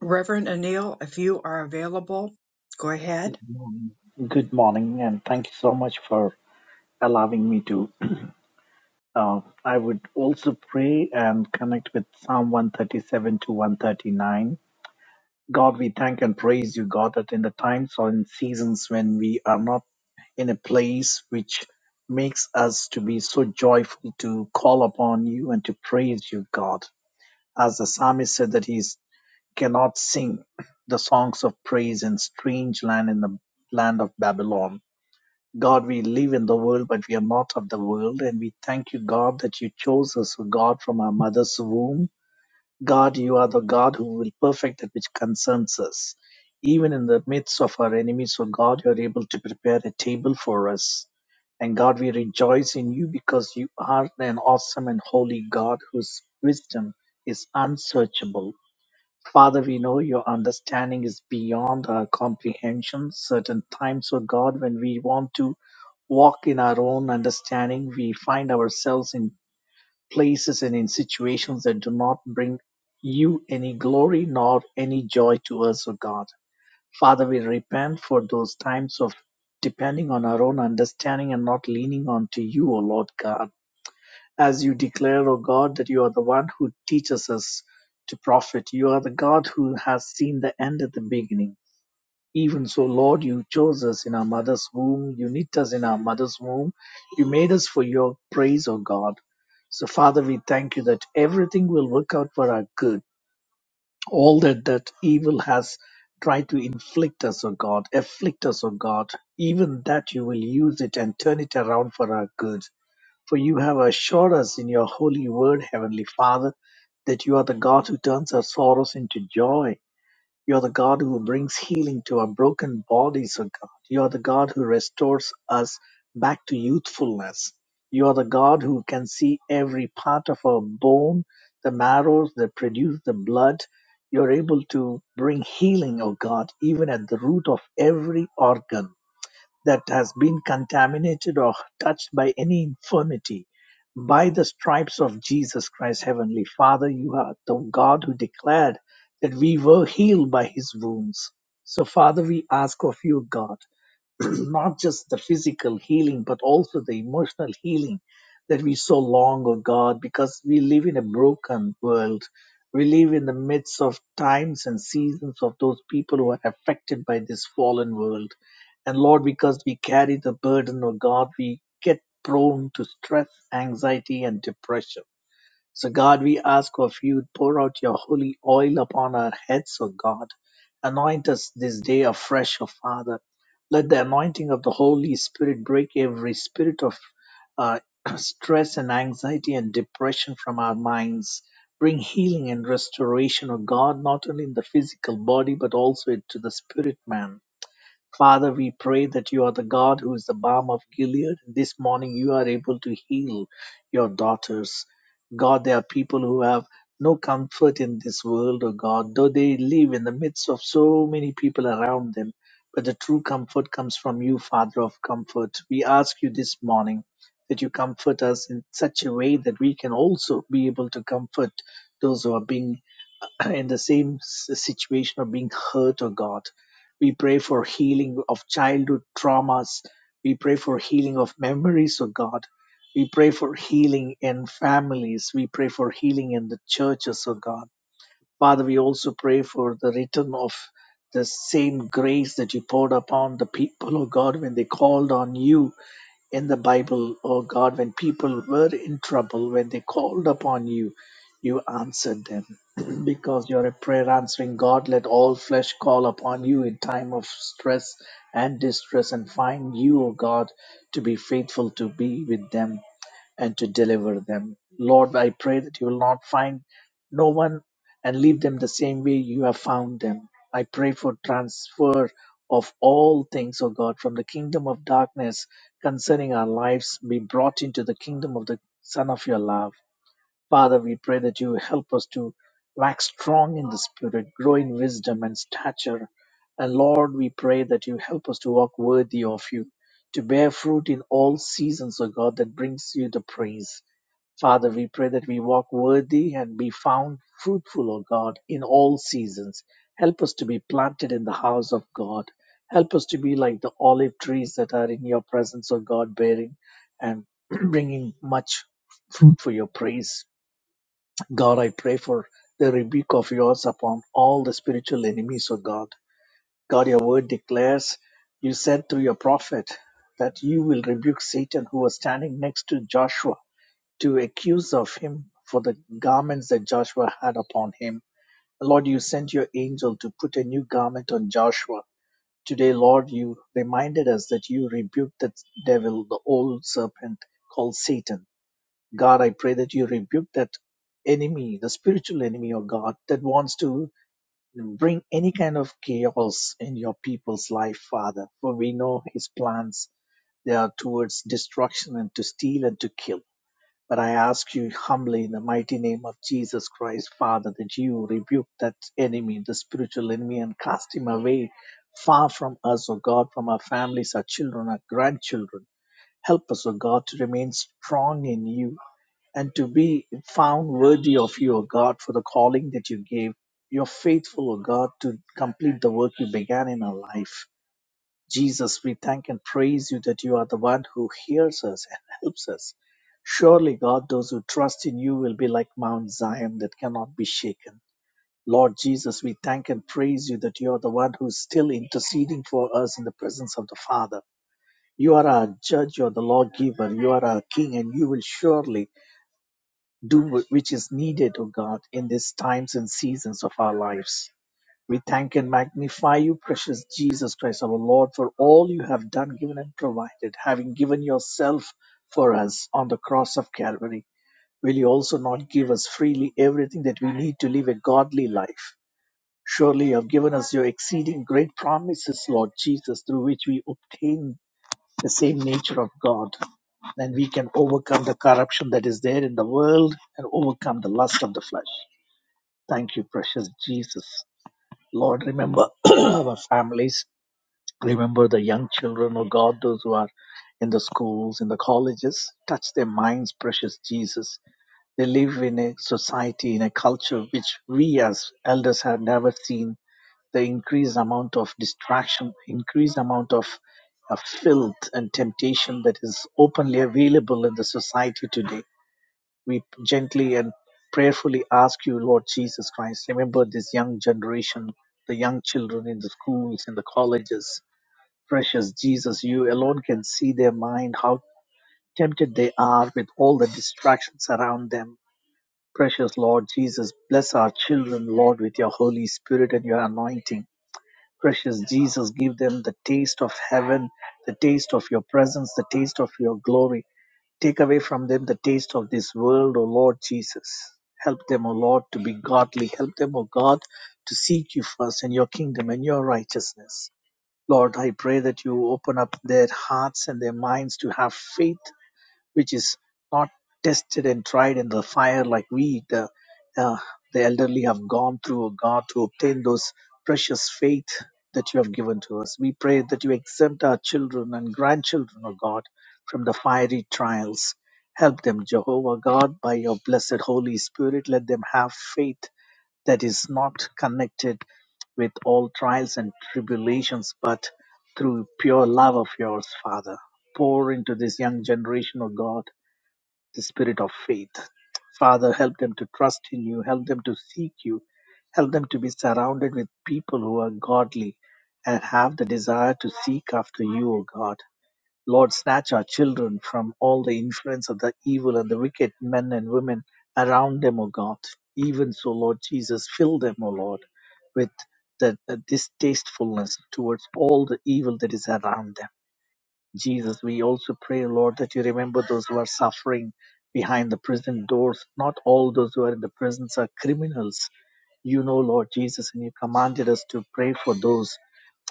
Reverend Anil, if you are available, go ahead. morning. Good morning, and thank you so much for allowing me to. Uh, I would also pray and connect with Psalm 137 to 139. God, we thank and praise you, God, that in the times or in seasons when we are not in a place which makes us to be so joyful to call upon you and to praise you, God. As the psalmist said that he cannot sing the songs of praise in strange land in the land of Babylon God, we live in the world, but we are not of the world. And we thank you, God, that you chose us, O God, from our mother's womb. God, you are the God who will perfect that which concerns us. Even in the midst of our enemies, O God, you are able to prepare a table for us. And God, we rejoice in you because you are an awesome and holy God whose wisdom is unsearchable. Father, we know your understanding is beyond our comprehension. Certain times, O God, when we want to walk in our own understanding, we find ourselves in places and in situations that do not bring you any glory nor any joy to us, O God. Father, we repent for those times of depending on our own understanding and not leaning on to you, O Lord God. As you declare, O God, that you are the one who teaches us to profit, you are the God who has seen the end at the beginning. Even so, Lord, you chose us in our mother's womb, you knit us in our mother's womb, you made us for your praise, O God. So, Father, we thank you that everything will work out for our good. All that that evil has tried to inflict us, O God, afflict us, O God, even that you will use it and turn it around for our good. For you have assured us in your holy word, Heavenly Father, that you are the God who turns our sorrows into joy. You are the God who brings healing to our broken bodies, O God. You are the God who restores us back to youthfulness. You are the God who can see every part of our bone, the marrows that produce the blood. You're able to bring healing, O God, even at the root of every organ that has been contaminated or touched by any infirmity. By the stripes of Jesus Christ, Heavenly Father, you are the God who declared that we were healed by his wounds. So, Father, we ask of you, God. [CLEARS THROAT] not just the physical healing, but also the emotional healing that we so long, oh God, because we live in a broken world. We live in the midst of times and seasons of those people who are affected by this fallen world. And Lord, because we carry the burden, oh God, we get prone to stress, anxiety, and depression. So, God, we ask of you, pour out your holy oil upon our heads, O God. Anoint us this day afresh, O Father. Let the anointing of the Holy Spirit break every spirit of uh, [CLEARS THROAT] stress and anxiety and depression from our minds. Bring healing and restoration, O God, not only in the physical body, but also to the spirit man. Father, we pray that you are the God who is the balm of Gilead. This morning you are able to heal your daughters. God, there are people who have no comfort in this world, oh God, though they live in the midst of so many people around them. But the true comfort comes from you, Father of comfort. We ask you this morning that you comfort us in such a way that we can also be able to comfort those who are being [CLEARS THROAT] in the same s- situation of being hurt, oh God. We pray for healing of childhood traumas. We pray for healing of memories, oh God. We pray for healing in families. We pray for healing in the churches, oh God. Father, we also pray for the return of the same grace that you poured upon the people, oh God, when they called on you in the Bible, oh God, when people were in trouble, when they called upon you, you answered them. [CLEARS THROAT] because you're a prayer answering God, let all flesh call upon you in time of stress and distress and find you, O God, to be faithful to be with them and to deliver them. Lord, I pray that you will not find no one and leave them the same way you have found them. I pray for transfer of all things, O God, from the kingdom of darkness concerning our lives be brought into the kingdom of the Son of your love. Father, we pray that you help us to wax strong in the Spirit, grow in wisdom and stature. And Lord, we pray that you help us to walk worthy of you, to bear fruit in all seasons, O God, that brings you the praise. Father, we pray that we walk worthy and be found fruitful, O God, in all seasons. Help us to be planted in the house of God. Help us to be like the olive trees that are in your presence, O God, bearing and [CLEARS THROAT] bringing much fruit for your praise. God, I pray for the rebuke of yours upon all the spiritual enemies, O God. God, your word declares, you said through your prophet that you will rebuke Satan who was standing next to Joshua to accuse of him for the garments that Joshua had upon him. Lord, you sent your angel to put a new garment on Joshua. Today, Lord, you reminded us that you rebuked the devil, the old serpent called Satan God, I pray that you rebuke that enemy, the spiritual enemy of God that wants to bring any kind of chaos in your people's life, Father. For we know his plans, they are towards destruction and to steal and to kill. But I ask you humbly in the mighty name of Jesus Christ, Father, that you rebuke that enemy, the spiritual enemy, and cast him away far from us, O God, from our families, our children, our grandchildren. Help us, O God, to remain strong in you and to be found worthy of you, O God, for the calling that you gave. You're faithful, O God, to complete the work you began in our life. Jesus, we thank and praise you that you are the one who hears us and [LAUGHS] helps us. Surely, God, those who trust in you will be like Mount Zion that cannot be shaken. Lord Jesus, we thank and praise you that you are the one who's still interceding for us in the presence of the Father. You are our judge, you are the lawgiver, you are our king, and you will surely do wh- which is needed, O God, in these times and seasons of our lives. We thank and magnify you, precious Jesus Christ, our Lord, for all you have done, given, and provided, having given yourself for us on the cross of Calvary. Will you also not give us freely everything that we need to live a godly life? Surely you have given us your exceeding great promises, Lord Jesus, through which we obtain the same nature of God then we can overcome the corruption that is there in the world and overcome the lust of the flesh. Thank you, precious Jesus. Lord, remember [CLEARS THROAT] our families. Remember the young children, oh God, those who are in the schools, in the colleges. Touch their minds, precious Jesus. They live in a society, in a culture which we as elders have never seen. The increased amount of distraction, increased amount of, of filth and temptation that is openly available in the society today we gently and prayerfully ask you, Lord Jesus Christ, remember this young generation, the young children in the schools, in the colleges. Precious Jesus, you alone can see their mind, how tempted they are with all the distractions around them. Precious Lord Jesus, bless our children, Lord, with your Holy Spirit and your anointing. Precious Jesus, give them the taste of heaven, the taste of your presence, the taste of your glory. Take away from them the taste of this world, O Lord Jesus. Help them, O Lord, to be godly. Help them, O God, to seek you first and your kingdom and your righteousness. Lord, I pray that you open up their hearts and their minds to have faith which is not tested and tried in the fire like we, the, uh, the elderly, have gone through, O God, to obtain those precious faith that you have given to us. We pray that you exempt our children and grandchildren, O God, from the fiery trials. Help them, Jehovah God, by your blessed Holy Spirit. Let them have faith that is not connected with all trials and tribulations, but through pure love of yours, Father. Pour into this young generation, O God the spirit of faith. Father, help them to trust in you, help them to seek you, help them to be surrounded with people who are godly and have the desire to seek after you, O God. Lord, snatch our children from all the influence of the evil and the wicked men and women around them, O God. Even so, Lord Jesus, fill them, O Lord, with the, the distastefulness towards all the evil that is around them Jesus, we also pray, Lord, that you remember those who are suffering behind the prison doors. Not all those who are in the prisons are criminals. You know, Lord Jesus, and you commanded us to pray for those.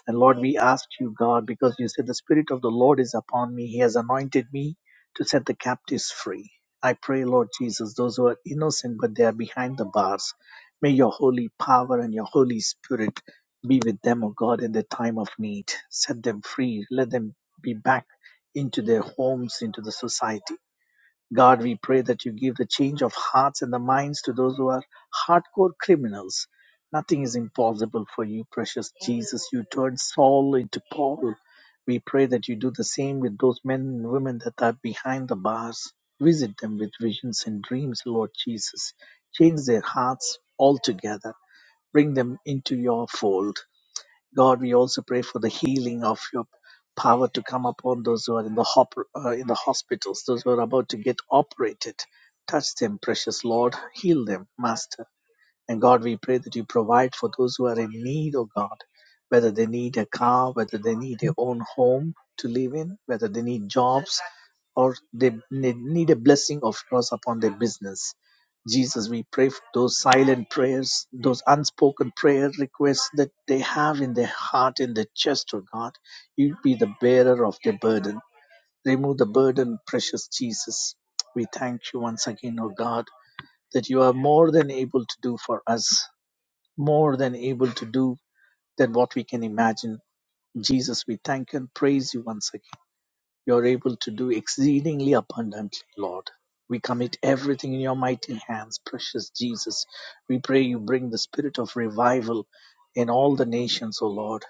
And Lord, we ask you, God, because you said the Spirit of the Lord is upon me. He has anointed me to set the captives free. I pray, Lord Jesus, those who are innocent but they are behind the bars, may your holy power and your Holy Spirit be with them, O God, in the time of need. Set them free. Let them be back into their homes, into the society. God, we pray that you give the change of hearts and the minds to those who are hardcore criminals. Nothing is impossible for you, precious Jesus. You turned Saul into Paul. We pray that you do the same with those men and women that are behind the bars. Visit them with visions and dreams, Lord Jesus. Change their hearts altogether. Bring them into your fold. God, we also pray for the healing of your power to come upon those who are in the hop- uh, in the hospitals, those who are about to get operated. Touch them, precious Lord. Heal them, Master. And God, we pray that you provide for those who are in need, oh God, whether they need a car, whether they need their own home to live in, whether they need jobs, or they ne- need a blessing of yours upon their business. Jesus, we pray for those silent prayers, those unspoken prayer requests that they have in their heart, in their chest, oh God. You be the bearer of their burden. Remove the burden, precious Jesus. We thank you once again, oh God, that you are more than able to do for us more than able to do than what we can imagine. Jesus, we thank and praise you once again. You're able to do exceedingly abundantly, Lord. We commit everything in your mighty hands, precious Jesus. We pray you bring the spirit of revival in all the nations, O Lord.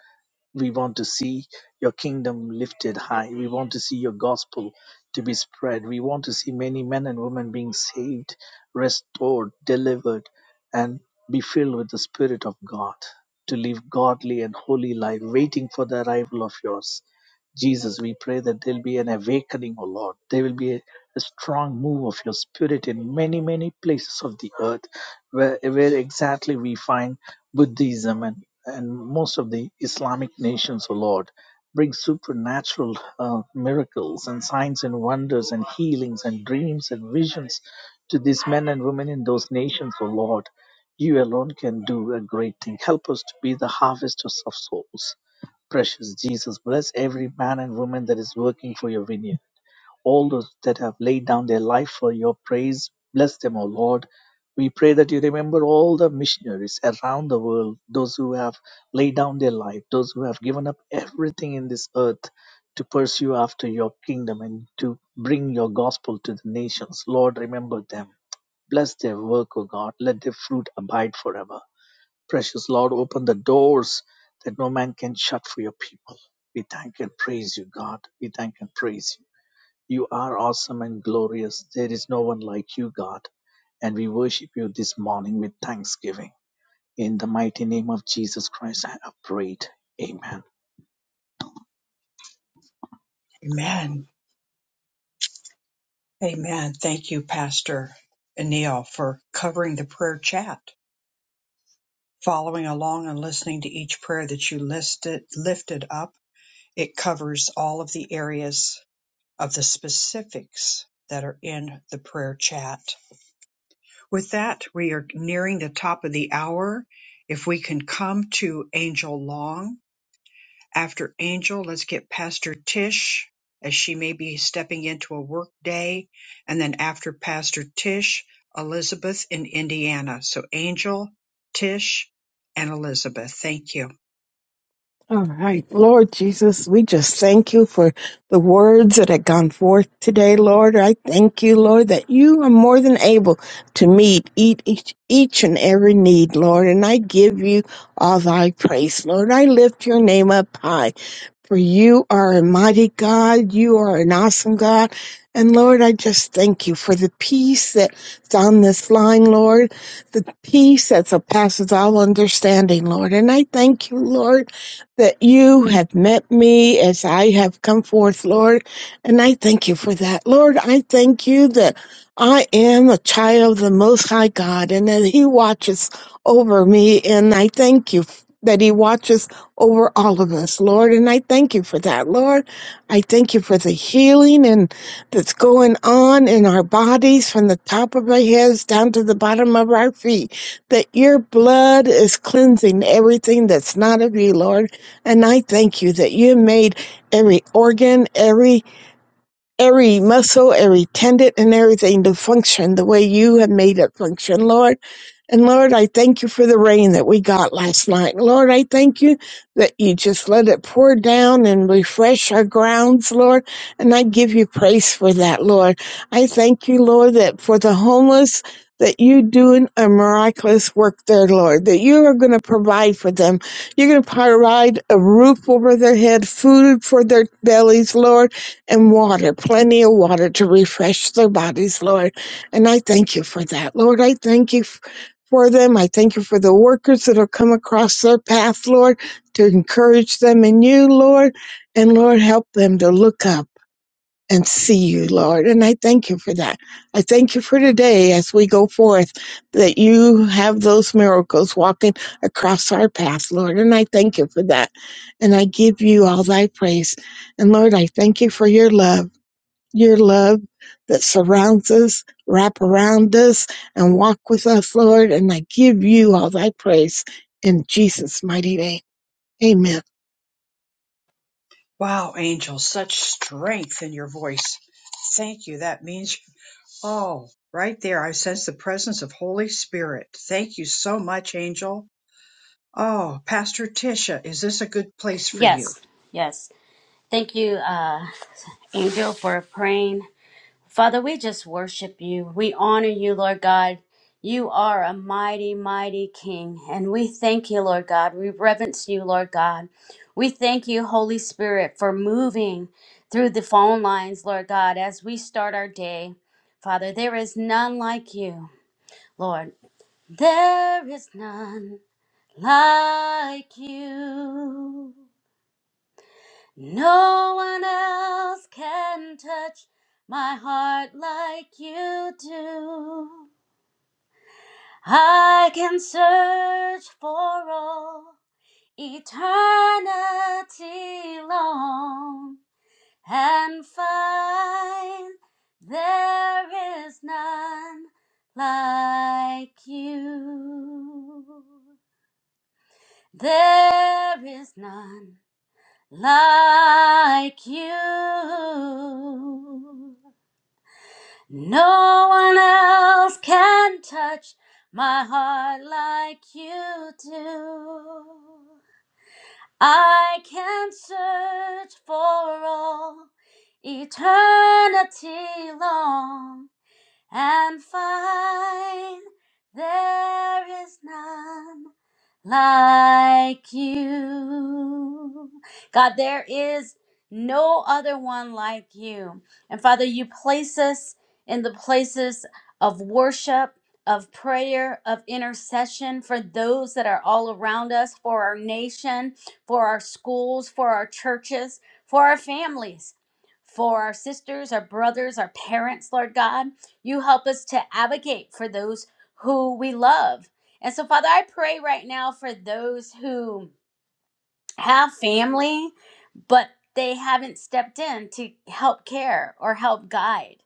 We want to see your kingdom lifted high. We want to see your gospel to be spread. We want to see many men and women being saved, restored, delivered, and be filled with the Spirit of God to live godly and holy life, waiting for the arrival of yours. Jesus, we pray that there'll be an awakening, O Lord. There will be a, a strong move of your spirit in many, many places of the earth where, where exactly we find Buddhism and, and most of the Islamic nations, O Lord, bring supernatural uh, miracles and signs and wonders and healings and dreams and visions to these men and women in those nations, O Lord. You alone can do a great thing. Help us to be the harvesters of souls. Precious Jesus, bless every man and woman that is working for your vineyard all those that have laid down their life for your praise. Bless them, O Lord. We pray that you remember all the missionaries around the world, those who have laid down their life, those who have given up everything in this earth to pursue after your kingdom and to bring your gospel to the nations. Lord, remember them. Bless their work, O God. Let their fruit abide forever. Precious Lord, open the doors that no man can shut for your people. We thank and praise you, God. We thank and praise you. You are awesome and glorious. There is no one like you, God. And we worship you this morning with thanksgiving. In the mighty name of Jesus Christ, I have prayed. Amen. Amen. Amen. Thank you, Pastor Anil, for covering the prayer chat, following along and listening to each prayer that you listed lifted up. It covers all of the areas of the specifics that are in the prayer chat. With that, we are nearing the top of the hour. If we can come to Angel Long. After Angel, let's get Pastor Tish as she may be stepping into a work day. And then after Pastor Tish, Elizabeth in Indiana. So Angel, Tish, and Elizabeth. Thank you. All right, Lord Jesus, we just thank you for the words that have gone forth today, Lord. I thank you, Lord, that you are more than able to meet each, each, each and every need, Lord. And I give you all thy praise, Lord. I lift your name up high, for you are a mighty God. You are an awesome God. And Lord, I just thank you for the peace that's on this line, Lord, the peace that surpasses all understanding, Lord. And I thank you, Lord that you have met me as I have come forth, Lord. And I thank you for that. Lord, I thank you that I am a child of the Most High God and that He watches over me. And I thank you that He watches over all of us, Lord. And I thank you for that, Lord. I thank you for the healing and that's going on in our bodies from the top of our heads down to the bottom of our feet. That your blood is cleansing everything that's not of you, Lord. And I thank you that you made every organ, every every muscle, every tendon and everything to function the way you have made it function, Lord. And Lord, I thank you for the rain that we got last night. Lord, I thank you that you just let it pour down and refresh our grounds, Lord. And I give you praise for that, Lord. I thank you, Lord, that for the homeless, that you doing a miraculous work there, Lord, that you are going to provide for them. You're going to provide a roof over their head, food for their bellies, Lord, and water, plenty of water to refresh their bodies, Lord. And I thank you for that, Lord. I thank you for them. I thank you for the workers that have come across their path, Lord, to encourage them in you, Lord. And Lord, help them to look up and see you, Lord. And I thank you for that. I thank you for today as we go forth that you have those miracles walking across our path, Lord. And I thank you for that. And I give you all thy praise. And Lord, I thank you for your love your love that surrounds us, wrap around us, and walk with us, Lord. And I give you all thy praise in Jesus' mighty name. Amen. Wow, Angel, such strength in your voice. Thank you. That means Oh, right there, I sense the presence of Holy Spirit. Thank you so much, Angel. Oh, Pastor Tisha, is this a good place for you? Yes, yes. Thank you, uh, [LAUGHS] Angel, for praying. Father, we just worship you. We honor you, Lord God. You are a mighty, mighty King, and we thank you, Lord God. We reverence you, Lord God. We thank you, Holy Spirit, for moving through the phone lines, Lord God, as we start our day. Father, there is none like you, Lord. There is none like you. No one else can touch my heart like you do. I can search for all eternity long and find there is none like you. There is none. like you. No one else can touch my heart like you do. I can search for all eternity long and find there is none like you. God, there is no other one like you. And Father, you place us in the places of worship, of prayer, of intercession for those that are all around us, for our nation, for our schools, for our churches, for our families, for our sisters, our brothers, our parents, Lord God. You help us to advocate for those who we love. And so, Father, I pray right now for those who have family but they haven't stepped in to help care or help guide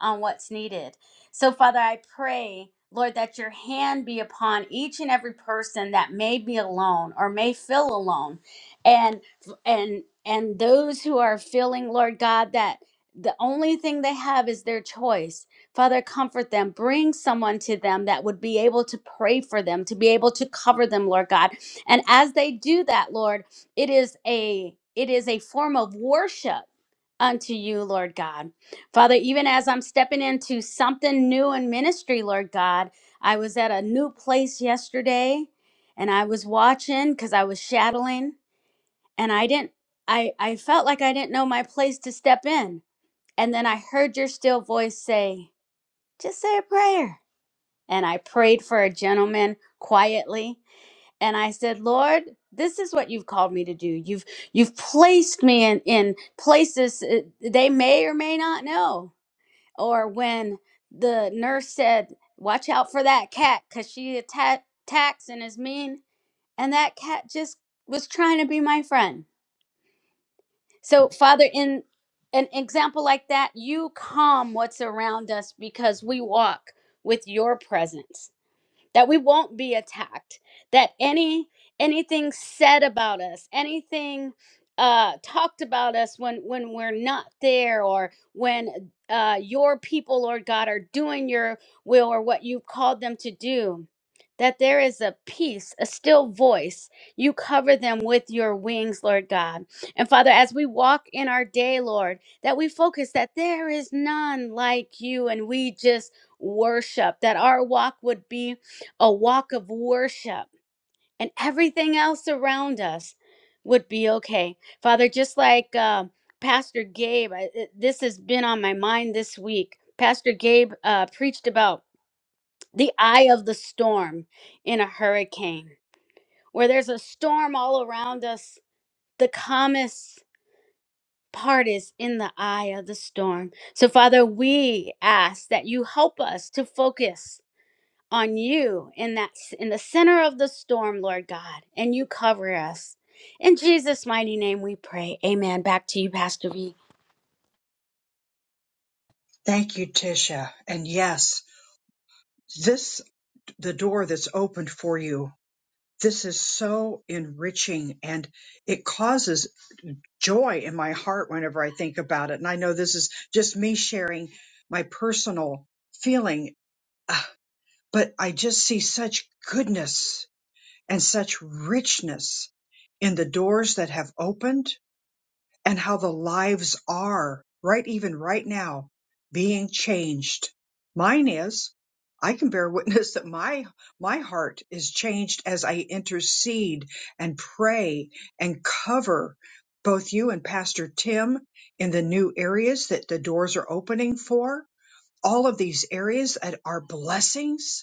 on what's needed. So, Father, I pray, Lord, that your hand be upon each and every person that may be alone or may feel alone, and and and those who are feeling, Lord God, that the only thing they have is their choice. Father, comfort them. Bring someone to them that would be able to pray for them, to be able to cover them, Lord God. And as they do that, Lord it is a it is a form of worship unto you lord god father even as i'm stepping into something new in ministry lord god i was at a new place yesterday and i was watching because i was shadowing and i didn't i i felt like i didn't know my place to step in and then i heard your still voice say just say a prayer and i prayed for a gentleman quietly and I said, "Lord, this is what you've called me to do. You've you've placed me in in places uh, they may or may not know." Or when the nurse said, "Watch out for that cat cuz she atta- attacks and is mean." And that cat just was trying to be my friend. So, Father, in an example like that, you calm what's around us because we walk with your presence that we won't be attacked that any anything said about us anything uh talked about us when when we're not there or when uh your people lord god are doing your will or what you've called them to do that there is a peace a still voice you cover them with your wings lord god and father as we walk in our day lord that we focus that there is none like you and we just worship that our walk would be a walk of worship, and everything else around us would be okay. Father, just like uh, Pastor Gabe, I, it- this has been on my mind this week. Pastor Gabe uh, preached about the eye of the storm in a hurricane, where there's a storm all around us. The calmest part is in the eye of the storm. So, Father, we ask that you help us to focus on you in that in the center of the storm, Lord God, and you cover us. In Jesus' mighty name we pray. Amen. Back to you, Pastor V. Thank you, Tisha. And yes, this, the door that's opened for you, this is so enriching and it causes joy in my heart whenever I think about it. And I know this is just me sharing my personal feeling, ah, but I just see such goodness and such richness in the doors that have opened and how the lives are right even right now being changed mine is i can bear witness that my my heart is changed as i intercede and pray and cover both you and pastor tim in the new areas that the doors are opening for all of these areas that are blessings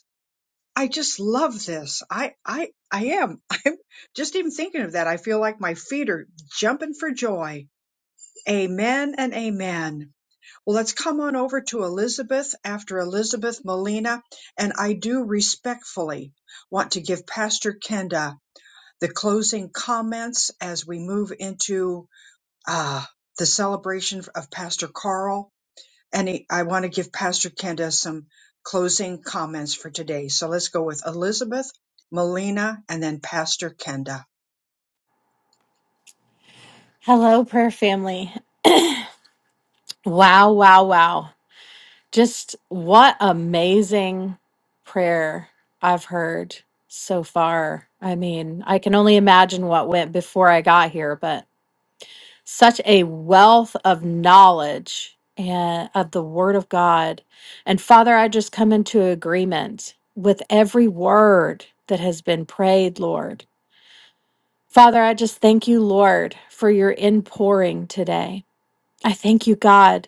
I just love this. I, I, I am. [LAUGHS] I'm just even thinking of that. I feel like my feet are jumping for joy. Amen and amen. Well, let's come on over to Elizabeth after Elizabeth Molina. And I do respectfully want to give Pastor Kenda the closing comments as we move into, uh, the celebration of Pastor Carl any, I want to give Pastor Kenda some closing comments for today. So let's go with Elizabeth, Melina, and then Pastor Kenda. Hello, prayer family. Wow, wow, wow. Just what amazing prayer I've heard so far. I mean, I can only imagine what went before I got here, but such a wealth of knowledge and of the word of God. And Father, I just come into agreement with every word that has been prayed, Lord. Father, I just thank you, Lord, for your inpouring today. I thank you, God,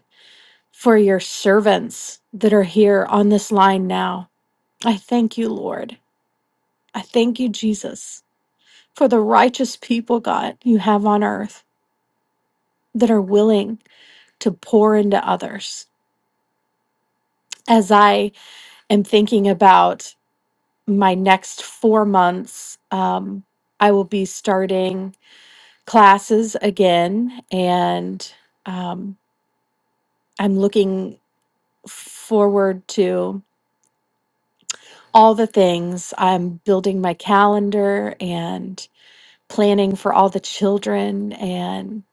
for your servants that are here on this line now. I thank you, Lord. I thank you, Jesus, for the righteous people, God, you have on earth that are willing to pour into others. As I am thinking about my next four months, um, I will be starting classes again, and um, I'm looking forward to all the things. I'm building my calendar and planning for all the children. And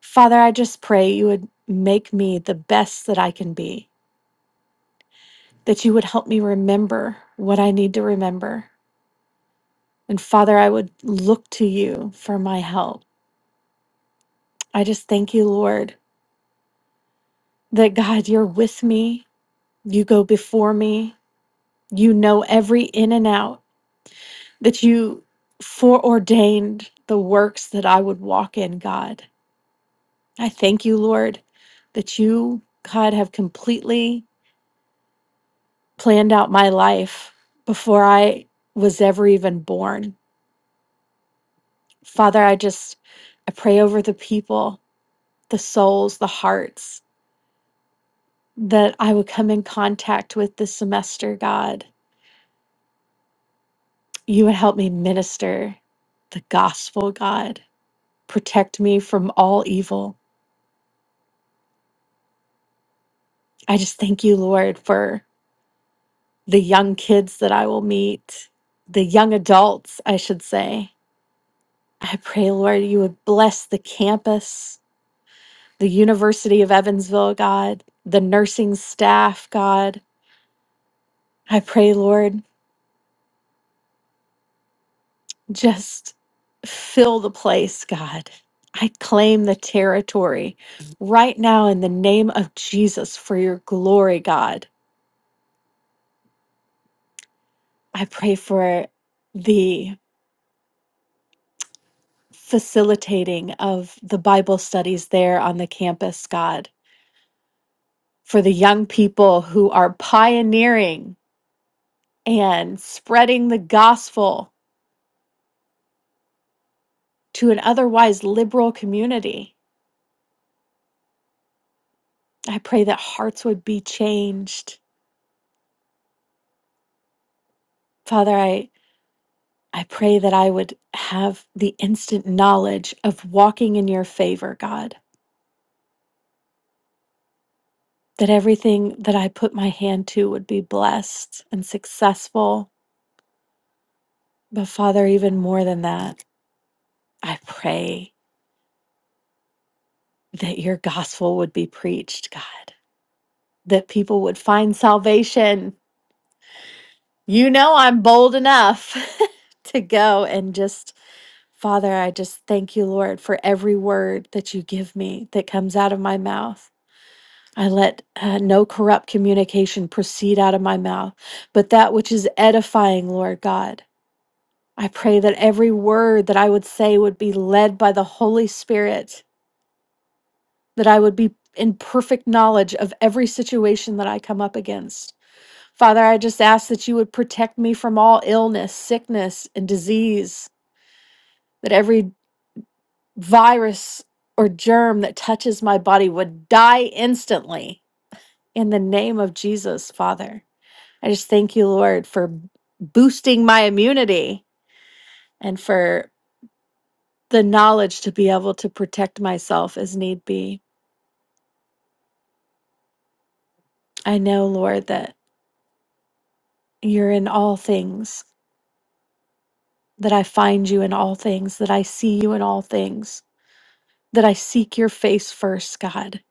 Father, I just pray you would make me the best that I can be, that you would help me remember what I need to remember. And Father, I would look to you for my help. I just thank you, Lord, that God, you're with me. You go before me. You know every in and out, that you foreordained the works that I would walk in, God. I thank you, Lord, that you, God, have completely planned out my life before I was ever even born. Father, I just I pray over the people, the souls, the hearts that I would come in contact with this semester, God. You would help me minister the gospel, God. Protect me from all evil. I just thank you, Lord, for the young kids that I will meet, the young adults, I should say I pray, Lord, you would bless the campus, the University of Evansville, God, the nursing staff, God. I pray, Lord, just fill the place, God. I claim the territory right now in the name of Jesus for your glory, God. I pray for the facilitating of the Bible studies there on the campus, God, for the young people who are pioneering. and spreading the gospel to an otherwise liberal community. I pray that hearts would be changed. Father, I, I pray that I would have the instant knowledge of walking in your favor, God, that everything that I put my hand to would be blessed and successful. But Father, even more than that, I pray that your gospel would be preached, God, that people would find salvation You know, I'm bold enough [LAUGHS] to go and just, Father, I just thank you, Lord, for every word that you give me that comes out of my mouth. I let uh, no corrupt communication proceed out of my mouth, but that which is edifying, Lord God. I pray that every word that I would say would be led by the Holy Spirit, that I would be in perfect knowledge of every situation that I come up against. Father, I just ask that you would protect me from all illness, sickness, and disease, that every virus or germ that touches my body would die instantly in the name of Jesus, Father. I just thank you, Lord, for boosting my immunity and for the knowledge to be able to protect myself as need be. I know, Lord, that you're in all things, that I find you in all things, that I see you in all things that I seek your face first, God,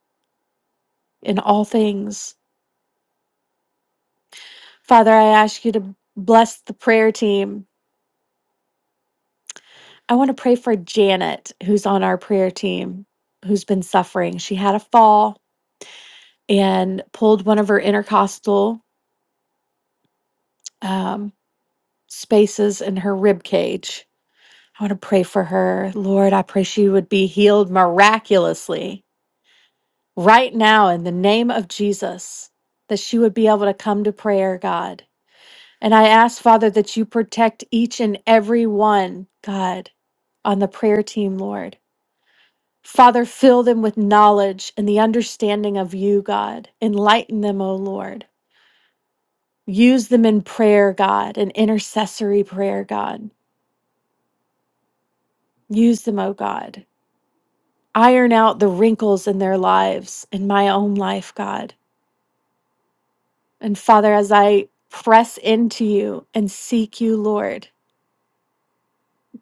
in all things. Father, I ask you to bless the prayer team. I want to pray for Janet, who's on our prayer team, who's been suffering. She had a fall and pulled one of her intercostal um, spaces in her rib cage. I want to pray for her. Lord, I pray she would be healed miraculously right now in the name of Jesus, that she would be able to come to prayer, God And I ask, Father, that you protect each and every one, God, on the prayer team, Lord. Father, fill them with knowledge and the understanding of you, God. Enlighten them, O Lord. Use them in prayer, God, and intercessory prayer, God. Use them, O God. Iron out the wrinkles in their lives, in my own life, God. And Father, as I press into you and seek you, Lord,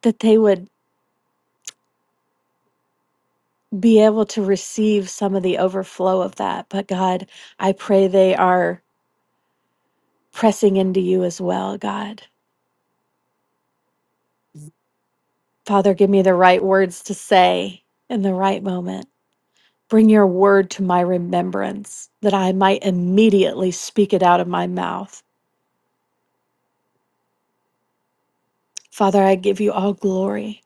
that they would be able to receive some of the overflow of that. But God, I pray they are pressing into you as well, God. Father, give me the right words to say in the right moment. Bring your word to my remembrance that I might immediately speak it out of my mouth. Father, I give you all glory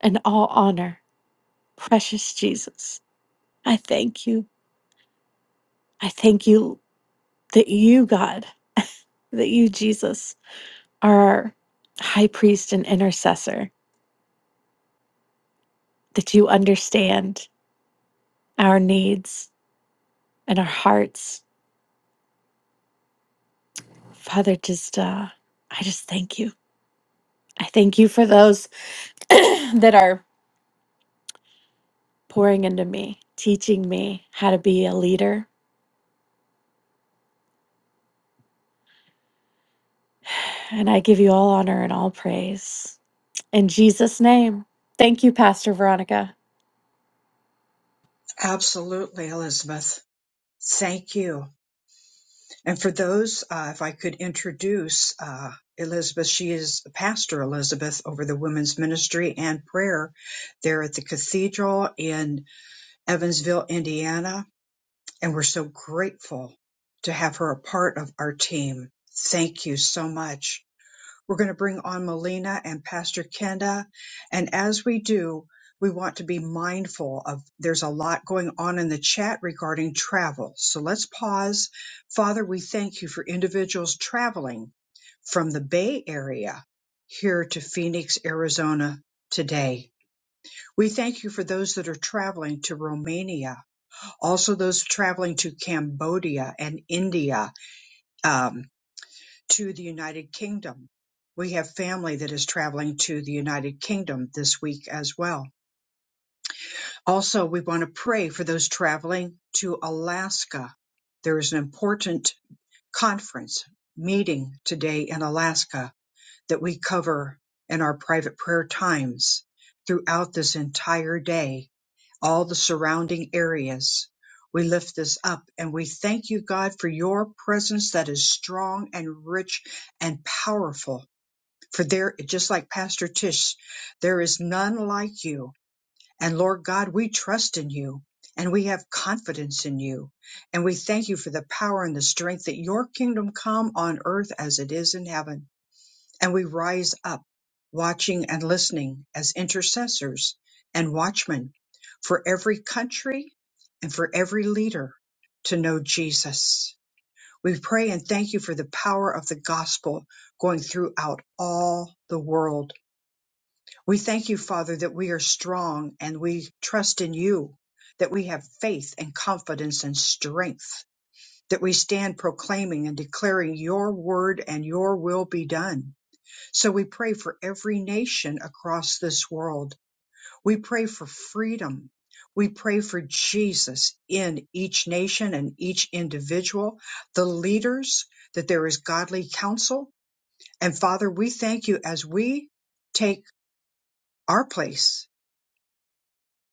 and all honor. Precious Jesus, I thank you. I thank you that you, God, [LAUGHS] that you, Jesus, are our high priest and intercessor that you understand our needs and our hearts. Father, just uh, I just thank you. I thank you for those [CLEARS THROAT] that are pouring into me, teaching me how to be a leader. And I give you all honor and all praise. In Jesus' name. Thank you, Pastor Veronica. Absolutely, Elizabeth. Thank you. And for those, uh, if I could introduce uh, Elizabeth, she is Pastor Elizabeth over the women's ministry and prayer there at the cathedral in Evansville, Indiana. And we're so grateful to have her a part of our team. Thank you so much. We're going to bring on Melina and Pastor Kenda. And as we do, we want to be mindful of there's a lot going on in the chat regarding travel. So let's pause. Father, we thank you for individuals traveling from the Bay Area here to Phoenix, Arizona today. We thank you for those that are traveling to Romania, also those traveling to Cambodia and India. um, to the United Kingdom. We have family that is traveling to the United Kingdom this week as well. Also, we want to pray for those traveling to Alaska. There is an important conference meeting today in Alaska that we cover in our private prayer times throughout this entire day, all the surrounding areas. We lift this up and we thank you, God, for your presence that is strong and rich and powerful for there, just like Pastor Tish, there is none like you. And Lord God, we trust in you and we have confidence in you. And we thank you for the power and the strength that your kingdom come on earth as it is in heaven. And we rise up watching and listening as intercessors and watchmen for every country and for every leader to know Jesus. We pray and thank you for the power of the gospel going throughout all the world we thank you, Father, that we are strong and we trust in you, that we have faith and confidence and strength, that we stand proclaiming and declaring your word and your will be done. So we pray for every nation across this world. We pray for freedom. We pray for Jesus in each nation and each individual, the leaders, that there is godly counsel. And Father, we thank you as we take our place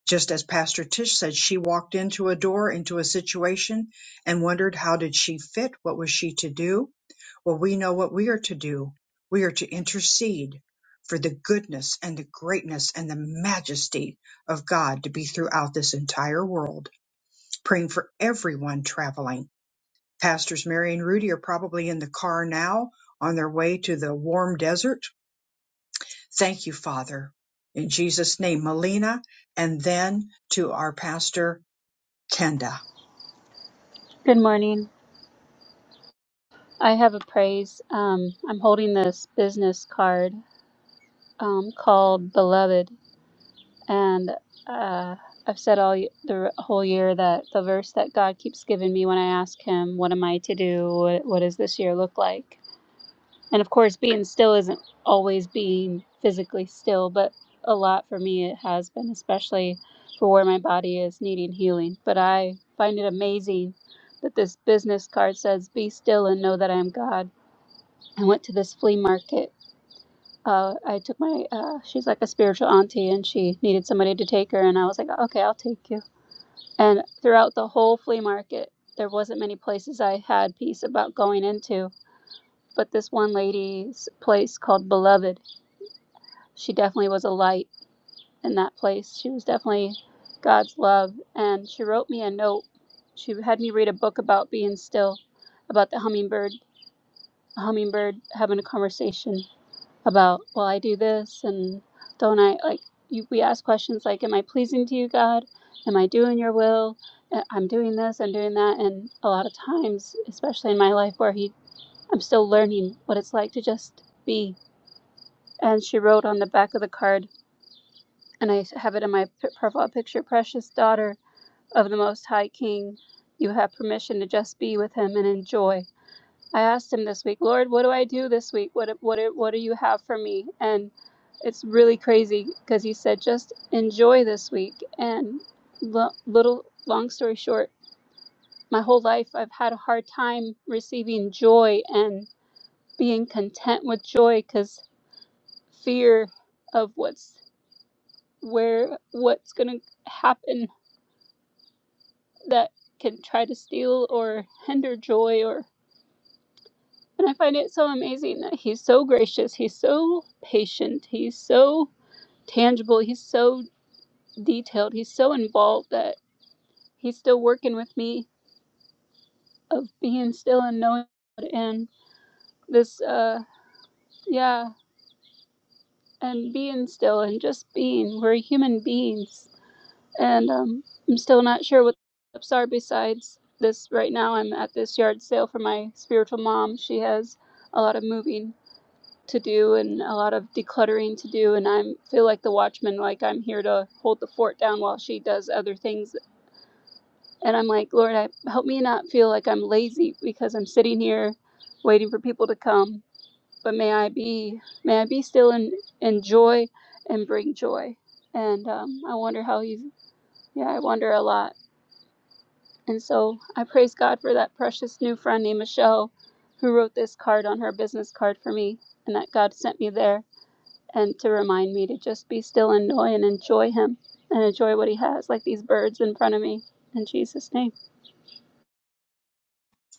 Just as Pastor Tish said, she walked into a door, into a situation and wondered how did she fit? What was she to do? Well, we know what we are to do. We are to intercede for the goodness and the greatness and the majesty of God to be throughout this entire world, praying for everyone traveling. Pastors Mary and Rudy are probably in the car now on their way to the warm desert. Thank you, Father. In Jesus' name, Melina, and then to our pastor Kenda. Good morning. I have a praise. Um, I'm holding this business card um, called Beloved, and uh, I've said all y- the r- whole year that the verse that God keeps giving me when I ask Him, "What am I to do? What, what does this year look like?" And of course, being still isn't always being physically still, but a lot for me it has been, especially for where my body is needing healing. But I find it amazing that this business card says, "Be still and know that I am God." I went to this flea market. Uh, I took my, uh, she's like a spiritual auntie and she needed somebody to take her. And I was like, okay, I'll take you. And throughout the whole flea market, there wasn't many places I had peace about going into. But this one lady's place called Beloved, she definitely was a light in that place. She was definitely God's love. And she wrote me a note. She had me read a book about being still, about the hummingbird, a hummingbird having a conversation about well i do this and don't i like you, we ask questions like am i pleasing to you god am i doing your will Uh, i'm doing this i'm doing that and a lot of times especially in my life where he i'm still learning what it's like to just be and she wrote on the back of the card and i have it in my profile picture precious daughter of the most high king you have permission to just be with him and enjoy I asked him this week, Lord, what do I do this week? What what what do you have for me? And it's really crazy because he said just enjoy this week. And lo- little long story short, my whole life I've had a hard time receiving joy and being content with joy because fear of what's where what's going to happen that can try to steal or hinder joy or. And I find it so amazing that he's so gracious, he's so patient, he's so tangible, he's so detailed, he's so involved that he's still working with me of being still and knowing it. and this uh yeah, and being still and just being. We're human beings. And um I'm still not sure what the steps are besides this right now I'm at this yard sale for my spiritual mom. She has a lot of moving to do and a lot of decluttering to do and i feel like the watchman like I'm here to hold the fort down while she does other things and I'm like Lord I help me not feel like I'm lazy because I'm sitting here waiting for people to come but may I be may I be still and enjoy and bring joy and um, I wonder how he's yeah I wonder a lot and so I praise God for that precious new friend named Michelle who wrote this card on her business card for me and that God sent me there and to remind me to just be still and know and enjoy Him and enjoy what He has, like these birds in front of me. In Jesus' name.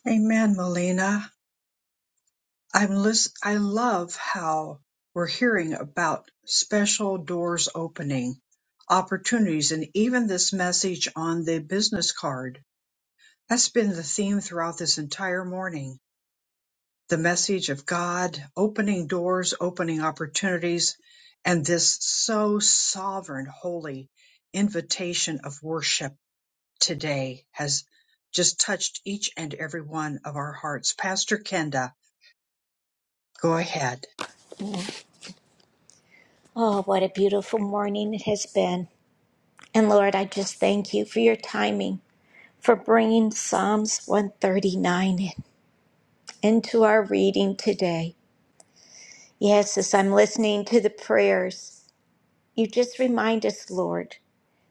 Amen, Melina. I'm listen. I love how we're hearing about special doors opening, opportunities, and even this message on the business card. That's been the theme throughout this entire morning. The message of God opening doors, opening opportunities, and this so sovereign, holy invitation of worship today has just touched each and every one of our hearts. Pastor Kenda, Go ahead. Oh, what a beautiful morning it has been. And Lord, I just thank you for your timing, for bringing Psalms 139 in. into our reading today. Yes, as I'm listening to the prayers, you just remind us, Lord,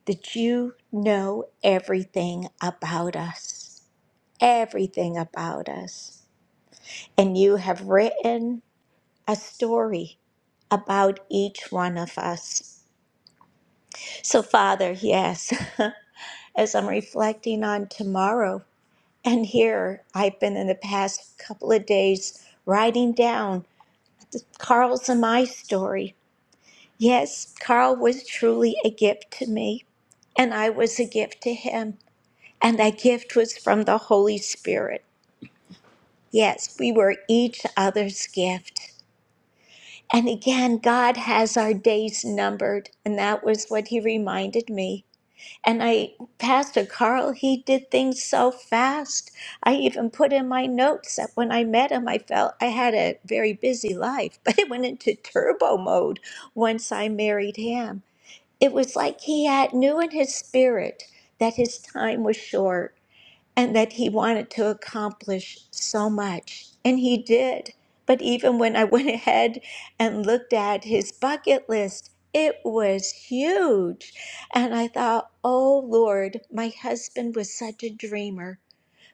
that you know everything about us, everything about us. And you have written a story about each one of us. So, Father, yes, [LAUGHS] as I'm reflecting on tomorrow, and here I've been in the past couple of days writing down Carl's and my story Yes, Carl was truly a gift to me, and I was a gift to him, and that gift was from the Holy Spirit. Yes, we were each other's gift. And again, God has our days numbered, and that was what he reminded me. And I, Pastor Carl, he did things so fast. I even put in my notes that when I met him, I felt I had a very busy life, [LAUGHS] but it went into turbo mode once I married him. It was like he had knew in his spirit that his time was short and that he wanted to accomplish so much. And he did. But even when I [LAUGHS] went ahead and looked at his bucket list, it was huge. And I thought, oh Lord, my husband was such a dreamer.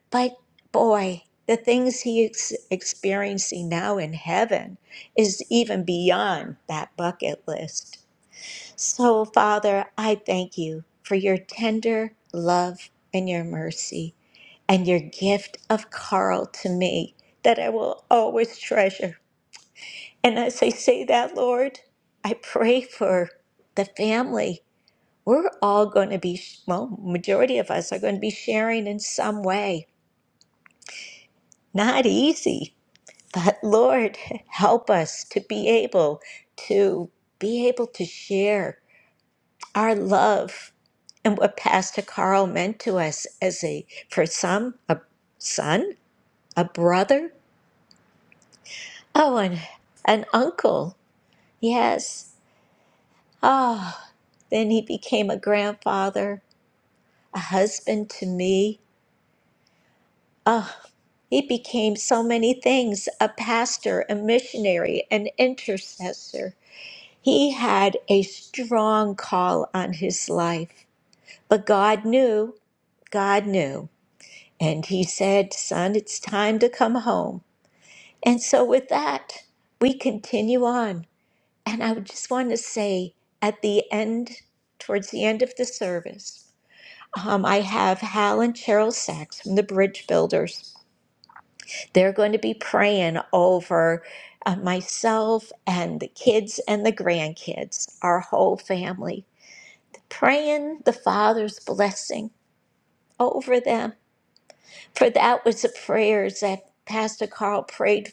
But boy, the things he's experiencing now in heaven is even beyond that bucket list. So, Father, I thank you for your tender love and your mercy and your gift of Carl to me that I will always treasure. And as I say that, Lord, I pray for the family. We're all going to be, well, majority of us are going to be sharing in some way. Not easy, but Lord, [LAUGHS] help us to be able to be able to share. our love and what Pastor Carl meant to us as a, for some, a son, a brother, oh, and an uncle. Yes. Oh, then he became a grandfather, a husband to me. Oh, he became so many things a pastor, a missionary, an intercessor. He had a strong call on his life, but God knew, God knew. And he said, Son, it's time to come home. And so, with that, we continue on. And I would just want to say at the end, towards the end of the service, um, I have Hal and Cheryl Sachs from the Bridge Builders. They're going to be praying over uh, myself and the kids and the grandkids, our whole family, praying the Father's blessing over them. For that was the prayers that Pastor Carl prayed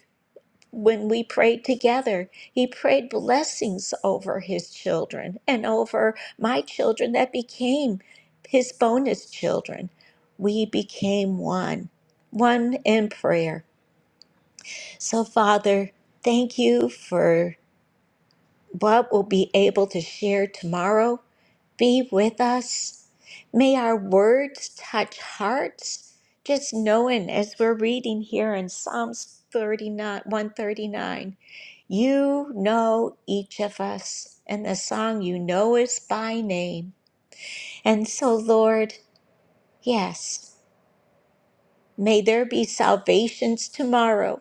when we prayed together, he prayed blessings over his children and over my children that became his bonus children. We became one, one in prayer. So, Father, thank you for what we'll be able to share tomorrow be with us. May our words touch hearts. Just knowing as we're reading here in Psalms 39, 139, you know each of us, and the song you know is by name. And so, Lord, yes, may there be salvations tomorrow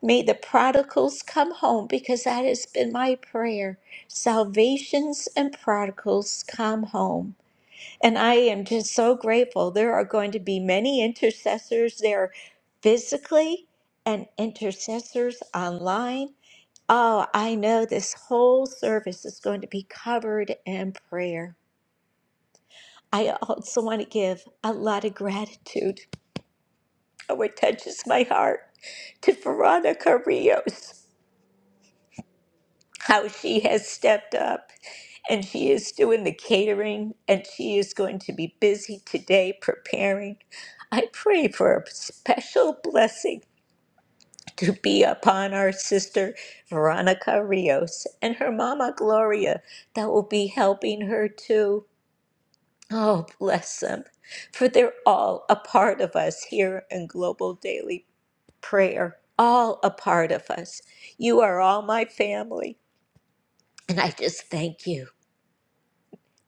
May the prodigals come home because that has been my prayer. Salvations and prodigals come home. And I am just so grateful. There are going to be many intercessors there physically and intercessors online. Oh, I know this whole service is going to be covered in prayer. I also want to give a lot of gratitude. Oh, it touches my heart to Veronica Rios. how she has stepped up and she is doing the catering and she is going to be busy today preparing. I pray for a special blessing to be upon our sister Veronica Rios and her mama Gloria that will be helping her too. Oh, bless them, for they're all a part of us here in Global Daily Prayer. All a part of us. You are all my family. And I just thank you.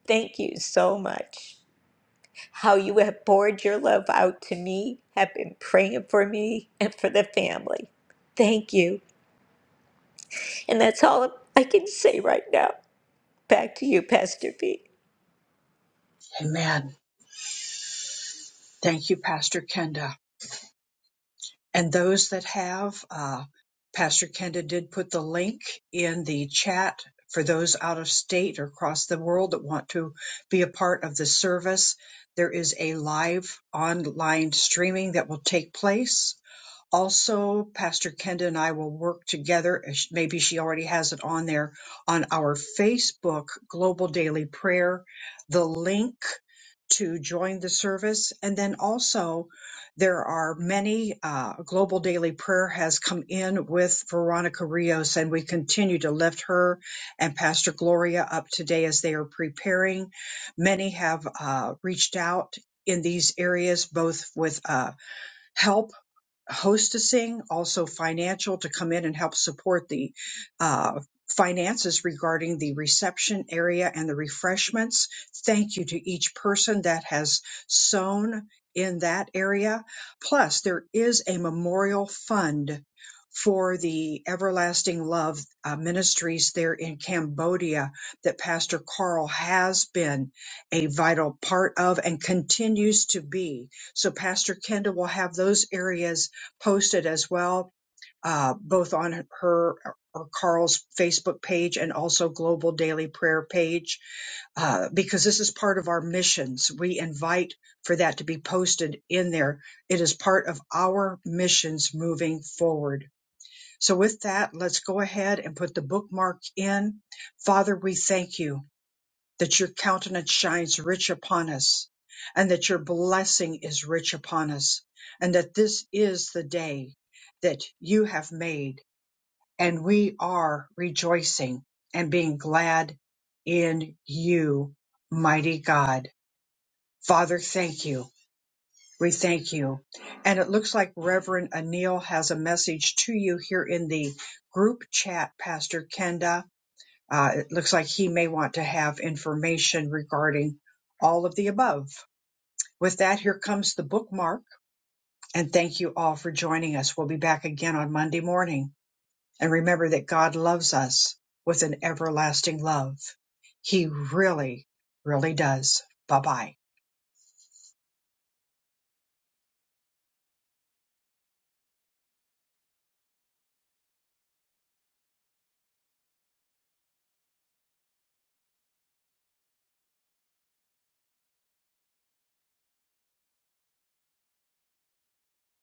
Thank you so much. How you have poured your love out to me, have been praying for me and for the family. Thank you. And that's all I can say right now. Back to you, Pastor B. Amen. Thank you, Pastor Kenda. And those that have, uh, Pastor Kenda did put the link in the chat for those out of state or across the world that want to be a part of the service. There is a live online streaming that will take place also pastor kenda and i will work together as sh- maybe she already has it on there on our facebook global daily prayer the link to join the service and then also there are many uh, global daily prayer has come in with veronica rios and we continue to lift her and pastor gloria up today as they are preparing many have uh, reached out in these areas both with uh, help hostessing, also financial to come in and help support the uh, finances regarding the reception area and the refreshments. Thank you to each person that has sown in that area. Plus, there is a memorial fund for the Everlasting Love uh, Ministries there in Cambodia that Pastor Carl has been a vital part of and continues to be. So Pastor Kenda will have those areas posted as well, uh, both on her uh, or Carl's Facebook page and also Global Daily Prayer page, uh, because this is part of our missions. We invite for that to be posted in there. It is part of our missions moving forward. So, with that, let's go ahead and put the bookmark in. Father, we thank you that your countenance shines rich upon us, and that your blessing is rich upon us, and that this is the day that you have made, and we are rejoicing and being glad in you, mighty God. Father, thank you. We thank you. And it looks like Reverend Anil has a message to you here in the group chat, Pastor Kenda uh, it looks like he may want to have information regarding all of the above. With that, here comes the bookmark. And thank you all for joining us. We'll be back again on Monday morning. And remember that God loves us with an everlasting love. He really, really does. Bye bye.